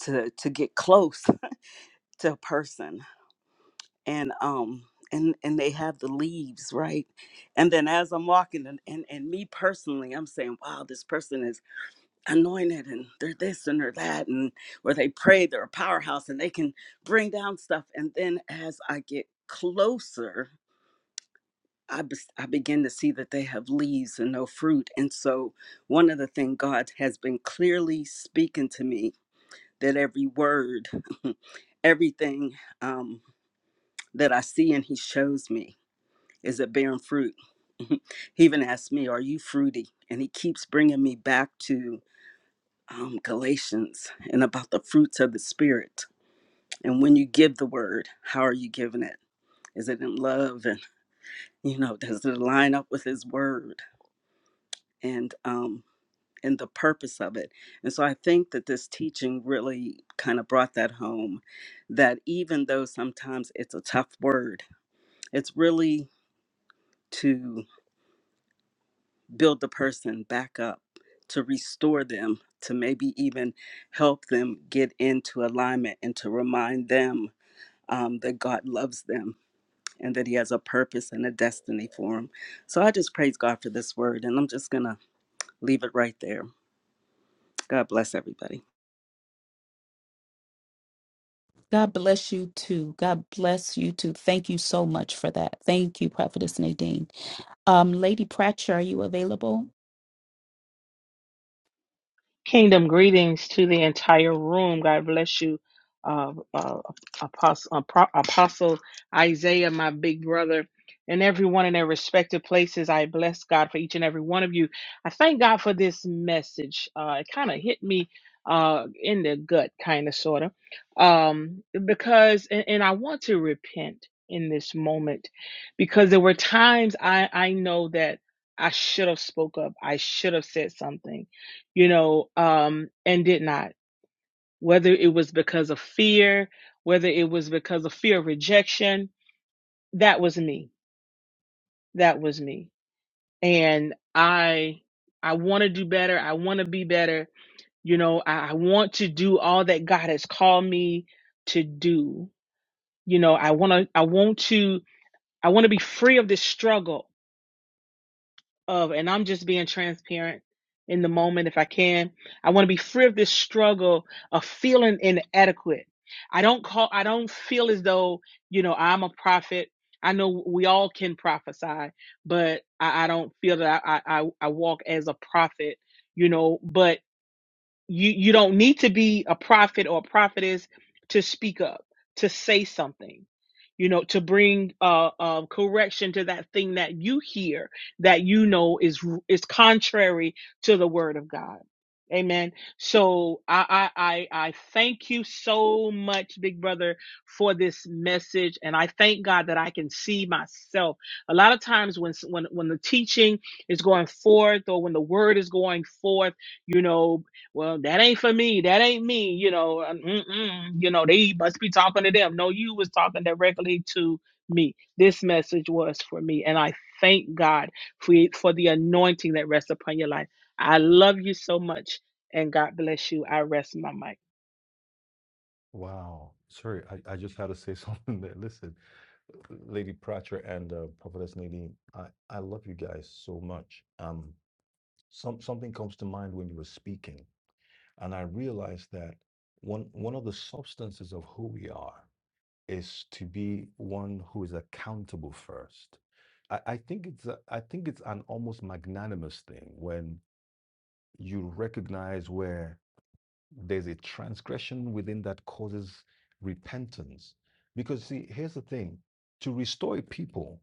S4: to to get close to a person and um and and they have the leaves, right? And then as I'm walking and and, and me personally, I'm saying, wow, this person is anointed and they're this and they're that and where they pray they're a powerhouse and they can bring down stuff and then as i get closer I, bes- I begin to see that they have leaves and no fruit and so one of the things god has been clearly speaking to me that every word everything um, that i see and he shows me is it bearing fruit he even asked me are you fruity and he keeps bringing me back to um, Galatians and about the fruits of the Spirit. And when you give the word, how are you giving it? Is it in love? And, you know, does it line up with His word and, um, and the purpose of it? And so I think that this teaching really kind of brought that home that even though sometimes it's a tough word, it's really to build the person back up, to restore them, to maybe even help them get into alignment and to remind them um, that God loves them and that He has a purpose and a destiny for them. So I just praise God for this word, and I'm just going to leave it right there. God bless everybody.
S1: God bless you too. God bless you too. Thank you so much for that. Thank you, Prophetess Nadine. Um, Lady Pratcher, are you available?
S6: Kingdom greetings to the entire room. God bless you, uh, uh, Apostle, Apostle Isaiah, my big brother, and everyone in their respective places. I bless God for each and every one of you. I thank God for this message. Uh, it kind of hit me uh, in the gut, kind of, sort of, um, because, and, and I want to repent in this moment because there were times I, I know that I should have spoke up. I should have said something you know, um, and did not. Whether it was because of fear, whether it was because of fear of rejection, that was me. That was me. And I, I want to do better. I want to be better. You know, I, I want to do all that God has called me to do. You know, I want to, I want to, I want to be free of this struggle of, and I'm just being transparent in the moment if I can. I want to be free of this struggle of feeling inadequate. I don't call, I don't feel as though, you know, I'm a prophet. I know we all can prophesy, but I, I don't feel that I, I, I I walk as a prophet, you know, but you you don't need to be a prophet or a prophetess to speak up to say something you know to bring uh, uh correction to that thing that you hear that you know is is contrary to the word of god amen so i i i, I thank you so much big brother for this message and i thank god that i can see myself a lot of times when when when the teaching is going forth or when the word is going forth you know well, that ain't for me. That ain't me. You know, uh, mm-mm, you know, they must be talking to them. No, you was talking directly to me. This message was for me, and I thank God for for the anointing that rests upon your life. I love you so much, and God bless you. I rest my mic.
S2: Wow. Sorry, I, I just had to say something there. Listen, Lady Pratcher and uh, Prophetess Nadine, I, I love you guys so much. Um, some something comes to mind when you were speaking, and I realized that one one of the substances of who we are is to be one who is accountable first. I, I think it's a, I think it's an almost magnanimous thing when you recognize where there's a transgression within that causes repentance. Because, see, here's the thing to restore a people,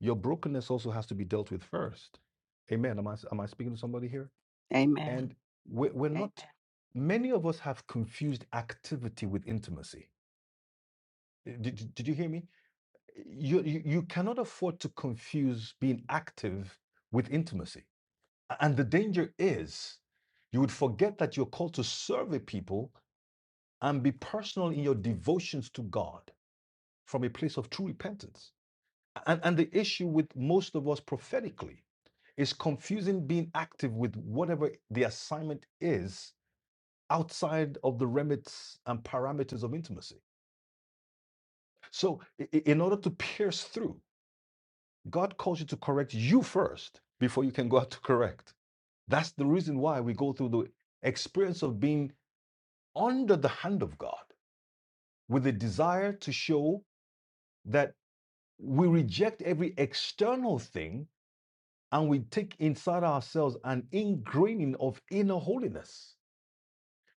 S2: your brokenness also has to be dealt with first. Amen. Am I, am I speaking to somebody here?
S4: Amen.
S2: And we're, we're not, many of us have confused activity with intimacy. Eh, Did, did you hear me? You, you, you cannot afford to confuse being active with intimacy. And the danger is you would forget that you're called to serve a people and be personal in your devotions to God from a place of true repentance. And, and the issue with most of us prophetically is confusing being active with whatever the assignment is outside of the remits and parameters of intimacy. So, i- i- in order to pierce through, God calls you to correct you first before you can go out to correct. That's the reason why we go through the experience of being under the hand of God with a desire to show that we reject every external thing and we take inside ourselves an ingraining of inner holiness.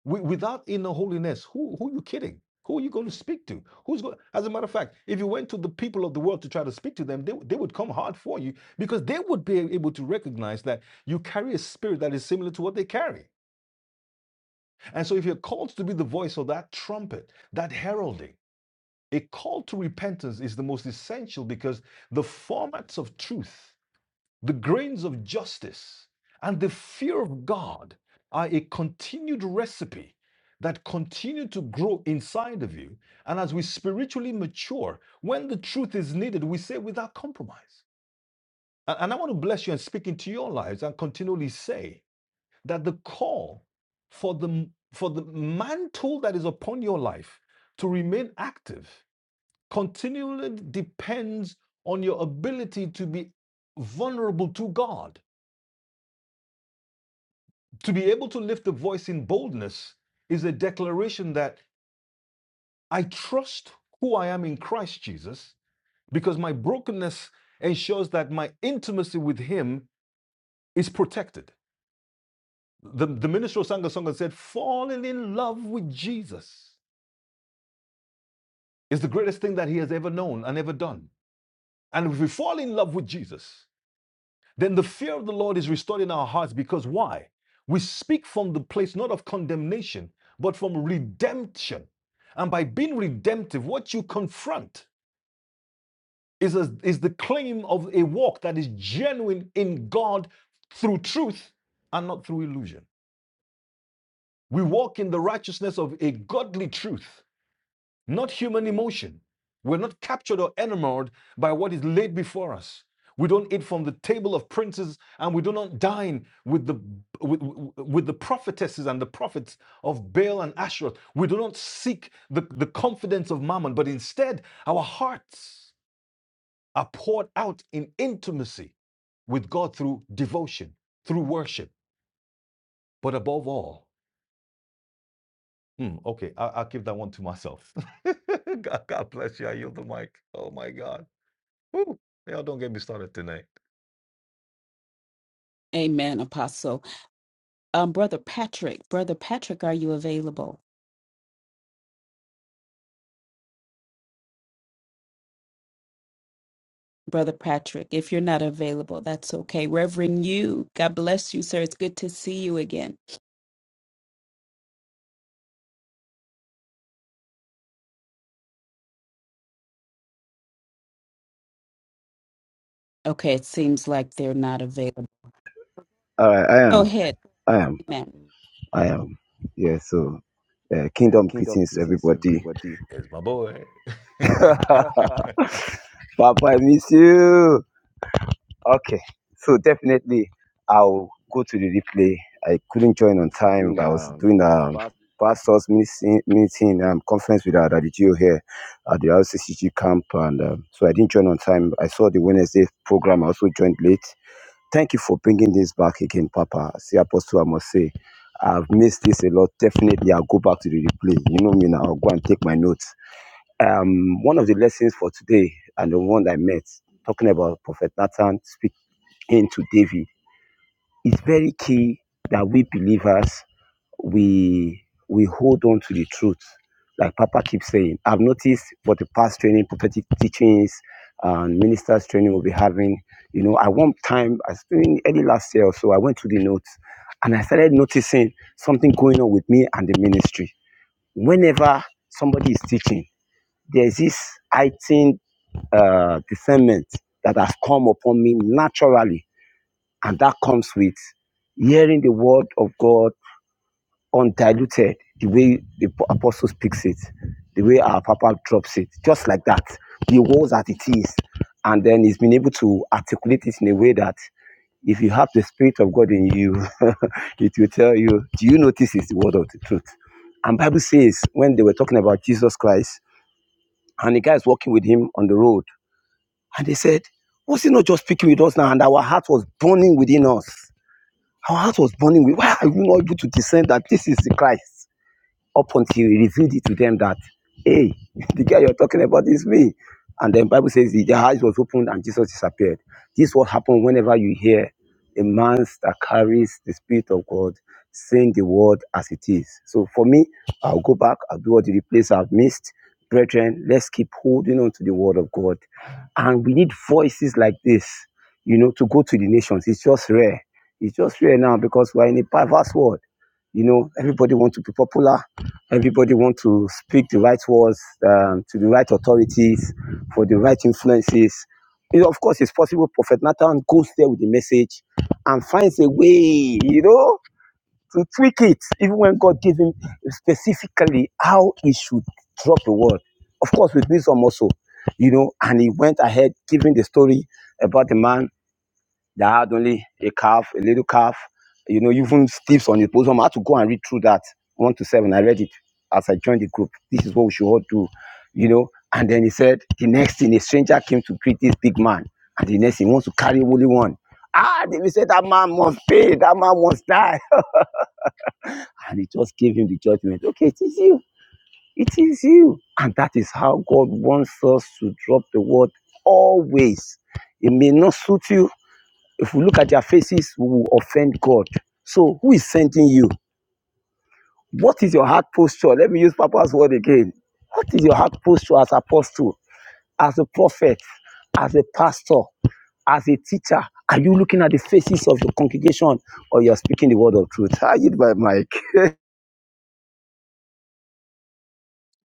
S2: Wi- without inner holiness, who, who are you kidding? Who are you going to speak to? Who's going? As a matter of fact, if you went to the people of the world to try to speak to them, they, they would come hard for you because they would be able to recognize that you carry a spirit that is similar to what they carry. And so, if you're called to be the voice of that trumpet, that heralding, a call to repentance is the most essential because the formats of truth The grains of justice and the fear of God are a continued recipe that continue to grow inside of you. And as we spiritually mature, when the truth is needed, we say without compromise. And I want to bless you and speak into your lives and continually say that the call for the for the mantle that is upon your life to remain active continually depends on your ability to be vulnerable to God To be able to lift the voice in boldness is a declaration that I trust who I am in Christ Jesus because my brokenness ensures that my intimacy with Him is protected. The, the minister sang a song and said, Falling in love with Jesus is the greatest thing that He has ever known and ever done. And if we fall in love with Jesus, then the fear of the Lord is restored in our hearts because why? We speak from the place not of condemnation, but from redemption. And by being redemptive, what you confront is, a- is the claim of a walk that is genuine in God through truth and not through illusion. We walk in the righteousness of a godly truth not human emotion. We're not captured or enamored by what is laid before us. We don't eat from the table of princes, and we do not dine with the with, with the prophetesses and the prophets of Baal and Asherah. We do not seek the, the confidence of Mammon, but instead our hearts are poured out in intimacy with God through devotion, through worship, but above all, Hmm, okay, I, I'll give that one to myself. God, God bless you. I yield the mic. Oh my God. Woo! Y'all don't get me started tonight.
S1: Amen, Apostle. Um, Brother Patrick, Brother Patrick, are you available? Brother Patrick. If you're not available, that's okay. Reverend you, God bless you, sir. It's good to see you again. Okay, it seems like they're not available.
S7: All right, I
S1: Go
S7: am.
S1: ahead.
S7: I am.
S1: Amen.
S7: I am. Yeah, so uh,
S2: Uh,
S7: kingdom
S2: kingdom
S7: greetings to
S2: greetings,
S7: everybody.
S2: everybody. It's my boy.
S7: Papa, I miss you. Okay, so definitely I'll go to the replay. I couldn't join on time.
S2: Doing
S7: I was
S2: um
S7: doing a
S2: fast.
S7: pastor's meeting, meeting um, conference with our Daddy Gio here at the RCCG camp, and um, so I didn't join on time. I saw the Wednesday program. I also joined late. Thank you for bringing this back again, Papa. See, Apostle, I must say, I've missed this a lot. Definitely, I'll go back to the replay. You know me now. I'll go and take my notes. Um, one of the lessons for today, and the one I met, talking about Prophet Nathan speaking to David it's very key that we believers we we hold on to the truth. Like Papa keeps saying, I've noticed for the past training, prophetic teachings, and ministers training we'll be having. You know, at one time, I was doing early last year or so, I went to the notes and I started noticing something going on with me and the ministry. Whenever somebody is teaching, there's this heightened uh, discernment that has come upon me naturally and that comes with hearing the word of God undiluted, the way the apostle speaks it, the way our papa drops it, just like that. The words that it is. And then he's been able to articulate it in a way that if you have the spirit of God in you, it will tell you, do you notice it's the word of the truth? And Bible says when they were talking about Jesus Christ, and the guys walking with him on the road, and they said, Was he not just speaking with us now? And our heart was burning within us. Our house was burning. Why are you not able to discern that this is the Christ? up until he revealed it to them that, hey, the guy you're talking about is me. And then Bible says the eyes was opened and Jesus disappeared. This is what happened whenever you hear a man that carries the Spirit of God saying the word as it is. So for me, I'll go back, I'll do all the replays I've missed. Brethren, let's keep holding on to the word of God. And we need voices like this, you know, to go to the nations. It's just rare. It's just rare now because we're in a perverse world. You know, everybody wants to be popular. Everybody want to speak the right words um, to the right authorities for the right influences. You know, of course, it's possible Prophet Nathan goes there with the message and finds a way, you know, to tweak it, even when God gives him specifically how he should drop the word. Of course, with wisdom also, you know, and he went ahead giving the story about the man that had only a calf, a little calf, you know, even steps on his bosom. I had to go and read through that one to seven. I read it as I joined the group. This is what we should all do, you know. And then he said, the next thing, a stranger came to greet this big man, and the next thing, he wants to carry only one. Ah, they will say that man must pay, that man must die. And he just gave him the judgment. Okay, it is you. It is you. And that is how God wants us to drop the word always. It may not suit you, if we look at their faces, we will offend God. So, who is sending you? What is your heart posture? Let me use Papa's word again. What is your heart posture as apostle, as a prophet, as a pastor, as a teacher? Are you looking at the faces of your congregation or you're speaking the word of truth? I yield my mic.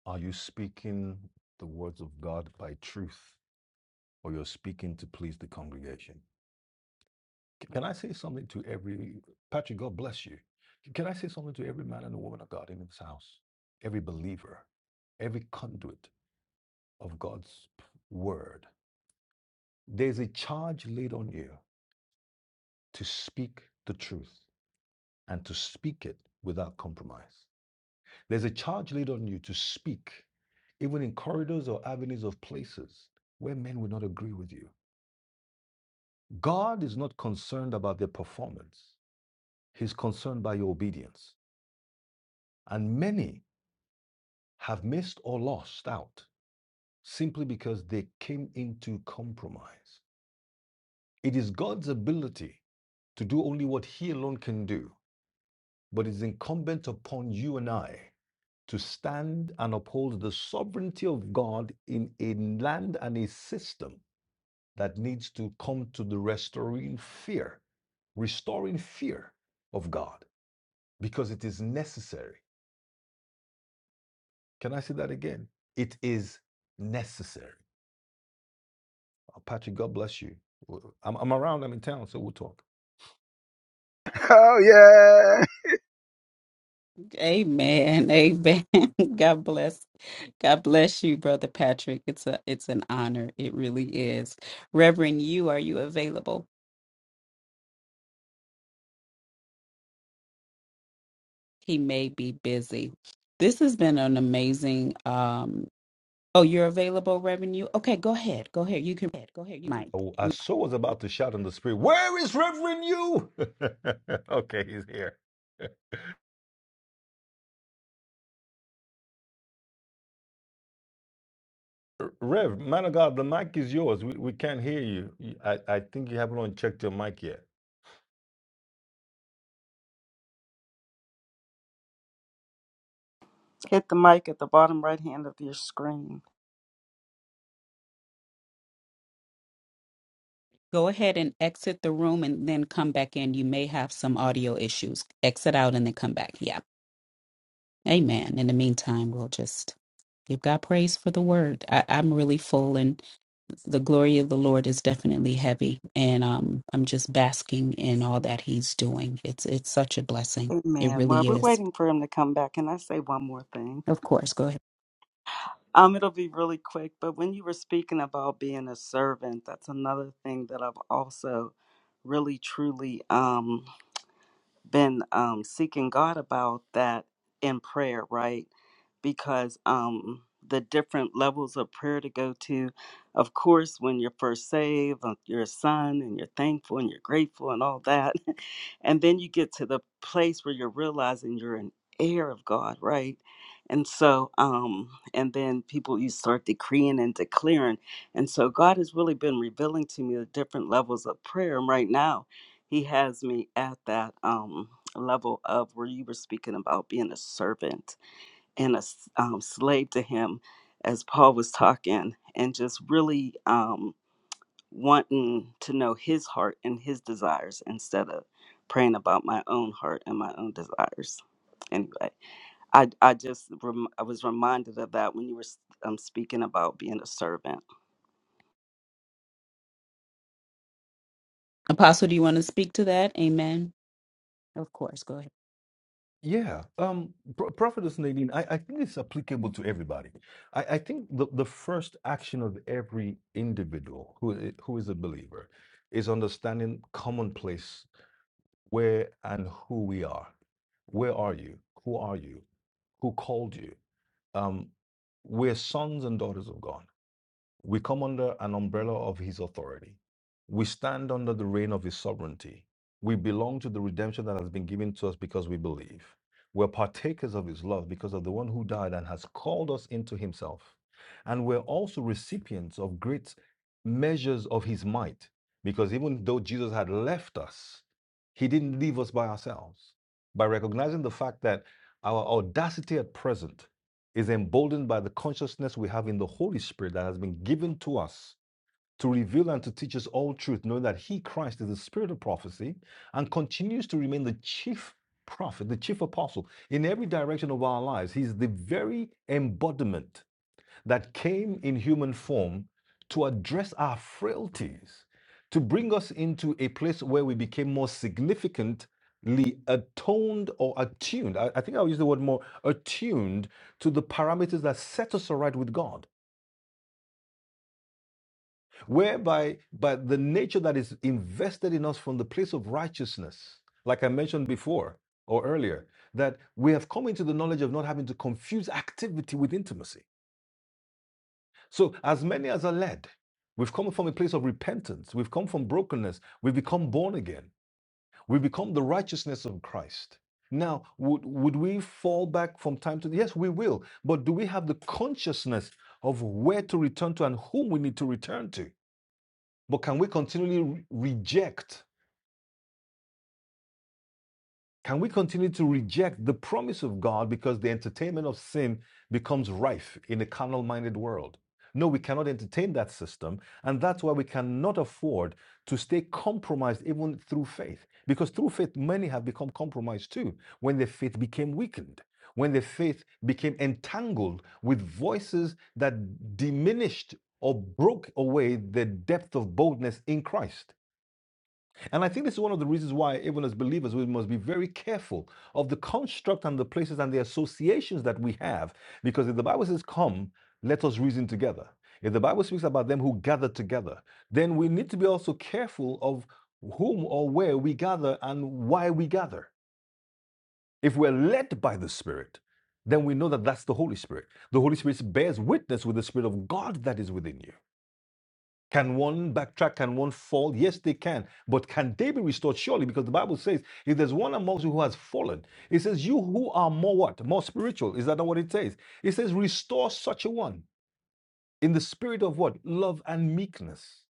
S2: Are you speaking the words of God by truth, or you're speaking to please the congregation? C- Can I say something to every Patrick? God bless you. C- Can I say something to every man and woman of God in this house, every believer, every conduit of God's p- word? There's a charge laid on you to speak the truth. and to speak it without compromise. There's a charge laid on you to speak, even in corridors or avenues of places where men will not agree with you. God is not concerned about their performance, He's concerned by your obedience. And many have missed or lost out simply because they came into compromise. It is God's ability to do only what He alone can do, but it's incumbent upon you and I to stand and uphold the sovereignty of God in a land and a system that needs to come to the restoring fear, restoring fear of God, because it is necessary. Can I say that again? It is necessary. Uh, Patrick, God bless you. W- I'm, I'm around, I'm in town, so we'll talk.
S7: Oh, yeah.
S1: Amen. Amen. God bless. God bless you, Brother Patrick. It's a it's an honor. It really is. Reverend you, are you available? He may be busy. This has been an amazing um oh you're available, Reverend you? Okay, go ahead. Go ahead. You can
S2: Go ahead. Go ahead. You can. Oh,
S1: mic.
S2: I so was about to shout in the spirit, Where is Reverend you? okay, he's here. Rev, man of God, the mic is yours. We, we can't hear you. You- I, I think you haven't unchecked your mic yet.
S4: Hit the mic at the bottom right hand of your screen.
S1: Go ahead and exit the room and then come back in. You may have some audio issues. Exit out and then come back. Yeah. Amen. In the meantime, we'll just give God praise for the word. I, I'm really full and the glory of the Lord is definitely heavy. And um, I'm just basking in all that he's doing. It's it's such a blessing. It
S4: Amen. Well,
S1: really
S4: we're
S1: is.
S4: waiting for him to come back. Can I say one more thing?
S1: Of course. Go ahead.
S4: Um, it'll be really quick, but when you were speaking about being a servant, that's another thing that I've also really truly um been um, seeking God about that in prayer, right? Because um, the different levels of prayer to go to, of course, when you're first saved, uh, you're a son and you're thankful and you're grateful and all that. and then you get to the place where you're realizing you're an heir of God, right? And so, um, and then people, you start decreeing and declaring. And so, God has really been revealing to me the different levels of prayer. And right now, he has me at that um level of where you were speaking about being a servant and a s- um, slave to him as paul was talking and just really um wanting to know his heart and his desires instead of praying about my own heart and my own desires anyway i i just rem- i was reminded of that when you were s- um, speaking about being a servant
S1: Apostle, do you want to speak to that? Amen.
S2: Of course, go ahead. Yeah, um, Pro- Prophetess Nadine, I, I think it's applicable to everybody. I, I think the, the first action of every individual who i- who is a believer is understanding commonplace where and who we are. Where are you? Who are you? Who called you? Um, we're sons and daughters of God. We come under an umbrella of His authority. We stand under the reign of His sovereignty. We belong to the redemption that has been given to us because we believe. We're partakers of His love because of the one who died and has called us into Himself. And we're also recipients of great measures of His might because even though Jesus had left us, He didn't leave us by ourselves. By recognizing the fact that our audacity at present is emboldened by the consciousness we have in the Holy Spirit that has been given to us to reveal and to teach us all truth, knowing that He, Christ, is the Spirit of prophecy and continues to remain the chief prophet, the chief apostle in every direction of our lives. He's the very embodiment that came in human form to address our frailties, to bring us into a place where we became more significantly atoned or attuned. I, I think I'll use the word more attuned to the parameters that set us aright with God, whereby by the nature that is invested in us from the place of righteousness, like I mentioned before or earlier, that we have come into the knowledge of not having to confuse activity with intimacy So, as many as are led, we've come from a place of repentance, we've come from brokenness, we've become born again, we've become the righteousness of Christ. Now, would, would we fall back from time to time? Yes, we will. But do we have the consciousness of where to return to and whom we need to return to? But can we continually re- reject Can we continue to reject the promise of God because the entertainment of sin becomes rife in a carnal minded world? No, we cannot entertain that system. And that's why we cannot afford to stay compromised even through faith. Because through faith, many have become compromised too when their faith became weakened, when their faith became entangled with voices that diminished or broke away the depth of boldness in Christ. And I think this is one of the reasons why, even as believers, we must be very careful of the construct and the places and the associations that we have. Because if the Bible says, Come, let us reason together. If the Bible speaks about them who gather together, then we need to be also careful of whom or where we gather and why we gather. If we're led by the Spirit, then we know that that's the Holy Spirit. The Holy Spirit bears witness with the Spirit of God that is within you. Can one backtrack? Can one fall? Yes, they can. But can they be restored? Surely, because the Bible says, if there's one amongst you who has fallen, it says, you who are more what? More spiritual. Is that not what it says? It says, restore such a one in the spirit of what? Love and meekness.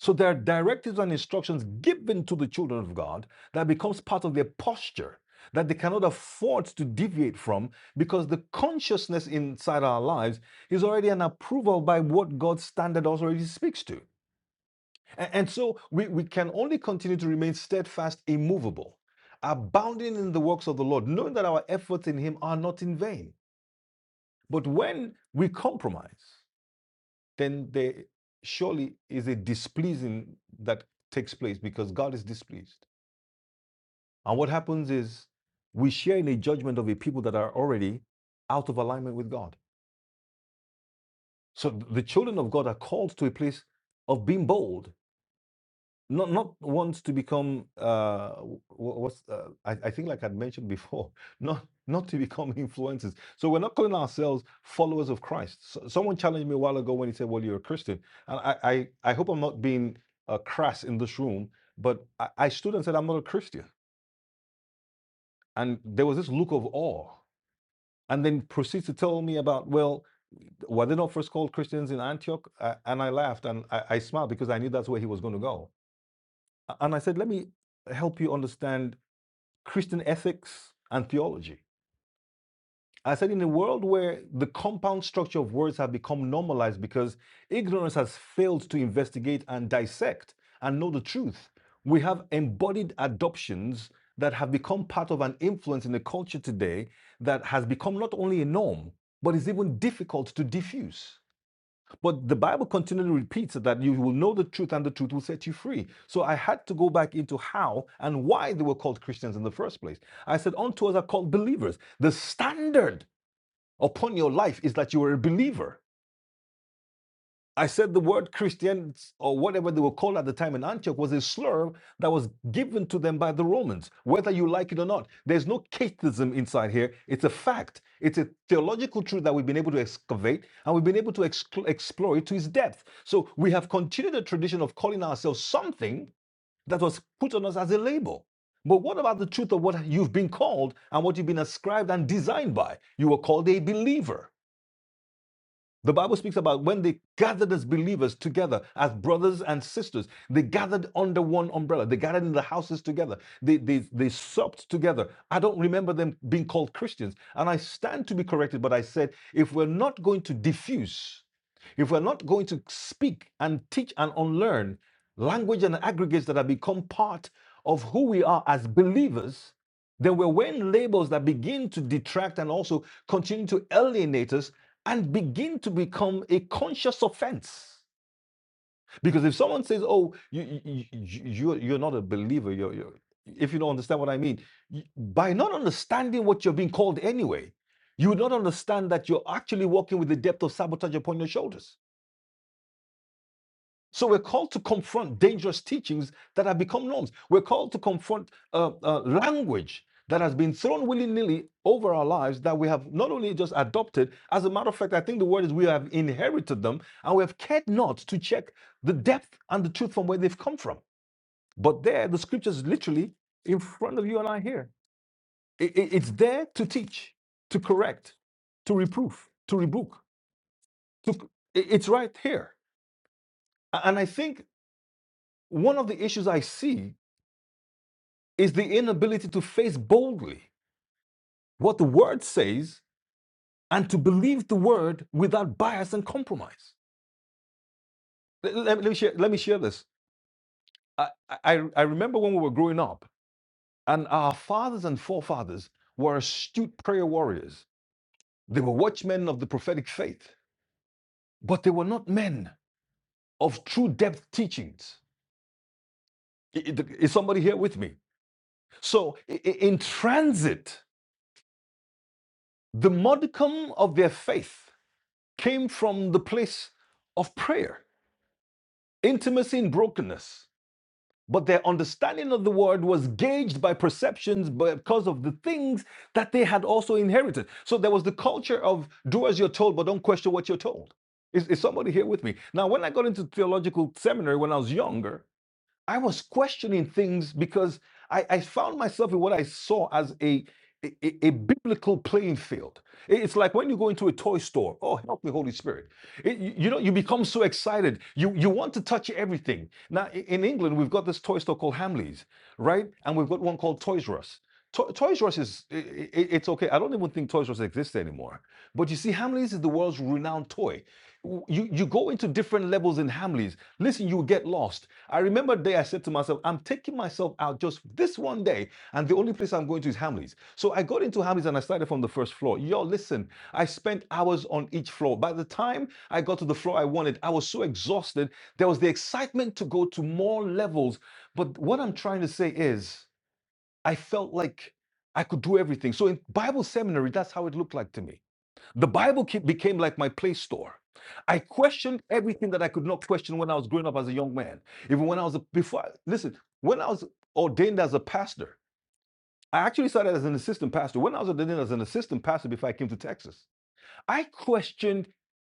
S2: So there are directives and instructions given to the children of God that becomes part of their posture that they cannot afford to deviate from because the consciousness inside our lives is already an approval by what God's standard also already speaks to. A- And so we, we can only continue to remain steadfast, immovable, abounding in the works of the Lord, knowing that our efforts in Him are not in vain. But when we compromise, then there surely is a displeasing that takes place because God is displeased. And what happens is we share in a judgment of a people that are already out of alignment with God. So th- the children of God are called to a place of being bold, not not want to become uh w- w- what's uh, I, I think like i'd mentioned before not not to become influencers so we're not calling ourselves followers of christ so, someone challenged me a while ago when he said well you're a christian and i i, I hope i'm not being uh, crass in this room but I, I stood and said i'm not a christian and there was this look of awe and then proceeds to tell me about well were they not first called christians in antioch uh, and i laughed and I, I smiled because i knew that's where he was going to go And I said, let me help you understand Christian ethics and theology. I said, in a world where the compound structure of words have become normalized because ignorance has failed to investigate and dissect and know the truth, we have embodied adoptions that have become part of an influence in the culture today that has become not only a norm, but is even difficult to diffuse. But the Bible continually repeats that you will know the truth and the truth will set you free. So I had to go back into how and why they were called Christians in the first place. I said, Unto us are called believers. The standard upon your life is that you are a believer. I said the word Christians or whatever they were called at the time in Antioch was a slur that was given to them by the Romans, whether you like it or not. There's no cateism inside here. It's a fact. It's a theological truth that we've been able to excavate and we've been able to excl- explore it to its depth. So we have continued the tradition of calling ourselves something that was put on us as a label. But what about the truth of what you've been called and what you've been ascribed and designed by? You were called a believer. The Bible speaks about when they gathered as believers together, as brothers and sisters. They gathered under one umbrella. They gathered in the houses together. They, they, they supped together. I don't remember them being called Christians. And I stand to be corrected, but I said, if we're not going to diffuse, if we're not going to speak and teach and unlearn language and aggregates that have become part of who we are as believers, then we're wearing labels that begin to detract and also continue to alienate us and begin to become a conscious offense. Because if someone says, "Oh, you you you you're, you're not a believer," you're, you're if you don't understand what I mean, by not understanding what you're being called anyway, you would not understand that you're actually walking with the depth of sabotage upon your shoulders. So we're called to confront dangerous teachings that have become norms. We're called to confront uh, uh, language that has been thrown willy nilly over our lives that we have not only just adopted, as a matter of fact, I think the word is we have inherited them and we have cared not to check the depth and the truth from where they've come from. But there, the scriptures literally in front of you and I here. I- I- it's there to teach, to correct, to reproof, to rebuke. To, c- i- it's right here. A- And I think one of the issues I see is the inability to face boldly what the word says and to believe the word without bias and compromise. Let, let- let me, share, let me share this. I, I, I remember when we were growing up, and our fathers and forefathers were astute prayer warriors. They were watchmen of the prophetic faith, but they were not men of true depth teachings. Is somebody here with me? So, in transit, the modicum of their faith came from the place of prayer. intimacy in brokenness. But their understanding of the word was gauged by perceptions because of the things that they had also inherited. So there was the culture of do as you're told, but don't question what you're told. Is, is somebody here with me? Now, when I got into theological seminary when I was younger, I was questioning things because I, I found myself in what I saw as a, a, a- biblical playing field. I- It's like when you go into a toy store, oh, help me, Holy Spirit. It- you you know, you become so excited. You, you want to touch everything. Now, i- in England, we've got this toy store called Hamley's, right? And we've got one called Toys R Us. To- Toys R Us is, i- i- it's okay. I don't even think Toys R Us exists anymore. But you see, Hamley's is the world's renowned toy. W- You, you go into different levels in Hamley's. Listen, you get lost I remember the day I said to myself, I'm taking myself out just this one day, and the only place I'm going to is Hamley's. So I got into Hamley's and I started from the first floor. Yo, listen, I spent hours on each floor. By the time I got to the floor I wanted, I was so exhausted. There was the excitement to go to more levels. But what I'm trying to say is, I felt like I could do everything. So in Bible seminary, that's how it looked like to me. The Bible became like my play store. I questioned everything that I could not question when I was growing up as a young man. Even when I was a, before, I- listen, when I was ordained as a pastor, I actually started as an assistant pastor. When I was ordained as an assistant pastor before I came to Texas, I questioned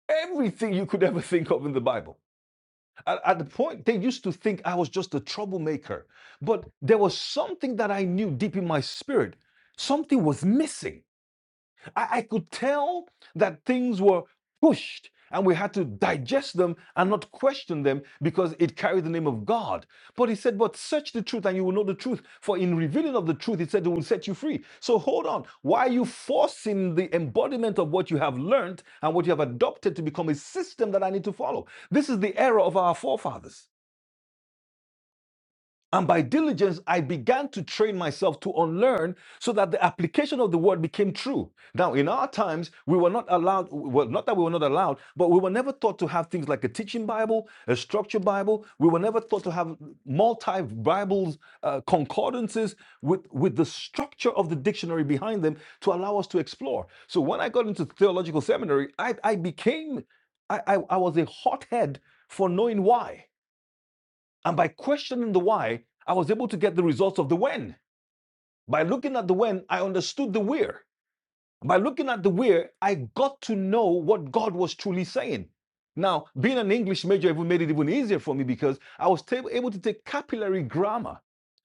S2: everything you could ever think of in the Bible. At, at the point, they used to think I was just a troublemaker, but there was something that I knew deep in my spirit. Something was missing. I, I could tell that things were pushed and we had to digest them and not question them because it carried the name of God. But he said, But search the truth and you will know the truth. For in revealing of the truth, he said, It will set you free. So hold on. Why are you forcing the embodiment of what you have learned and what you have adopted to become a system that I need to follow? This is the error of our forefathers. And by diligence, I began to train myself to unlearn so that the application of the word became true. Now, in our times, we were not allowed, well, not that we were not allowed, but we were never taught to have things like a teaching Bible, a structured Bible. We were never taught to have multi Bibles, uh, concordances with, with the structure of the dictionary behind them to allow us to explore. So when I got into theological seminary, I, I became, I, I, I was a hothead for knowing why. And by questioning the why, I was able to get the results of the when. By looking at the when, I understood the where. By looking at the where, I got to know what God was truly saying. Now, being an English major even made it even easier for me because I was able to take capillary grammar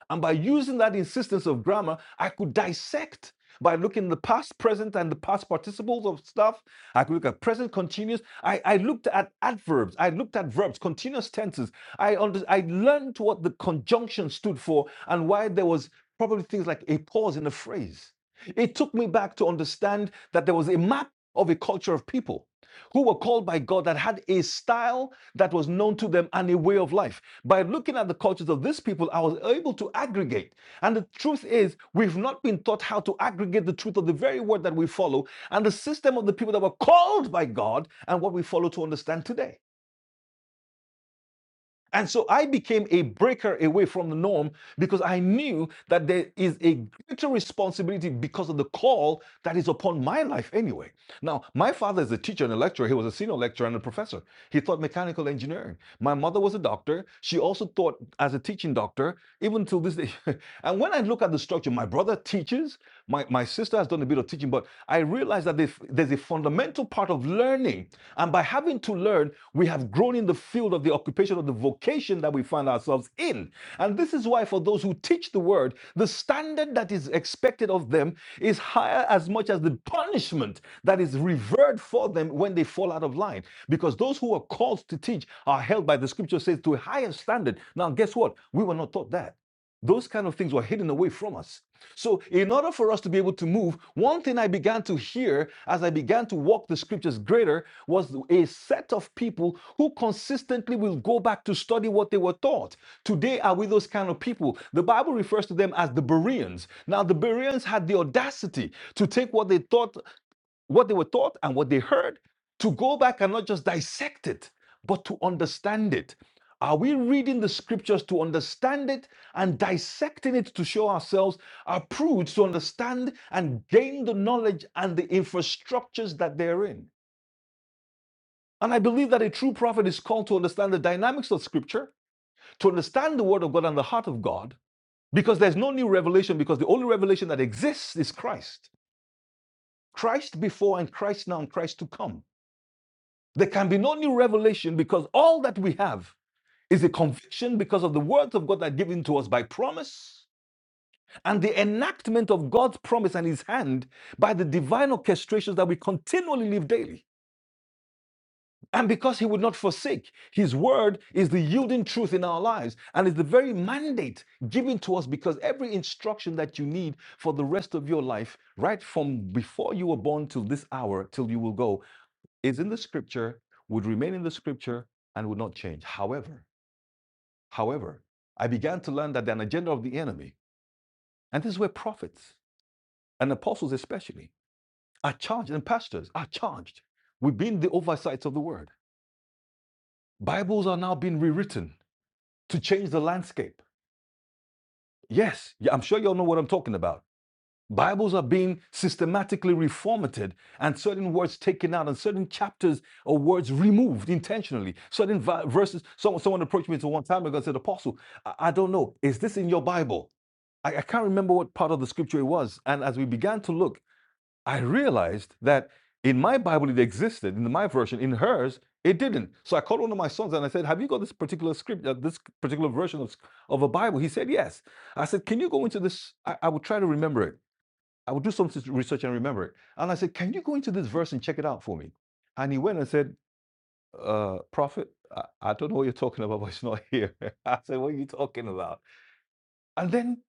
S2: and by using that insistence of grammar, I could dissect by looking at the past, present, and the past participles of stuff. I could look at present continuous. I, I looked at adverbs. I looked at verbs, continuous tenses. I, under, I learned what the conjunction stood for and why there was probably things like a pause in a phrase. It took me back to understand that there was a map of a culture of people who were called by God that had a style that was known to them and a way of life. By looking at the cultures of these people, I was able to aggregate. And the truth is, we've not been taught how to aggregate the truth of the very word that we follow and the system of the people that were called by God and what we follow to understand today. And so I became a breaker away from the norm because I knew that there is a greater responsibility because of the call that is upon my life anyway. Now, my father is a teacher and a lecturer. He was a senior lecturer and a professor. He taught mechanical engineering. My mother was a doctor. She also taught as a teaching doctor, even till this day. and when I look at the structure, my brother teaches, my, my sister has done a bit of teaching, but I realize that there's there's a fundamental part of learning and by having to learn, we have grown in the field of the occupation of the vocation that we find ourselves in. And this is why, for those who teach the word, the standard that is expected of them is higher as much as the punishment that is reserved for them when they fall out of line. Because those who are called to teach are held by the scripture says to a higher standard. Now, guess what? We were not taught that. Those kind of things were hidden away from us. So, in order for us to be able to move, one thing I began to hear as I began to walk the scriptures greater was a set of people who consistently will go back to study what they were taught. Today, are we those kind of people? The Bible refers to them as the Bereans. Now, the Bereans had the audacity to take what they thought, what they were taught, and what they heard, to go back and not just dissect it, but to understand it. Are we reading the scriptures to understand it and dissecting it to show ourselves approved to understand and gain the knowledge and the infrastructures that they're in? And I believe that a true prophet is called to understand the dynamics of scripture, to understand the word of God and the heart of God, because there's no new revelation, because the only revelation that exists is Christ. Christ before and Christ now and Christ to come. There can be no new revelation because all that we have is a conviction because of the words of God that are given to us by promise and the enactment of God's promise and his hand by the divine orchestrations that we continually live daily. And because he would not forsake, his word is the yielding truth in our lives and is the very mandate given to us because every instruction that you need for the rest of your life, right from before you were born till this hour, till you will go, is in the scripture, would remain in the scripture, and would not change. However, however, I began to learn that an agenda of the enemy, and this is where prophets and apostles especially are charged, and pastors are charged with being the oversights of the word. Bibles are now being rewritten to change the landscape. Yes, yeah, I'm sure you all know what I'm talking about. Bibles are being systematically reformatted and certain words taken out and certain chapters or words removed intentionally. Certain verses, someone, someone approached me to one time ago and said, Apostle, I, I don't know, is this in your Bible? I, I can't remember what part of the scripture it was. And as we began to look, I realized that in my Bible it existed, in my version, in hers it didn't. So I called one of my sons and I said, "Have you got this particular script, uh, this particular version of, of a Bible?" He said, "Yes." I said, "Can you go into this? I, I would try to remember it. I would do some research and remember it." And I said, "Can you go into this verse and check it out for me?" And he went and said, uh, "Prophet, I, I don't know what you're talking about, but it's not here." I said, "What are you talking about?" And then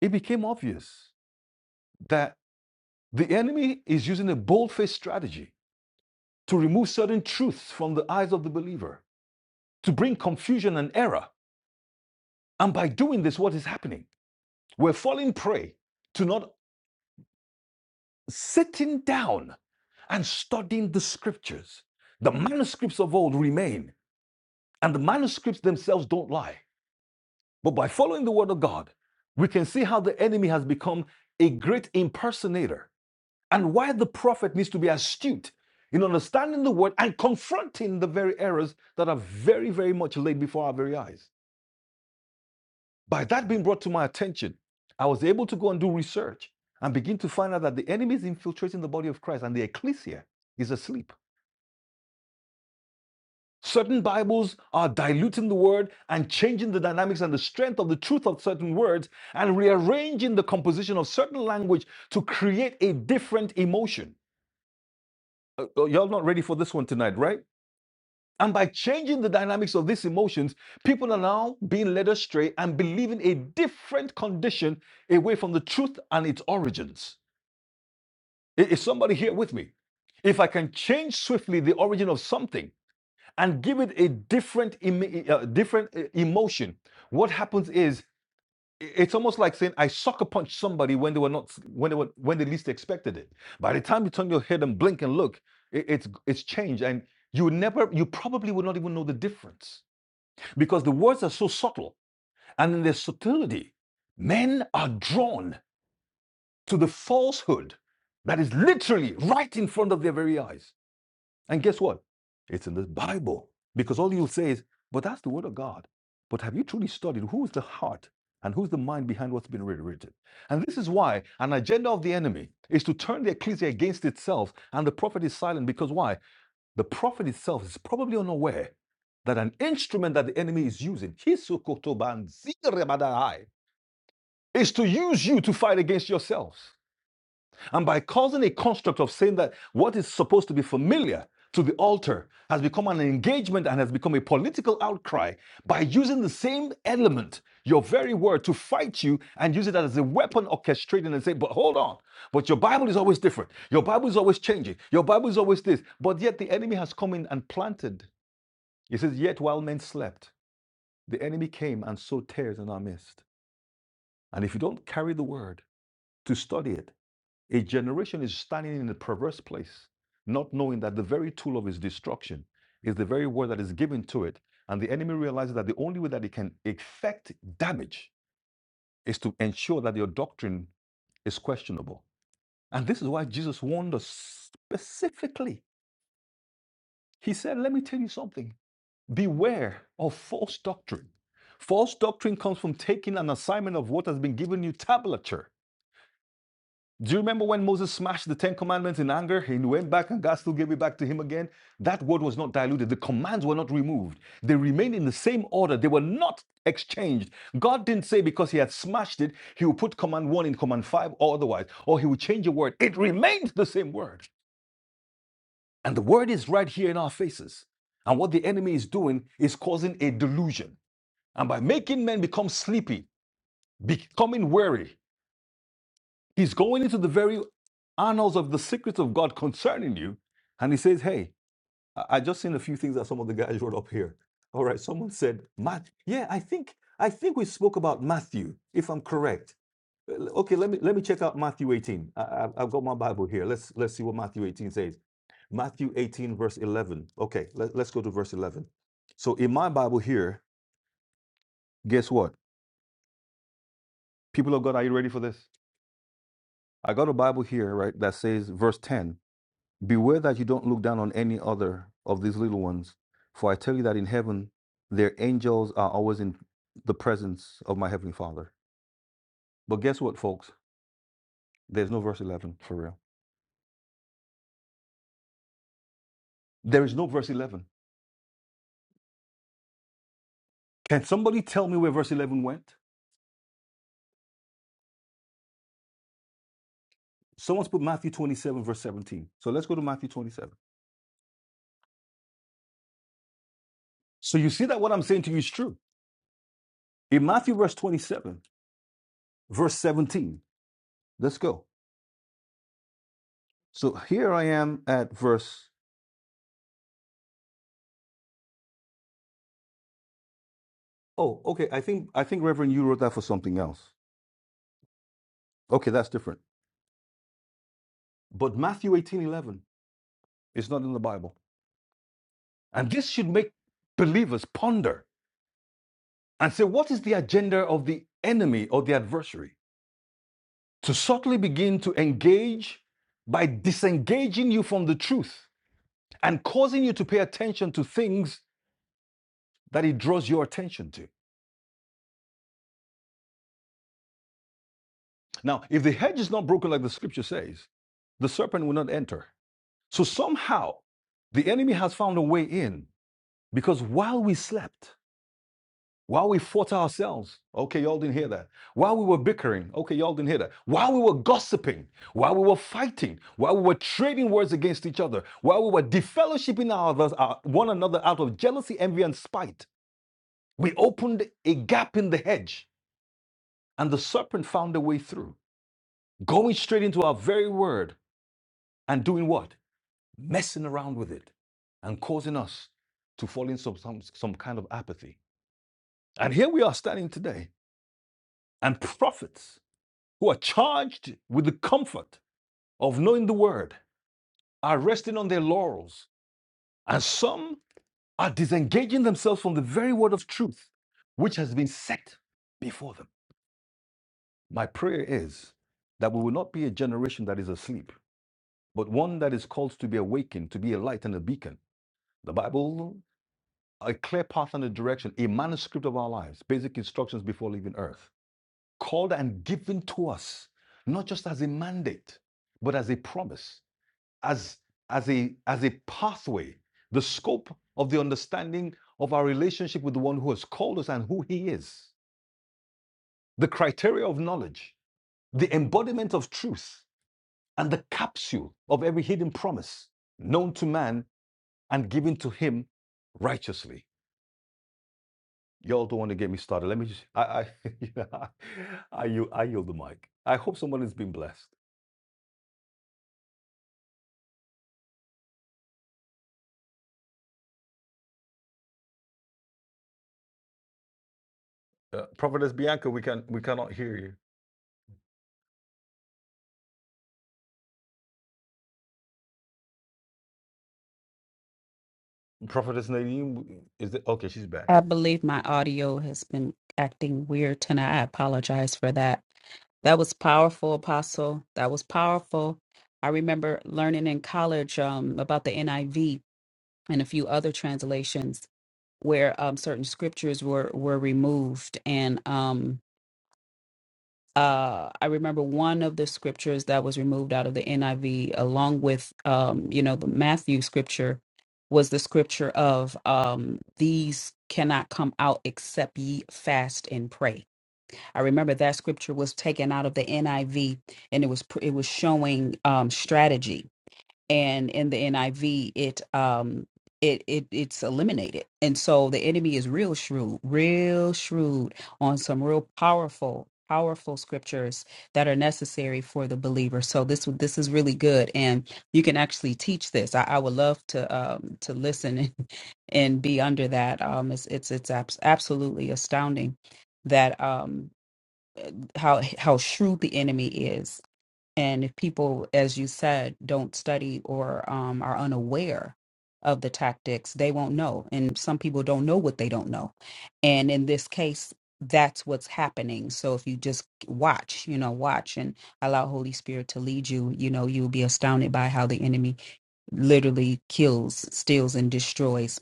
S2: it became obvious that the enemy is using a bold-faced strategy to remove certain truths from the eyes of the believer, to bring confusion and error. And by doing this, what is happening? We're falling prey to not sitting down and studying the scriptures. The manuscripts of old remain, and the manuscripts themselves don't lie. But by following the word of God, we can see how the enemy has become a great impersonator and why the prophet needs to be astute in understanding the word and confronting the very errors that are very, very much laid before our very eyes. By that being brought to my attention, I was able to go and do research and begin to find out that the enemy is infiltrating the body of Christ and the ecclesia is asleep. Certain Bibles are diluting the word and changing the dynamics and the strength of the truth of certain words and rearranging the composition of certain language to create a different emotion. Uh, uh, y'all not ready for this one tonight, right? And by changing the dynamics of these emotions, people are now being led astray and believing a different condition away from the truth and its origins. Is somebody here with me? If I can change swiftly the origin of something and give it a different, emo- uh, different uh, emotion, what happens is it's almost like saying I sucker punched somebody when they were not when they were when they least expected it. By the time you turn your head and blink and look, i- it's it's changed, and you never you probably would not even know the difference because the words are so subtle. And in their subtlety, men are drawn to the falsehood that is literally right in front of their very eyes. And guess what? It's in the Bible. Because all you'll say is, but that's the word of God. But have you truly studied who is the heart and who's the mind behind what's been reiterated? And this is why an agenda of the enemy is to turn the ecclesia against itself, and the prophet is silent because why? the prophet itself is probably unaware that an instrument that the enemy is using Hisukotobanzirebadai, is to use you to fight against yourselves. And by causing a construct of saying that what is supposed to be familiar to the altar has become an engagement and has become a political outcry by using the same element, your very word, to fight you and use it as a weapon orchestrating and saying, but hold on, but your Bible is always different. Your Bible is always changing. Your Bible is always this. But yet the enemy has come in and planted he says, Yet while men slept, the enemy came and sowed tares in our midst. And if you don't carry the word to study it, a generation is standing in a perverse place, not knowing that the very tool of its destruction is the very word that is given to it. And the enemy realizes that the only way that it can effect damage is to ensure that your doctrine is questionable. And this is why Jesus warned us specifically. He said, Let me tell you something. Beware of false doctrine. False doctrine comes from taking an assignment of what has been given you tablature. Do you remember when Moses smashed the Ten Commandments in anger? He went back and God still gave it back to him again. That word was not diluted. The commands were not removed. They remained in the same order. They were not exchanged. God didn't say because he had smashed it, he would put command one in command five or otherwise, or he would change a word. It remained the same word. And the word is right here in our faces. And what the enemy is doing is causing a delusion. And by making men become sleepy, becoming weary, he's going into the very annals of the secrets of God concerning you. And he says, Hey, I, I just seen a few things that some of the guys wrote up here. All right, someone said, Matt, yeah, I think I think we spoke about Matthew, if I'm correct. L- Okay, let me let me check out Matthew 18. I, I, I've got my Bible here. Let's let's see what Matthew 18 says. Matthew 18, verse 11. Okay, let, let's go to verse 11. So in my Bible here, guess what? People of God, are you ready for this? I got a Bible here, right, that says, verse 10 Beware that you don't look down on any other of these little ones, for I tell you that in heaven, their angels are always in the presence of my heavenly Father. But guess what, folks? There's no verse 11 for real. There is no verse 11. Can somebody tell me where verse 11 went? Someone's put Matthew 27, verse 17. So let's go to Matthew 27. So you see that what I'm saying to you is true. In Matthew, verse 27, verse 17, let's go. So here I am at verse Oh, okay. I think I think Reverend, you wrote that for something else. Okay, that's different. But Matthew eighteen eleven is not in the Bible. And this should make believers ponder and say, what is the agenda of the enemy or the adversary? To subtly begin to engage by disengaging you from the truth and causing you to pay attention to things that he draws your attention to. Now, if the hedge is not broken like the scripture says, the serpent will not enter. So somehow the enemy has found a way in Because while we slept, while we fought ourselves, okay, y'all didn't hear that. While we were bickering, okay, y'all didn't hear that. While we were gossiping, while we were fighting, while we were trading words against each other, while we were defellowshipping our our, one another out of jealousy, envy, and spite, we opened a gap in the hedge and the serpent found a way through, going straight into our very word and doing what? Messing around with it and causing us to fall into some, some, some kind of apathy. And here we are standing today and prophets who are charged with the comfort of knowing the word are resting on their laurels, and some are disengaging themselves from the very word of truth which has been set before them. My prayer is that we will not be a generation that is asleep, but one that is called to be awakened, to be a light and a beacon. The Bible, a clear path and a direction, a manuscript of our lives, basic instructions before leaving earth. called and given to us, not just as a mandate, but as a promise, as, as, a, as a pathway, the scope of the understanding of our relationship with the one who has called us and who he is, the criteria of knowledge, the embodiment of truth, and the capsule of every hidden promise known to man and given to him righteously. Y'all don't want to get me started. Let me just, I, I, I, yield- I yield the mic. I hope someone has been blessed. Uh, Prophetess Bianca, we can we cannot hear you. Prophetess Nadine is it okay? She's back.
S1: I believe my audio has been acting weird tonight. I apologize for that. That was powerful, Apostle. That was powerful. I remember learning in college um, about the NIV and a few other translations where um, certain scriptures were were removed, and um, uh, I remember one of the scriptures that was removed out of the NIV, along with um, you know the Matthew scripture, was the scripture of um, these cannot come out except ye fast and pray. I remember that scripture was taken out of the NIV, and it was pr- it was showing um, strategy and in the NIV it um it it it's eliminated. And so the enemy is real shrewd, real shrewd on some real powerful powerful scriptures that are necessary for the believer. So this this is really good and you can actually teach this. I, I would love to um to listen and, and be under that. Um it's it's it's abs- absolutely astounding that um how how shrewd the enemy is and if people, as you said, don't study or um, are unaware of the tactics, they won't know. And some people don't know what they don't know. And in this case, that's what's happening. So if you just watch, you know, watch and allow Holy Spirit to lead you, you know, you'll be astounded by how the enemy literally kills, steals, and destroys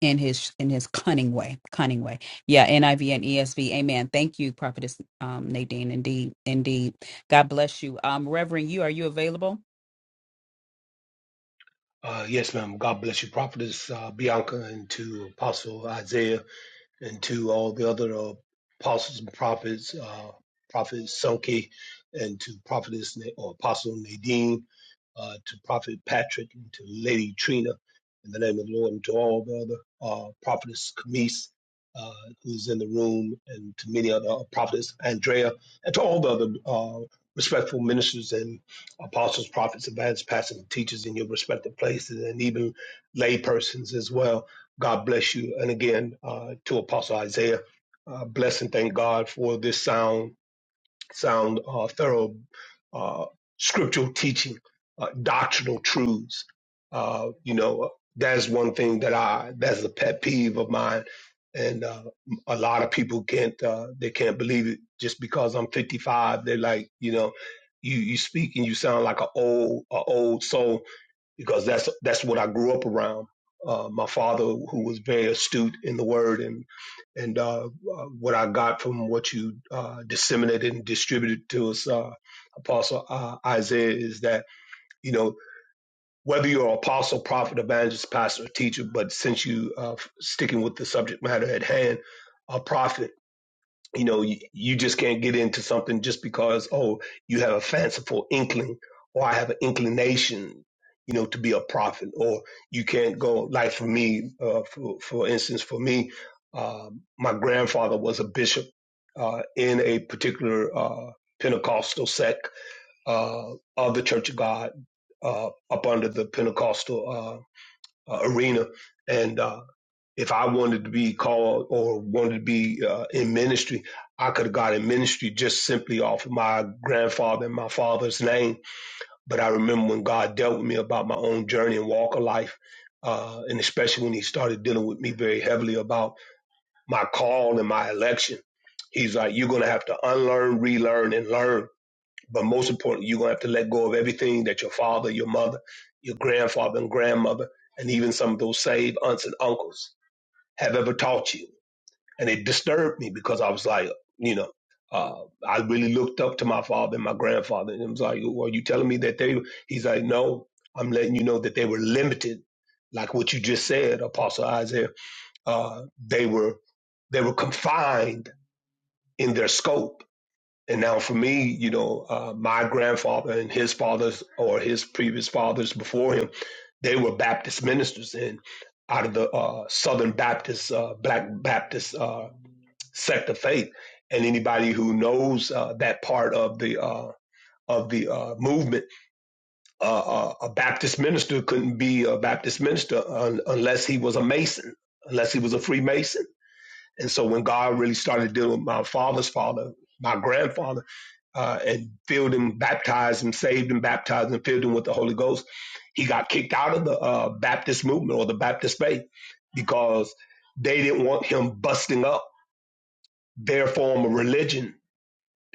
S1: in his in his cunning way cunning way yeah niv and esv amen thank you prophetess um nadine indeed indeed god bless you um reverend you are you available
S8: Uh, yes, ma'am. God bless you, prophetess uh, Bianca, and to Apostle Isaiah and to all the other uh, apostles and prophets, uh, Prophet Selke, and to Prophetess Na- or Apostle Nadine, uh, to Prophet Patrick, and to Lady Trina, in the name of the Lord, and to all the other uh, Prophetess Camise, uh, who's in the room, and to many other uh, Prophetess Andrea, and to all the other uh, respectful ministers and apostles, prophets, evangelists, pastors, and teachers in your respective places, and even lay persons as well God bless you. And again, uh, to Apostle Isaiah, uh, bless and thank God for this sound, sound, uh, thorough uh, scriptural teaching, uh, doctrinal truths. Uh, you know, that's one thing that I, that's a pet peeve of mine. And uh, a lot of people can't, uh, they can't believe it just because I'm 55. They're like, you know, you, you speak and you sound like an old, a old soul because that's that's what I grew up around. Uh, my father, who was very astute in the word, and and uh, uh, what I got from what you uh, disseminated and distributed to us, uh, Apostle uh, Isaiah, is that you know whether you're an apostle, prophet, evangelist, pastor, or teacher, but since you uh, sticking with the subject matter at hand, a prophet you know you, you just can't get into something just because oh you have a fanciful inkling or i have an inclination you know to be a prophet or you can't go like for me uh, for, for instance for me uh, my grandfather was a bishop uh, in a particular uh, pentecostal sect uh, of the church of god uh, up under the pentecostal uh, uh, arena and uh, if I wanted to be called or wanted to be uh, in ministry, I could have got in ministry just simply off of my grandfather and my father's name. But I remember when God dealt with me about my own journey and walk of life, uh, and especially when He started dealing with me very heavily about my call and my election. He's like, you're going to have to unlearn, relearn, and learn. But most importantly, you're going to have to let go of everything that your father, your mother, your grandfather, and grandmother, and even some of those saved aunts and uncles have ever taught you and it disturbed me because I was like, you know, uh, I really looked up to my father and my grandfather, and it was like, well, are you telling me that they? He's like, no, I'm letting you know that they were limited, like what you just said, Apostle Isaiah. Uh, they were they were confined in their scope and now for me, you know, uh, my grandfather and his fathers or his previous fathers before him, they were Baptist ministers and out of the uh, Southern Baptist, uh, Black Baptist uh, sect of faith. And anybody who knows uh, that part of the uh, of the uh, movement, uh, uh, a Baptist minister couldn't be a Baptist minister un- unless he was a Mason, unless he was a Freemason. And so when God really started dealing with my father's father, my grandfather uh, and filled him, baptized him, saved him, baptized and filled him with the Holy Ghost. He got kicked out of the uh, Baptist movement or the Baptist faith because they didn't want him busting up their form of religion.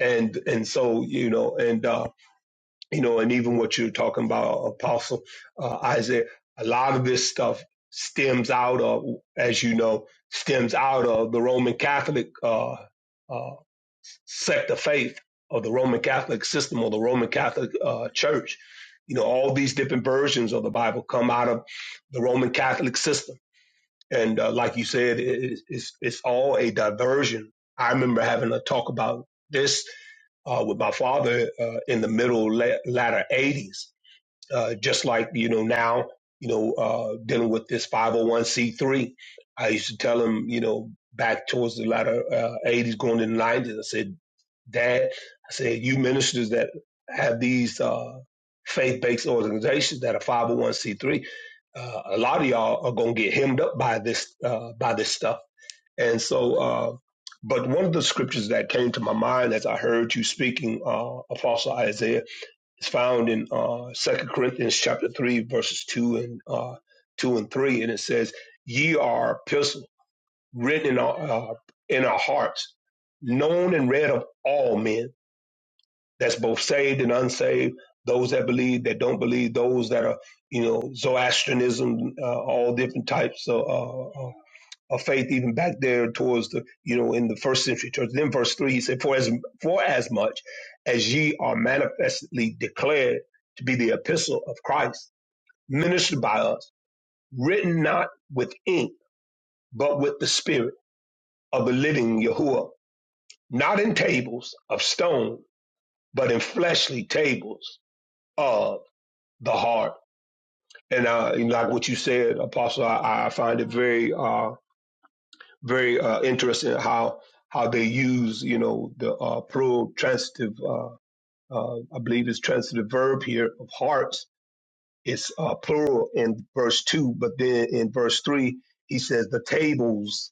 S8: And and so you know and uh, you know and even what you're talking about, Apostle uh, Isaiah, a lot of this stuff stems out of, as you know, stems out of the Roman Catholic. Uh, uh, sect of faith of the Roman Catholic system or the Roman Catholic uh, Church. You know, all these different versions of the Bible come out of the Roman Catholic system, and uh, like you said, it, it's it's all a diversion. I remember having a talk about this uh, with my father uh, in the middle la- latter '80s, uh, just like you know now you know uh, dealing with this 501c3 i used to tell him you know back towards the latter uh, 80s going into the 90s i said dad i said you ministers that have these uh, faith-based organizations that are 501c3 uh, a lot of y'all are going to get hemmed up by this uh, by this stuff and so uh, but one of the scriptures that came to my mind as i heard you speaking uh, apostle isaiah it's found in uh, 2 Corinthians chapter 3, verses 2 and uh, 2 and 3, and it says, Ye are a epistle written in our, uh, in our hearts, known and read of all men, that's both saved and unsaved, those that believe, that don't believe, those that are, you know, Zoroastrianism, uh, all different types of uh, uh, of faith even back there towards the you know in the first century church. Then verse three he said, For as for as much as ye are manifestly declared to be the epistle of Christ, ministered by us, written not with ink, but with the spirit of the living Yahuwah, not in tables of stone, but in fleshly tables of the heart. And uh, and like what you said, Apostle, I, I find it very uh very uh, interested in how how they use you know the uh, plural transitive uh, uh, I believe it's transitive verb here of hearts. It's uh, plural in verse two, but then in verse three he says the tables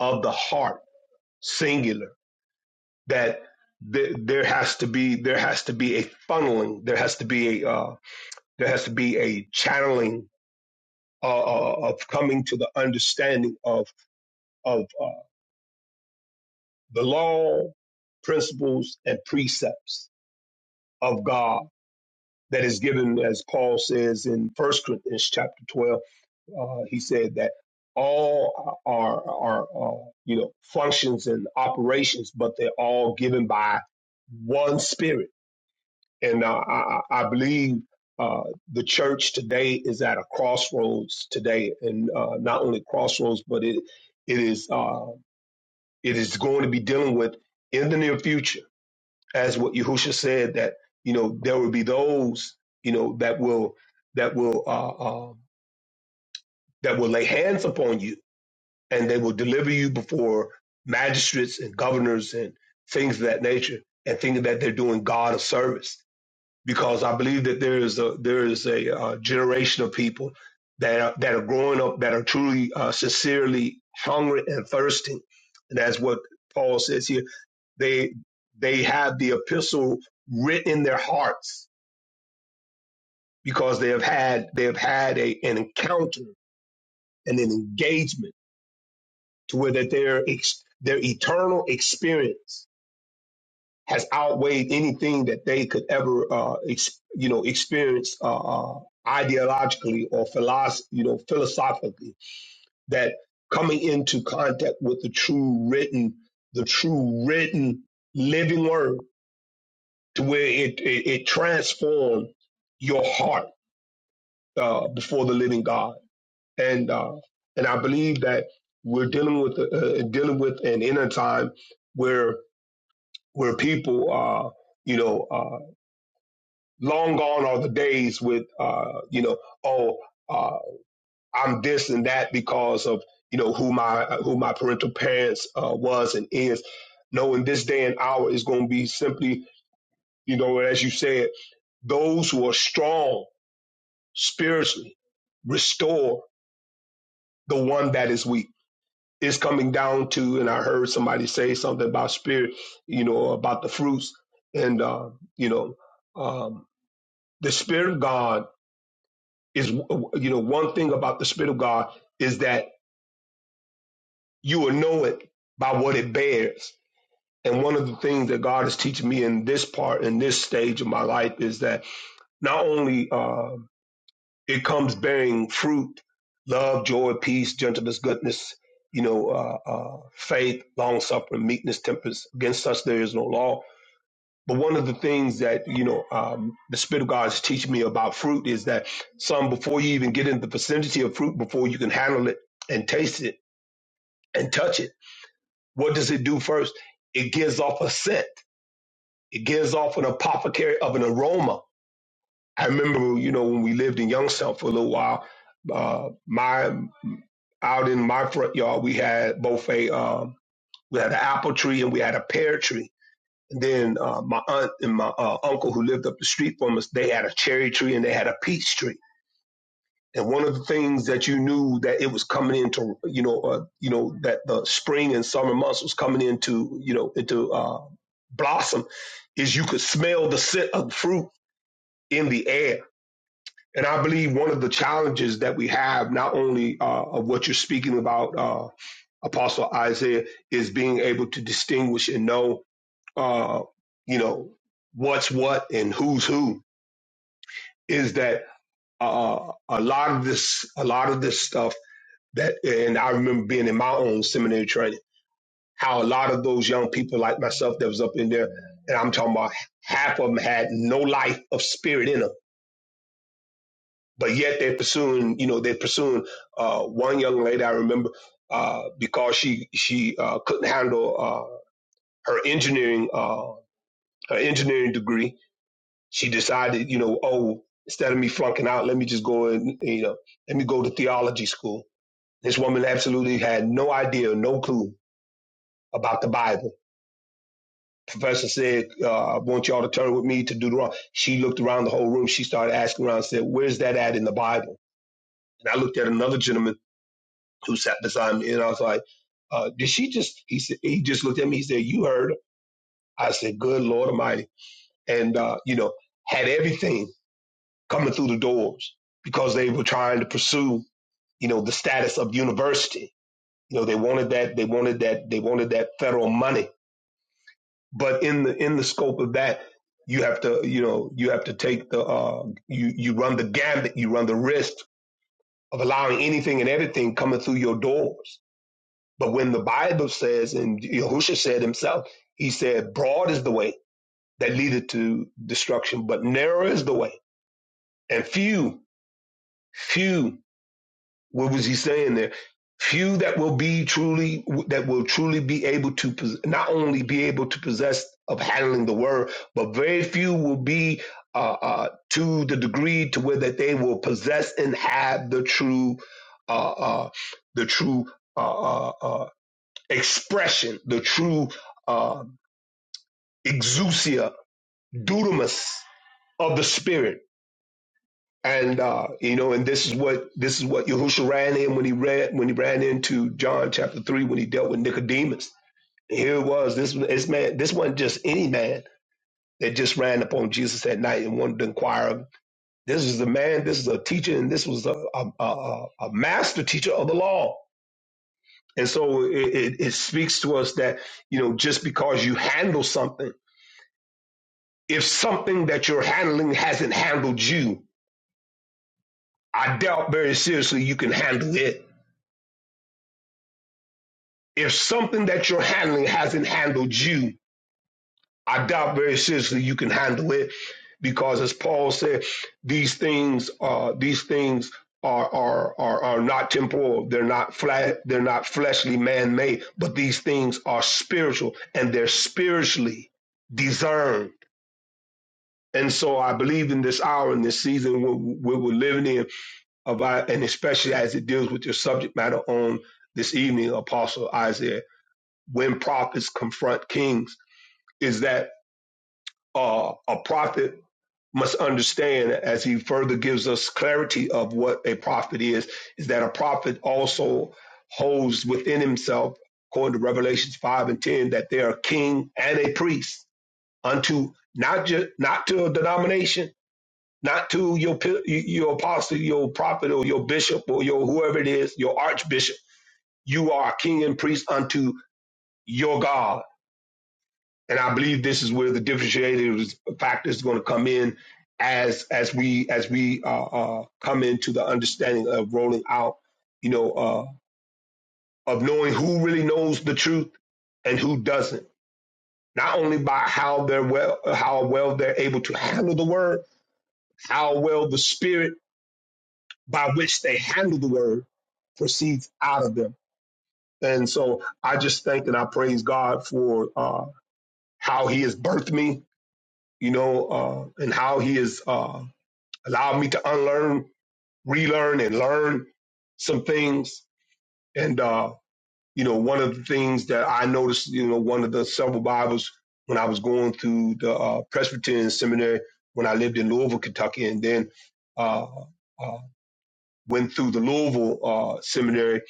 S8: of the heart singular that. th- There has to be there has to be a funneling. There has to be a uh, there has to be a channeling uh, uh, of coming to the understanding of of uh, the law, principles, and precepts of God that is given, as Paul says in First Corinthians chapter 12. Uh, he said that all are, are uh, you know, functions and operations, but they're all given by one spirit. And uh, I, I I believe uh, the church today is at a crossroads today, and uh, not only crossroads, but it it is uh, it is going to be dealing with in the near future as what Yahusha said that you know there will be those you know that will that will uh, uh, that will lay hands upon you and they will deliver you before magistrates and governors and things of that nature and thinking that they're doing God a service because I believe that there is a there is a uh, generation of people that are, that are growing up that are truly uh, sincerely hungry and thirsting and that's what Paul says here they they have the epistle written in their hearts because they have had they have had a, an encounter and an engagement to where that their ex, their eternal experience has outweighed anything that they could ever uh, ex, you know experience uh, uh, ideologically or philosoph- you know philosophically that coming into contact with the true written the true written living word to where it it, it transformed your heart uh, before the living God. And uh, and I believe that we're dealing with uh, uh, dealing with an inner time where where people uh, you know uh, long gone are the days with uh, you know oh uh, I'm this and that because of you know who my who my parental parents uh, was and is. No, in this day and hour is going to be simply you know as you said those who are strong spiritually restore the one that is weak. It's coming down to, and I heard somebody say something about spirit, you know, about the fruits, and uh, you know, um, the spirit of God is, you know, one thing about the spirit of God is that you will know it by what it bears. And one of the things that God is teaching me in this part, in this stage of my life, is that not only uh, it comes bearing fruit love joy peace gentleness goodness you know uh, uh, faith long suffering meekness temperance against such there is no law but one of the things that you know um, the spirit of god is teaching me about fruit is that some before you even get in the vicinity of fruit before you can handle it and taste it and touch it what does it do first it gives off a scent it gives off an apothecary of an aroma i remember you know when we lived in youngstown for a little while uh, my out in my front yard, we had both a um, we had an apple tree and we had a pear tree. And then uh, my aunt and my uh, uncle who lived up the street from us, they had a cherry tree and they had a peach tree. And one of the things that you knew that it was coming into, you know, uh, you know that the spring and summer months was coming into, you know, into uh, blossom, is you could smell the scent of the fruit in the air. And I believe one of the challenges that we have, not only uh, of what you're speaking about. uh, Apostle Isaiah is being able to distinguish and know, uh, you know, what's what and who's who. Is that uh, a lot of this? A lot of this stuff that, and I remember being in my own seminary training, how a lot of those young people like myself that was up in there, and I'm talking about half of them had no life of spirit in them, but yet they're pursuing. You know, they're pursuing. Uh, one young lady I remember uh, because she she uh, couldn't handle uh, her engineering. Uh, her engineering degree. She decided, you know, oh, instead of me flunking out, let me just go and, you know, let me go to theology school. This woman absolutely had no idea, no clue about the Bible. Professor said, uh, I want y'all to turn with me to Deuteronomy. She looked around the whole room. She started asking around, and said, where's that at in the Bible? And I looked at another gentleman who sat beside me and I was like, uh, did she just, he said, he just looked at me. He said, you heard. her." I said, good Lord Almighty. And, uh, you know, had everything coming through the doors because they were trying to pursue, you know, the status of university. You know, they wanted that, they wanted that, they wanted that federal money. But in the in the scope of that, you have to, you know, you have to take the uh, you you run the gambit, you run the risk of allowing anything and everything coming through your doors. But when the Bible says, and Yahushua said himself, he said, "Broad is the way that leadeth to destruction, but narrow is the way, and few, few What was he saying there? Few that will be truly that will truly be able to pos- not only be able to possess of handling the word, but very few will be uh, uh, to the degree to where that they will possess and have the true uh, uh, the true uh, uh, uh, expression, the true uh, exousia, dudamus of the spirit And uh, you know, and this is what this is what Yahushua ran in when he ran when he ran into John chapter three when he dealt with Nicodemus. Here it was this this man this wasn't just any man that just ran upon Jesus at night and wanted to inquire. of him. This is a man. This is a teacher, and this was a a, a, a master teacher of the law. And so it, it, it speaks to us that you know just because you handle something, if something that you're handling hasn't handled you, I doubt very seriously you can handle it if something that you're handling hasn't handled you, I doubt very seriously you can handle it because as Paul said, these things uh these things are are are, are not temporal. They're not flat they're not fleshly man-made, but these things are spiritual and they're spiritually discerned. And so I believe in this hour in this season where we're living in about and especially as it deals with your subject matter on this evening, Apostle Isaiah when prophets confront kings is that uh, a prophet must understand as he further gives us clarity of what a prophet is is that a prophet also holds within himself according to revelations 5 and 10 that they are a king and a priest unto not just not to a denomination not to your your apostle your prophet or your bishop or your whoever it is your archbishop you are a king and priest unto your god and I believe this is where the differentiated factor is going to come in as as we as we uh, uh, come into the understanding of rolling out, you know, uh, of knowing who really knows the truth and who doesn't. Not only by how they're well, how well they're able to handle the word, how well the spirit by which they handle the word proceeds out of them. And so I just thank and I praise God for uh, how He has birthed me, you know, uh, and how He is. uh, allowed me to unlearn, relearn, and learn some things. And uh, you know, one of the things that I noticed, you know, one of the several Bibles when I was going through the uh, Presbyterian seminary when I lived in Louisville, Kentucky, and then uh, uh, went through the Louisville uh, seminary,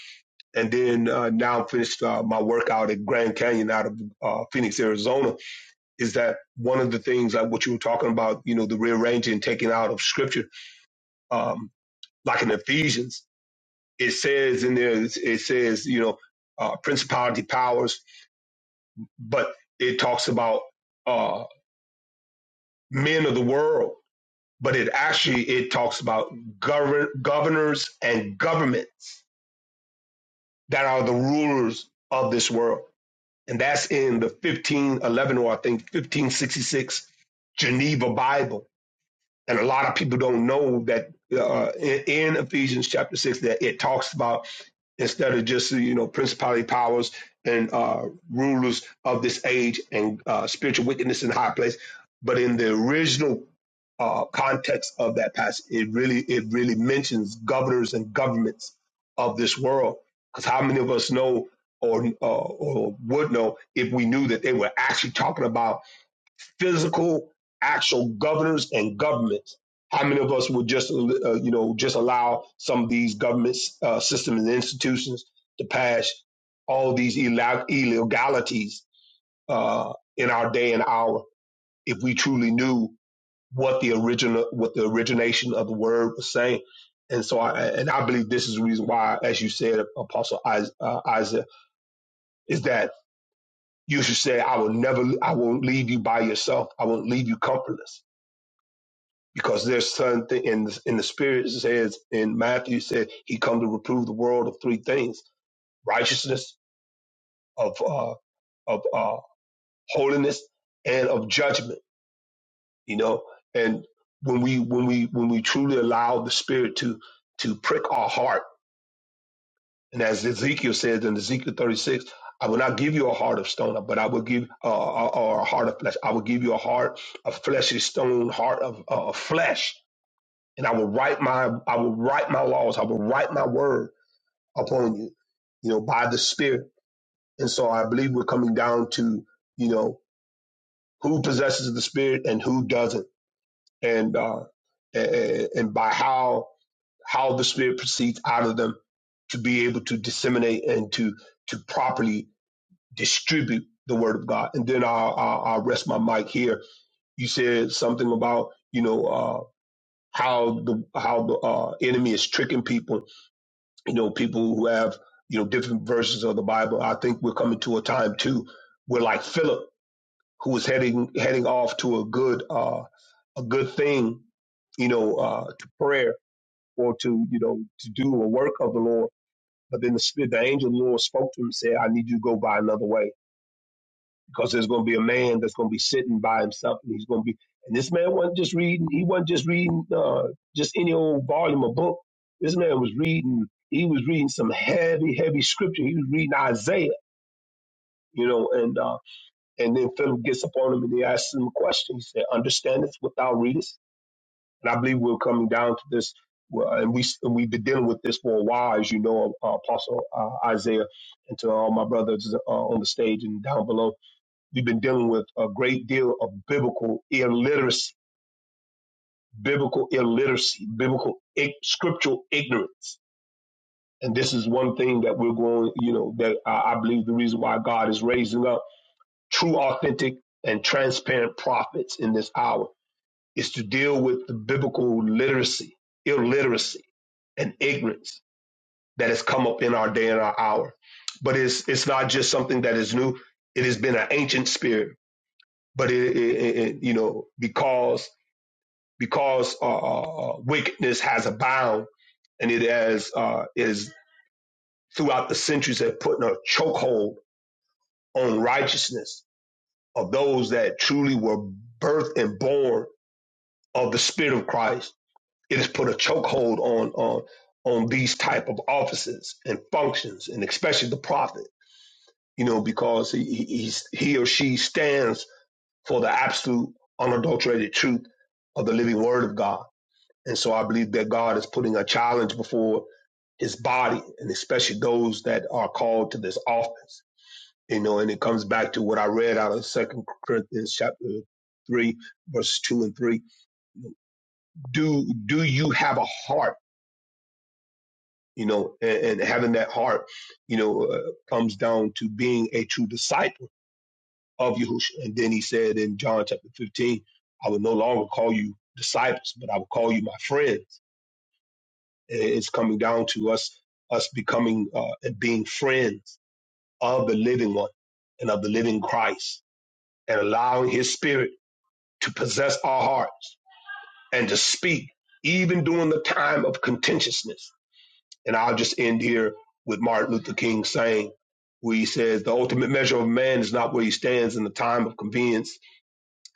S8: and then uh, now finished uh, my work out at Grand Canyon out of uh, Phoenix, Arizona. Is that one of the things like what you were talking about? You know, the rearranging, and taking out of Scripture, um, like in Ephesians. it says in there, it says, you know, uh, principality powers, but it talks about uh, men of the world. But it actually it talks about govern, governors and governments that are the rulers of this world, and that's in the fifteen eleven or I think fifteen sixty six Geneva Bible. And a lot of people don't know that uh, in, in Ephesians chapter six that it talks about instead of just you know principality powers and uh, rulers of this age and uh, spiritual wickedness in high place but in the original uh, context of that passage it really it really mentions governors and governments of this world because how many of us know or, uh, or would know if we knew that they were actually talking about physical, actual governors and governments. How many of us would just, uh, you know, just allow some of these government uh, systems and institutions to pass all these illa- illegalities uh, in our day and hour if we truly knew what the original, what the origination of the word was saying? And so, I, and I believe this is the reason why, as you said, Apostle Is- uh, Isaac, is that you should say, "I will never, I won't leave you by yourself. I won't leave you comfortless." because there's something in the, in the spirit it says in Matthew it said he come to reprove the world of three things: righteousness, of uh, of uh, holiness, and of judgment. You know, and when we when we when we truly allow the spirit to to prick our heart, and as Ezekiel says in Ezekiel 36, I will not give you a heart of stone, but I will give uh, or or a heart of flesh. I will give you a heart, a fleshy stone heart of uh, of flesh and I will write my I will write my laws, I will write my word upon you, you know, by the Spirit. And so I believe we're coming down to, you know, who possesses the Spirit and who doesn't, and uh, and, and by how how the Spirit proceeds out of them to be able to disseminate and to to properly distribute the Word of God. And then I'll, I'll, I'll rest my mic here. You said something about you know uh, how the how the uh, enemy is tricking people you know, people who have, you know, different versions of the Bible. I think we're coming to a time too where like Philip, who was heading heading off to a good uh a good thing, you know, uh to prayer or to, you know, to do a work of the Lord. But then the spirit the angel of the Lord spoke to him and said, I need you to go by another way because there's going to be a man that's going to be sitting by himself, and he's going to be. And this man wasn't just reading; he wasn't just reading uh, just any old volume of book. This man was reading. He was reading some heavy, heavy scripture. He was reading Isaiah, you know. And uh, and then Philip gets upon him and he asks him a question. He said, "Understandest what thou readest?" And I believe we're coming down to this, well, and we and we've been dealing with this for a while, as you know, uh, Apostle uh, Isaiah, and to all my brothers uh, on the stage and down below We've been dealing with a great deal of biblical illiteracy, biblical illiteracy, biblical ig- scriptural ignorance. And this is one thing that we're going, you know, that I, I believe the reason why God is raising up true, authentic, and transparent prophets in this hour is to deal with the biblical literacy, illiteracy, and ignorance that has come up in our day and our hour. But it's it's not just something that is new. It has been an ancient spirit, but it, it, it it, you know because because uh, uh, uh, wickedness has abound and it has uh, is throughout the centuries have put a chokehold on righteousness of those that truly were birthed and born of the Spirit of Christ. It has put a chokehold on on on these type of offices and functions, and especially the prophet. You know, because he he, he's, he or she stands for the absolute unadulterated truth of the living Word of God And so I believe that God is putting a challenge before his body and especially those that are called to this office. You know, and it comes back to what I read out of Second Corinthians chapter three, verses two and three. Do do you have a heart? You know, and, and having that heart, you know, uh, comes down to being a true disciple of Yahushua. And then he said in John chapter fifteen, "I will no longer call you disciples, but I will call you my friends." It's coming down to us us becoming uh, and being friends of the living one and of the living Christ, and allowing His Spirit to possess our hearts and to speak, even during the time of contentiousness. And I'll just end here with Martin Luther King saying, where he says, "The ultimate measure of man is not where he stands in the time of convenience."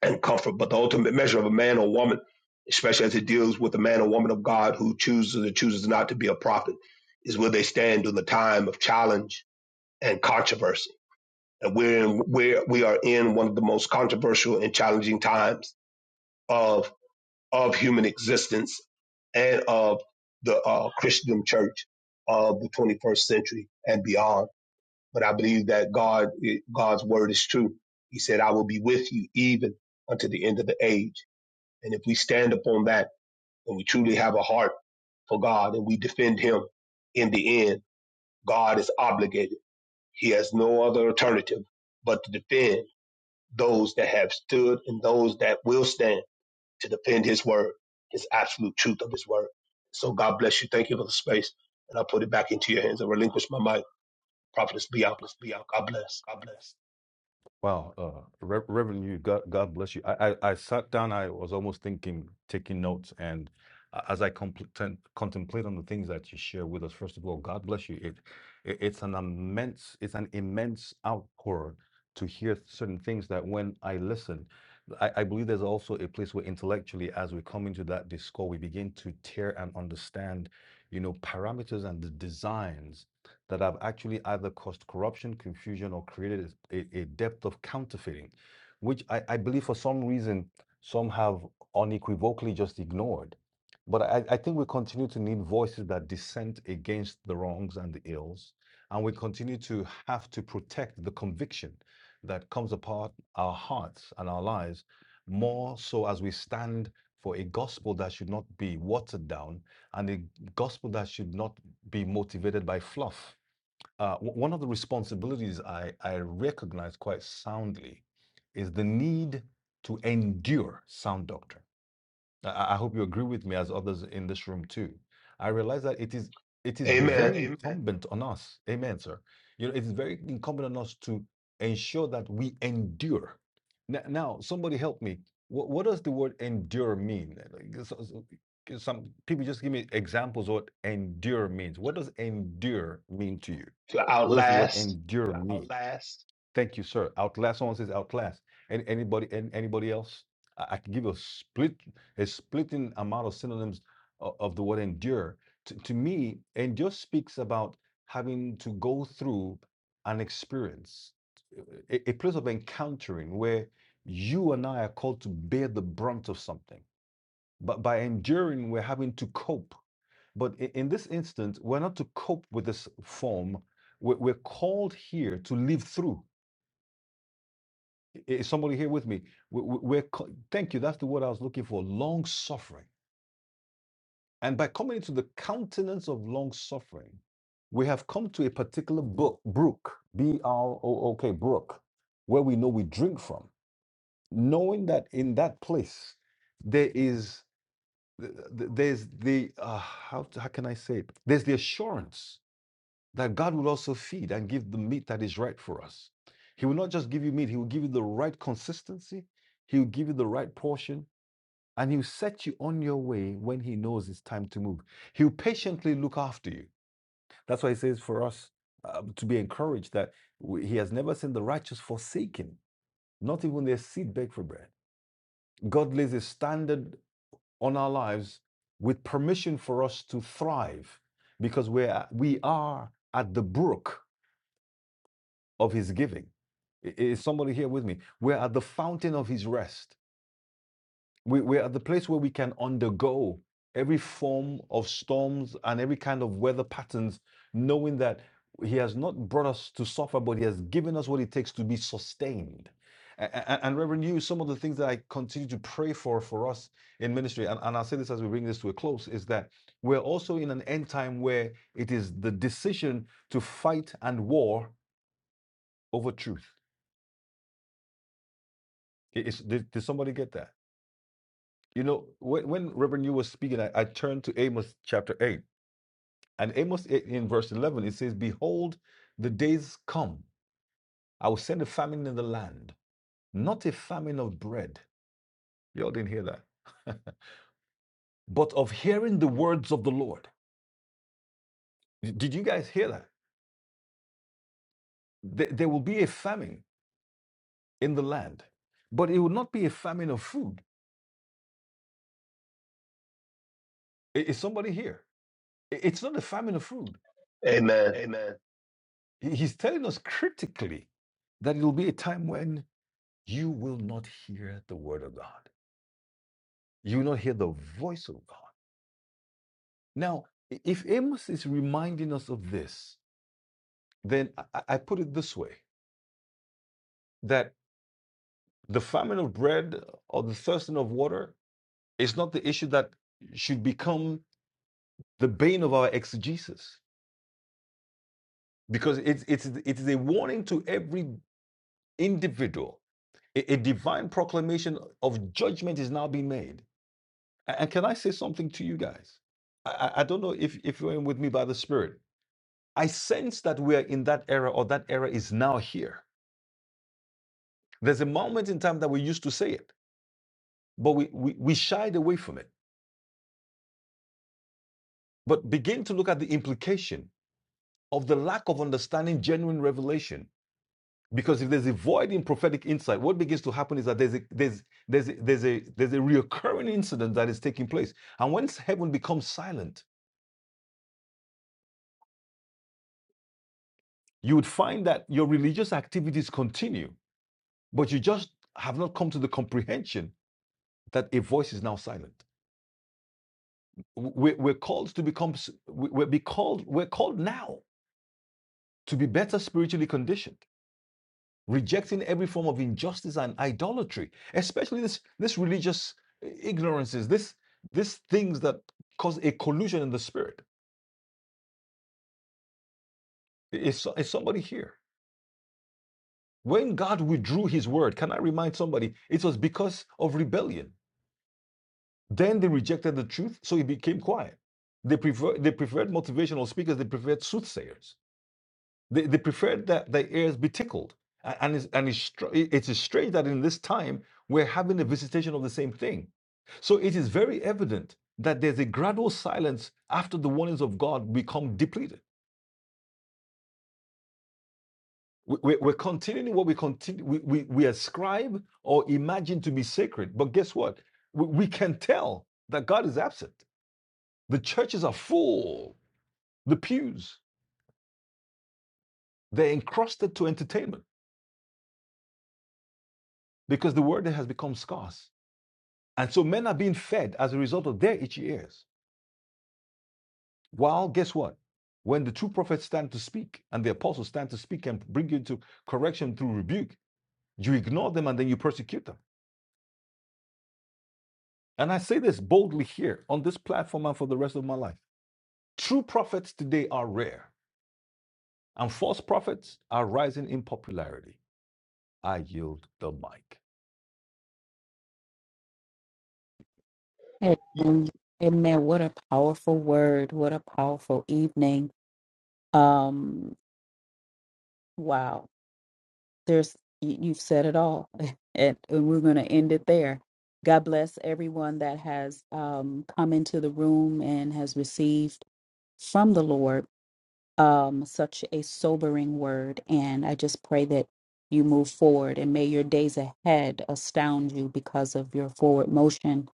S8: and comfort. But the ultimate measure of a man or woman, especially as it deals with a man or woman of God who chooses or chooses not to be a prophet, is where they stand during the time of challenge and controversy. And we're in we're, we are in one of the most controversial and challenging times of of human existence and of the uh, Christian church of the 21st century and beyond. But I believe that God God's word is true. He said, "I will be with you even unto the end of the age." And if we stand upon that and we truly have a heart for God and we defend Him in the end, God is obligated. He has no other alternative but to defend those that have stood and those that will stand to defend His word, His absolute truth of His word. So God bless you. Thank you for the space. And I put it back into your hands. I relinquish my mic. Prophetess Bianca. God bless.
S2: God bless. Wow, uh, Rev- Reverend, you God, God bless you. I, I, I sat down. I was almost thinking, taking notes, and a- as I compl- contemplate on the things that you share with us, first of all, God bless you. It, it it's an immense, it's an immense outpour to hear certain things that when I listen, I, I believe there's also a place where intellectually, as we come into that discourse, we begin to tear and understand, you know, parameters and the designs that have actually either caused corruption, confusion, or created a, a depth of counterfeiting, which I, I believe for some reason some have unequivocally just ignored. But I, I think we continue to need voices that dissent against the wrongs and the ills, and we continue to have to protect the conviction that comes apart our hearts and our lives more so as we stand for a gospel that should not be watered down and a gospel that should not be motivated by fluff uh, w- one of the responsibilities I, I recognize quite soundly is the need to endure sound doctrine. I, I hope you agree with me as others in this room too. I realize that it is it is
S8: Amen.
S2: very Amen. incumbent on us. Amen, sir. You know, it's very incumbent on us to ensure that we endure. Now, now somebody help me. What, what does the word endure mean? Like, so- so- eh, Some people just give me examples of what endure means. What does endure mean to you?
S8: To
S2: What does the word
S8: outlast.
S2: endure mean? Thank you, sir. Outclass. Someone says outclass. Any, anybody? an- anybody else? I, I can give you a split, a splitting amount of synonyms of, of the word endure. To, to me, endure speaks about having to go through an experience, a, a place of encountering where you and I are called to bear the brunt of something. But by enduring, we're having to cope. But i- in this instance, we're not to cope with this form. We're, we're called here to live through. Is somebody here with me? We- we- We're, thank you. That's the word I was looking for long suffering. And by coming into the countenance of long suffering, we have come to a particular book, brook, B R O O K, brook, where we know we drink from, knowing that in that place there is there's the uh, how, how can I say it? There's the assurance that God will also feed and give the meat that is right for us. He will not just give you meat, He will give you the right consistency, He will give you the right portion, and He'll set you on your way when He knows it's time to move. He'll patiently look after you. That's why He says for us uh, to be encouraged that we- He has never seen the righteous forsaken, not even their seed beg for bread. God lays a standard on our lives with permission for us to thrive because we're, we are at the brook of his giving. Is somebody here with me? We're at the fountain of his rest. We, we're at the place where we can undergo every form of storms and every kind of weather patterns, knowing that he has not brought us to suffer, but he has given us what it takes to be sustained. A- And Reverend, you, some of the things that I continue to pray for for us in ministry, and, and I'll say this as we bring this to a close, is that we're also in an end time where it is the decision to fight and war over truth It- It's, did, did somebody get that? You know, when, when Reverend you was speaking, I, I turned to Amos chapter 8. And Amos 8 in verse 11, it says, Behold, the days come. I will send a famine in the land, not a famine of bread. Y'all didn't hear that. but of hearing the words of the Lord. D- Did you guys hear that? There there will be a famine in the land, but it will not be a famine of food. I- Is somebody here? I- It's not a famine of food.
S8: Amen.
S2: He- He's telling us critically that it will be a time when you will not hear the word of God. You will not hear the voice of God. Now, if Amos is reminding us of this, then I, I put it this way that the famine of bread uh, or the thirsting of water is not the issue that should become the bane of our exegesis, because it's, it's, it is a warning to every individual. A, a divine proclamation of judgment is now being made. And can I say something to you guys? I, I I don't know if, if you're in with me by the Spirit. I sense that we're in that era or that era is now here. There's a moment in time that we used to say it, but we, we, we shied away from it. But begin to look at the implication of the lack of understanding genuine revelation. Because if there's a void in prophetic insight, what begins to happen is that there's a, there's, there's, a, there's, a, there's a reoccurring incident that is taking place. And once heaven becomes silent, you would find that your religious activities continue, but you just have not come to the comprehension that a voice is now silent. we're, we're called to become we- are be called we're called now to be better spiritually conditioned rejecting every form of injustice and idolatry especially this this religious ignorances this this things that cause a collusion in the spirit is, so- is somebody here when god withdrew his word can i remind somebody it was because of rebellion then they rejected the truth so it became quiet they prefer they preferred motivational speakers they preferred soothsayers They, they preferred that their ears be tickled. A- And it's, and it's, str- it- it is strange that in this time we're having a visitation of the same thing. So it is very evident that there's a gradual silence after the warnings of God become depleted. We- we- We're continuing what we continue we, we, we ascribe or imagine to be sacred. But guess what? We, we can tell that God is absent. The churches are full, the pews, they're encrusted to entertainment because the word has become scarce. And so men are being fed as a result of their itchy ears. While, guess what? When the true prophets stand to speak and the apostles stand to speak and bring you into correction through rebuke, you ignore them and then you persecute them. And I say this boldly here on this platform and for the rest of my life. True prophets today are rare, and false prophets are rising in popularity. I yield the mic.
S1: Amen. Amen. What a powerful word. What a powerful evening. Um, wow. There's you, you've said it all. And, and we're gonna end it there. God bless everyone that has um come into the room and has received from the Lord. um, such a sobering word. And I just pray that you move forward and may your days ahead astound you because of your forward motion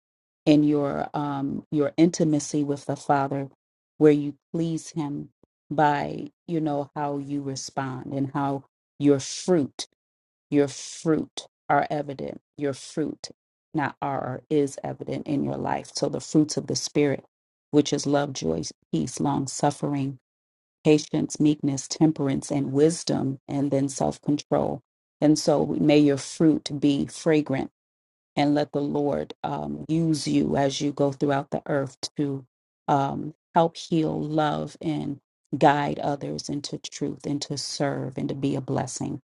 S1: and your um, your intimacy with the Father, where you please Him by you know how you respond and how your fruit, your fruit are evident. Your fruit, not are, are is evident in your life. So the fruits of the Spirit, which is love, joy, peace, long suffering patience, meekness, temperance, and wisdom, and then self control. And so may your fruit be fragrant and let the Lord um, use you as you go throughout the earth to um, help heal, love, and guide others into truth and to serve and to be a blessing.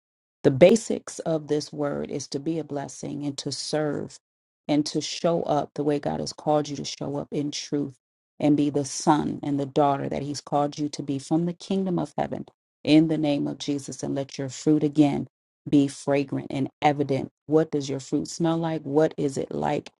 S1: The basics of this word is to be a blessing and to serve and to show up the way God has called you to show up in truth and be the son and the daughter that He's called you to be from the kingdom of heaven in the name of Jesus and let your fruit again be fragrant and evident. What does your fruit smell like? What is it like?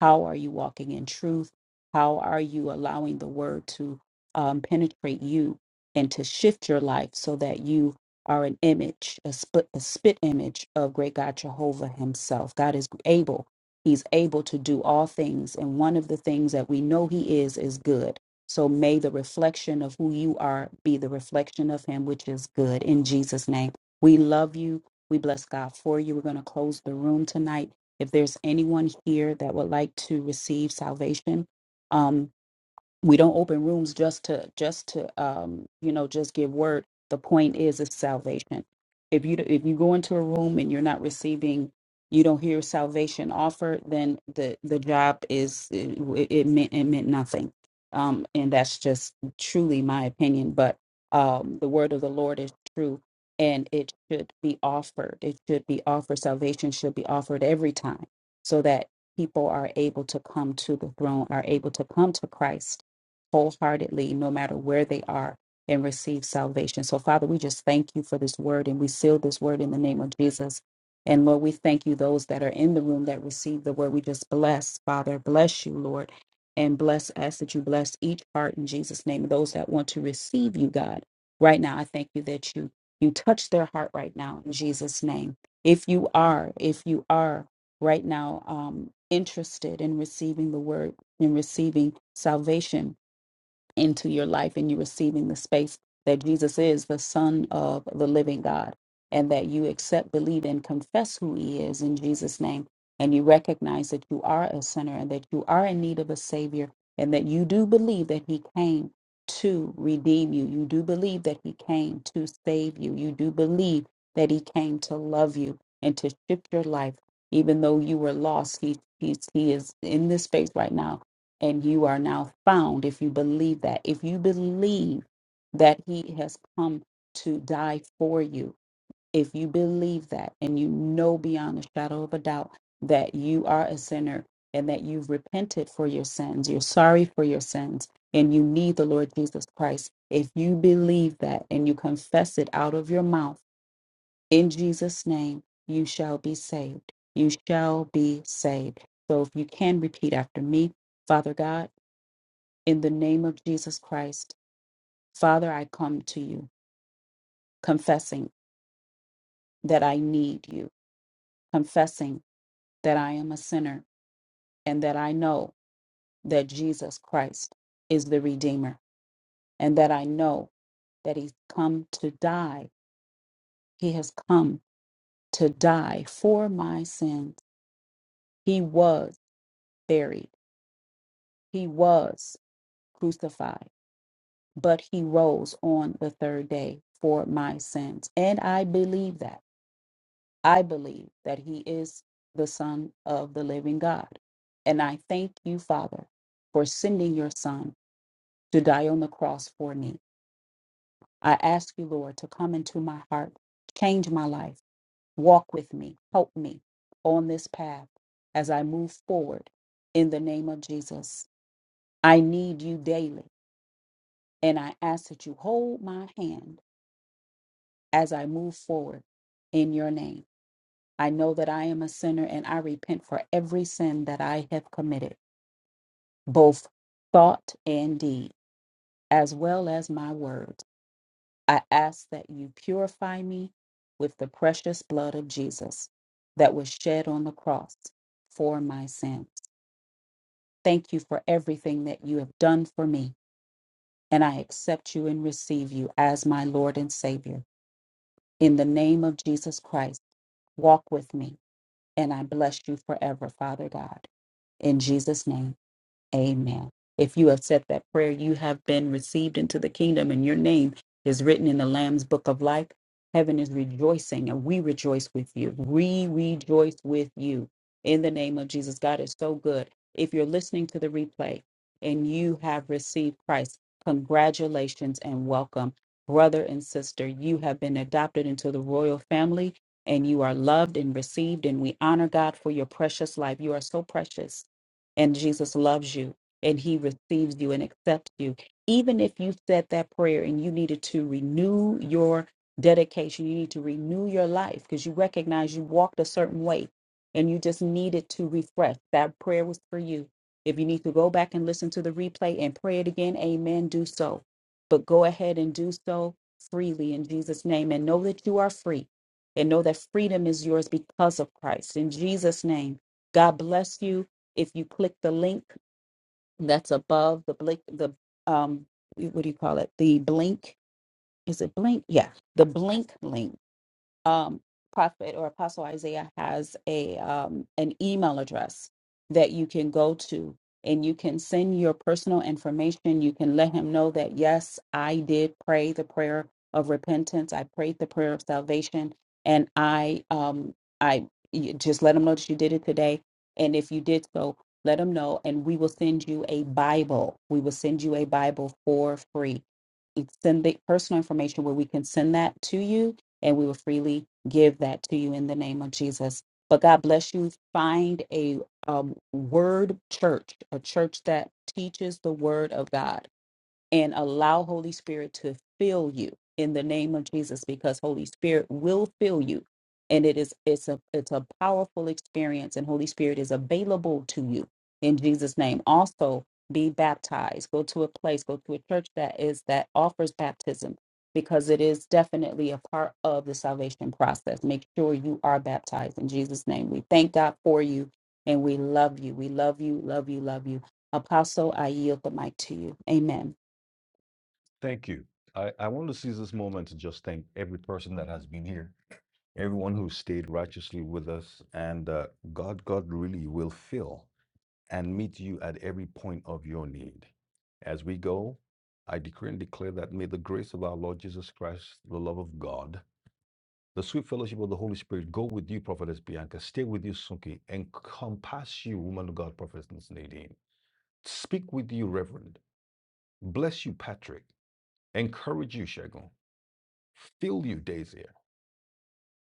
S1: How are you walking in truth? How are you allowing the word to um, penetrate you and to shift your life so that you are an image, a spit, a spit image of great God Jehovah Himself? God is able. He's able to do all things. And one of the things that we know He is, is good. So may the reflection of who you are be the reflection of Him, which is good. In Jesus' name, we love you. We bless God for you. We're going to close the room tonight. If there's anyone here that would like to receive salvation, um, we don't open rooms just to just to um you know just give word the point is it's salvation if you if you go into a room and you're not receiving you don't hear salvation offered then the the job is it, it meant it meant nothing um and that's just truly my opinion but um the word of the lord is true and it should be offered it should be offered salvation should be offered every time so that people are able to come to the throne are able to come to christ wholeheartedly, no matter where they are, and receive salvation. So, Father, we just thank you for this word and we seal this word in the name of Jesus. And Lord, we thank you, those that are in the room that receive the word. We just bless, Father, bless you, Lord, and bless us that you bless each heart in Jesus' name. Those that want to receive you, God, right now, I thank you that you you touch their heart right now in Jesus' name. If you are, if you are right now um, interested in receiving the word, in receiving salvation, into your life and you receiving the space that Jesus is the Son of the living God, and that you accept, believe, and confess who He is in Jesus' name, and you recognize that you are a sinner and that you are in need of a Savior, and that you do believe that He came to redeem you. You do believe that He came to save you. You do believe that He came to love you and to shift your life. Even though you were lost, he, he's, he is in this space right now and you are now found if you believe that. If you believe that he has come to die for you, if you believe that and you know beyond a shadow of a doubt that you are a sinner and that you've repented for your sins, you're sorry for your sins, and you need the Lord Jesus Christ, if you believe that and you confess it out of your mouth in Jesus' name, you shall be saved. You shall be saved. So if you can repeat after me, Father God. In the name of Jesus Christ, Father, I come to you, confessing that I need you, confessing that I am a sinner, and that I know that Jesus Christ is the Redeemer, and that I know that He's come to die. He has come to die for my sins. He was buried, He was crucified, but He rose on the third day for my sins. And I believe that. I believe that he is the Son of the living God. And I thank you, Father, for sending your Son to die on the cross for me. I ask you, Lord, to come into my heart, change my life, walk with me, help me on this path as I move forward in the name of Jesus. I need you daily, and I ask that you hold my hand as I move forward in your name. I know that I am a sinner and I repent for every sin that I have committed, both thought and deed, as well as my words. I ask that you purify me with the precious blood of Jesus that was shed on the cross for my sins. Thank you for everything that you have done for me, and I accept you and receive you as my Lord and Savior. In the name of Jesus Christ, walk with me, and I bless you forever, Father God. In Jesus' name. Amen. If you have said that prayer, you have been received into the kingdom, and your name is written in the Lamb's book of life. Heaven is rejoicing, and we rejoice with you. We rejoice with you in the name of Jesus. God is so good. If you're listening to the replay and you have received Christ, congratulations and welcome. Brother and sister, you have been adopted into the royal family and you are loved and received, and we honor God for your precious life. You are so precious and Jesus loves you and he receives you and accepts you. Even if you said that prayer and you needed to renew your dedication, you need to renew your life because you recognize you walked a certain way and you just needed to refresh. That prayer was for you. If you need to go back and listen to the replay and pray it again, amen, do so. But go ahead and do so freely in Jesus' name and know that you are free and know that freedom is yours because of Christ. In Jesus' name, God bless you. If you click the link that's above the blink, the um, what do you call it? The blink. Is it blink? Yeah, the blink link um, prophet or apostle Isaiah has a um, an email address that you can go to and you can send your personal information. You can let him know that yes, I did pray the prayer of repentance. I prayed the prayer of salvation, and I um I you just let him know that you did it today. And if you did so, let him know, and we will send you a Bible. We will send you a Bible for free. Send the personal information where we can send that to you and we will freely give that to you in the name of Jesus. But God bless you. Find a um, word church, a church that teaches the word of God and allow Holy Spirit to fill you in the name of Jesus because Holy Spirit will fill you and it is it's a it's a powerful experience and Holy Spirit is available to you in Jesus name also be baptized go to a place go to a church that is that offers baptism because it is definitely a part of the salvation process make sure you are baptized in Jesus name we thank God for you and we love you we love you love you love you apostle I yield the mic to you amen
S2: Thank you. I, I want to seize this moment to just thank every person that has been here everyone who stayed righteously with us, and uh, God, God really will fill and meet you at every point of your need. As we go, I decree and declare that may the grace of our Lord Jesus Christ, the love of God, the sweet fellowship of the Holy Spirit go with you, Prophetess Bianca, stay with you, Sunki, encompass you, woman of God, Prophetess Nadine, speak with you, Reverend, bless you, Patrick, encourage you, Shagun, fill you, Daisy,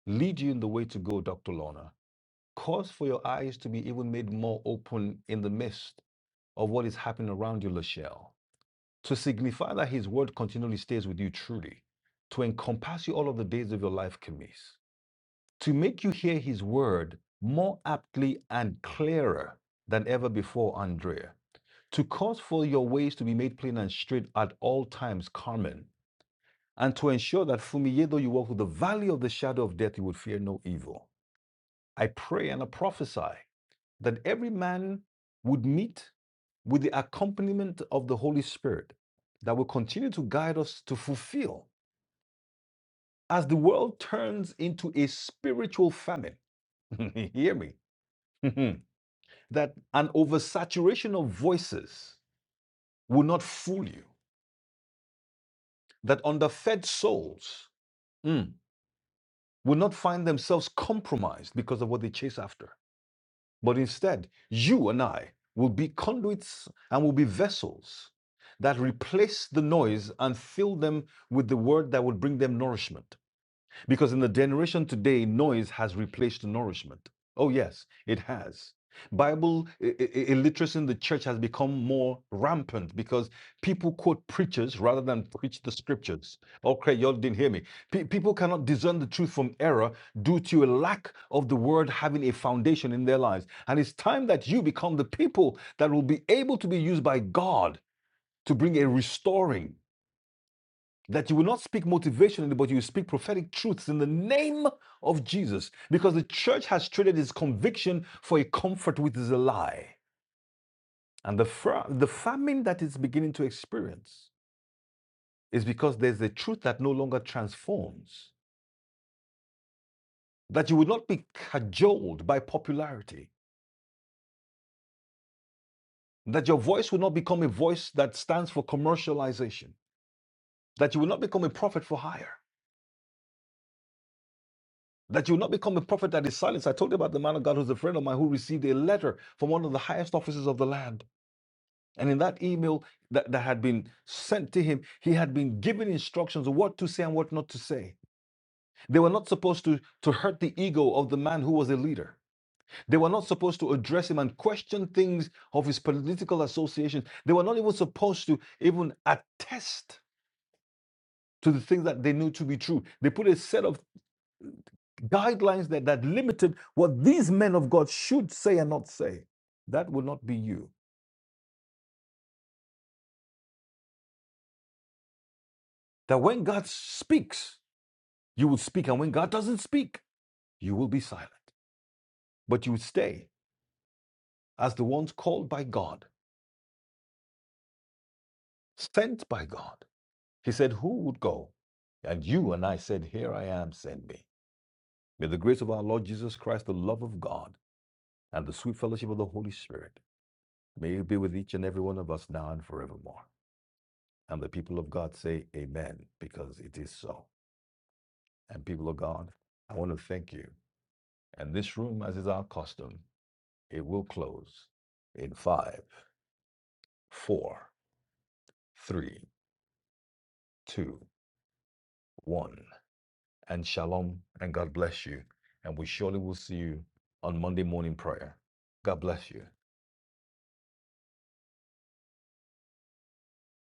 S2: lead you in the way to go, Dr. Lorna, Cause for your eyes to be even made more open in the midst of what is happening around you, Lachelle, to signify that His word continually stays with you truly, to encompass you all of the days of your life, Camise, to make you hear His word more aptly and clearer than ever before, Andrea, to cause for your ways to be made plain and straight at all times, Carmen, and to ensure that, Fumiye, though you walk through the valley of the shadow of death, you would fear no evil. I pray and I prophesy that every man would meet with the accompaniment of the Holy Spirit that will continue to guide us to fulfill as the world turns into a spiritual famine. Hear me. that an oversaturation of voices will not fool you, that underfed souls mm, will not find themselves compromised because of what they chase after. But instead, you and I will be conduits and will be vessels that replace the noise and fill them with the word that would bring them nourishment. Because in the generation today, noise has replaced nourishment. Oh, yes, it has. Bible illiteracy in the church has become more rampant because people quote preachers rather than preach the scriptures. Okay, y'all didn't hear me. Pe- people cannot discern the truth from error due to a lack of the word having a foundation in their lives. And it's time that you become the people that will be able to be used by God to bring a restoring that you will not speak motivationally, but you will speak prophetic truths in the name of Jesus. Because the church has traded its conviction for a comfort which is a lie. And the, the famine that it's beginning to experience is because there's a truth that no longer transforms, that you will not be cajoled by popularity, that your voice will not become a voice that stands for commercialization, that you will not become a prophet for hire that you will not become a prophet that is silenced. I told you about the man of God who's a friend of mine who received a letter from one of the highest officers of the land. And in that email that, that had been sent to him, he had been given instructions of what to say and what not to say. They were not supposed to, to hurt the ego of the man who was a leader. They were not supposed to address him and question things of his political associations. They were not even supposed to even attest to the things that they knew to be true. They put a set of guidelines that, that limited what these men of God should say and not say. That will not be you. That when God speaks, you will speak, and when God doesn't speak, you will be silent. But you will stay as the ones called by God, sent by God. He said, Who would go? And you and I said, Here I am, send me. May the grace of our Lord Jesus Christ, the love of God, and the sweet fellowship of the Holy Spirit may it be with each and every one of us now and forevermore. And the people of God say amen because it is so. And people of God, I want to thank you. And this room, as is our custom, it will close in five, four, three, two, one. And shalom and God bless you. And we surely will see you on Monday morning prayer. God bless you.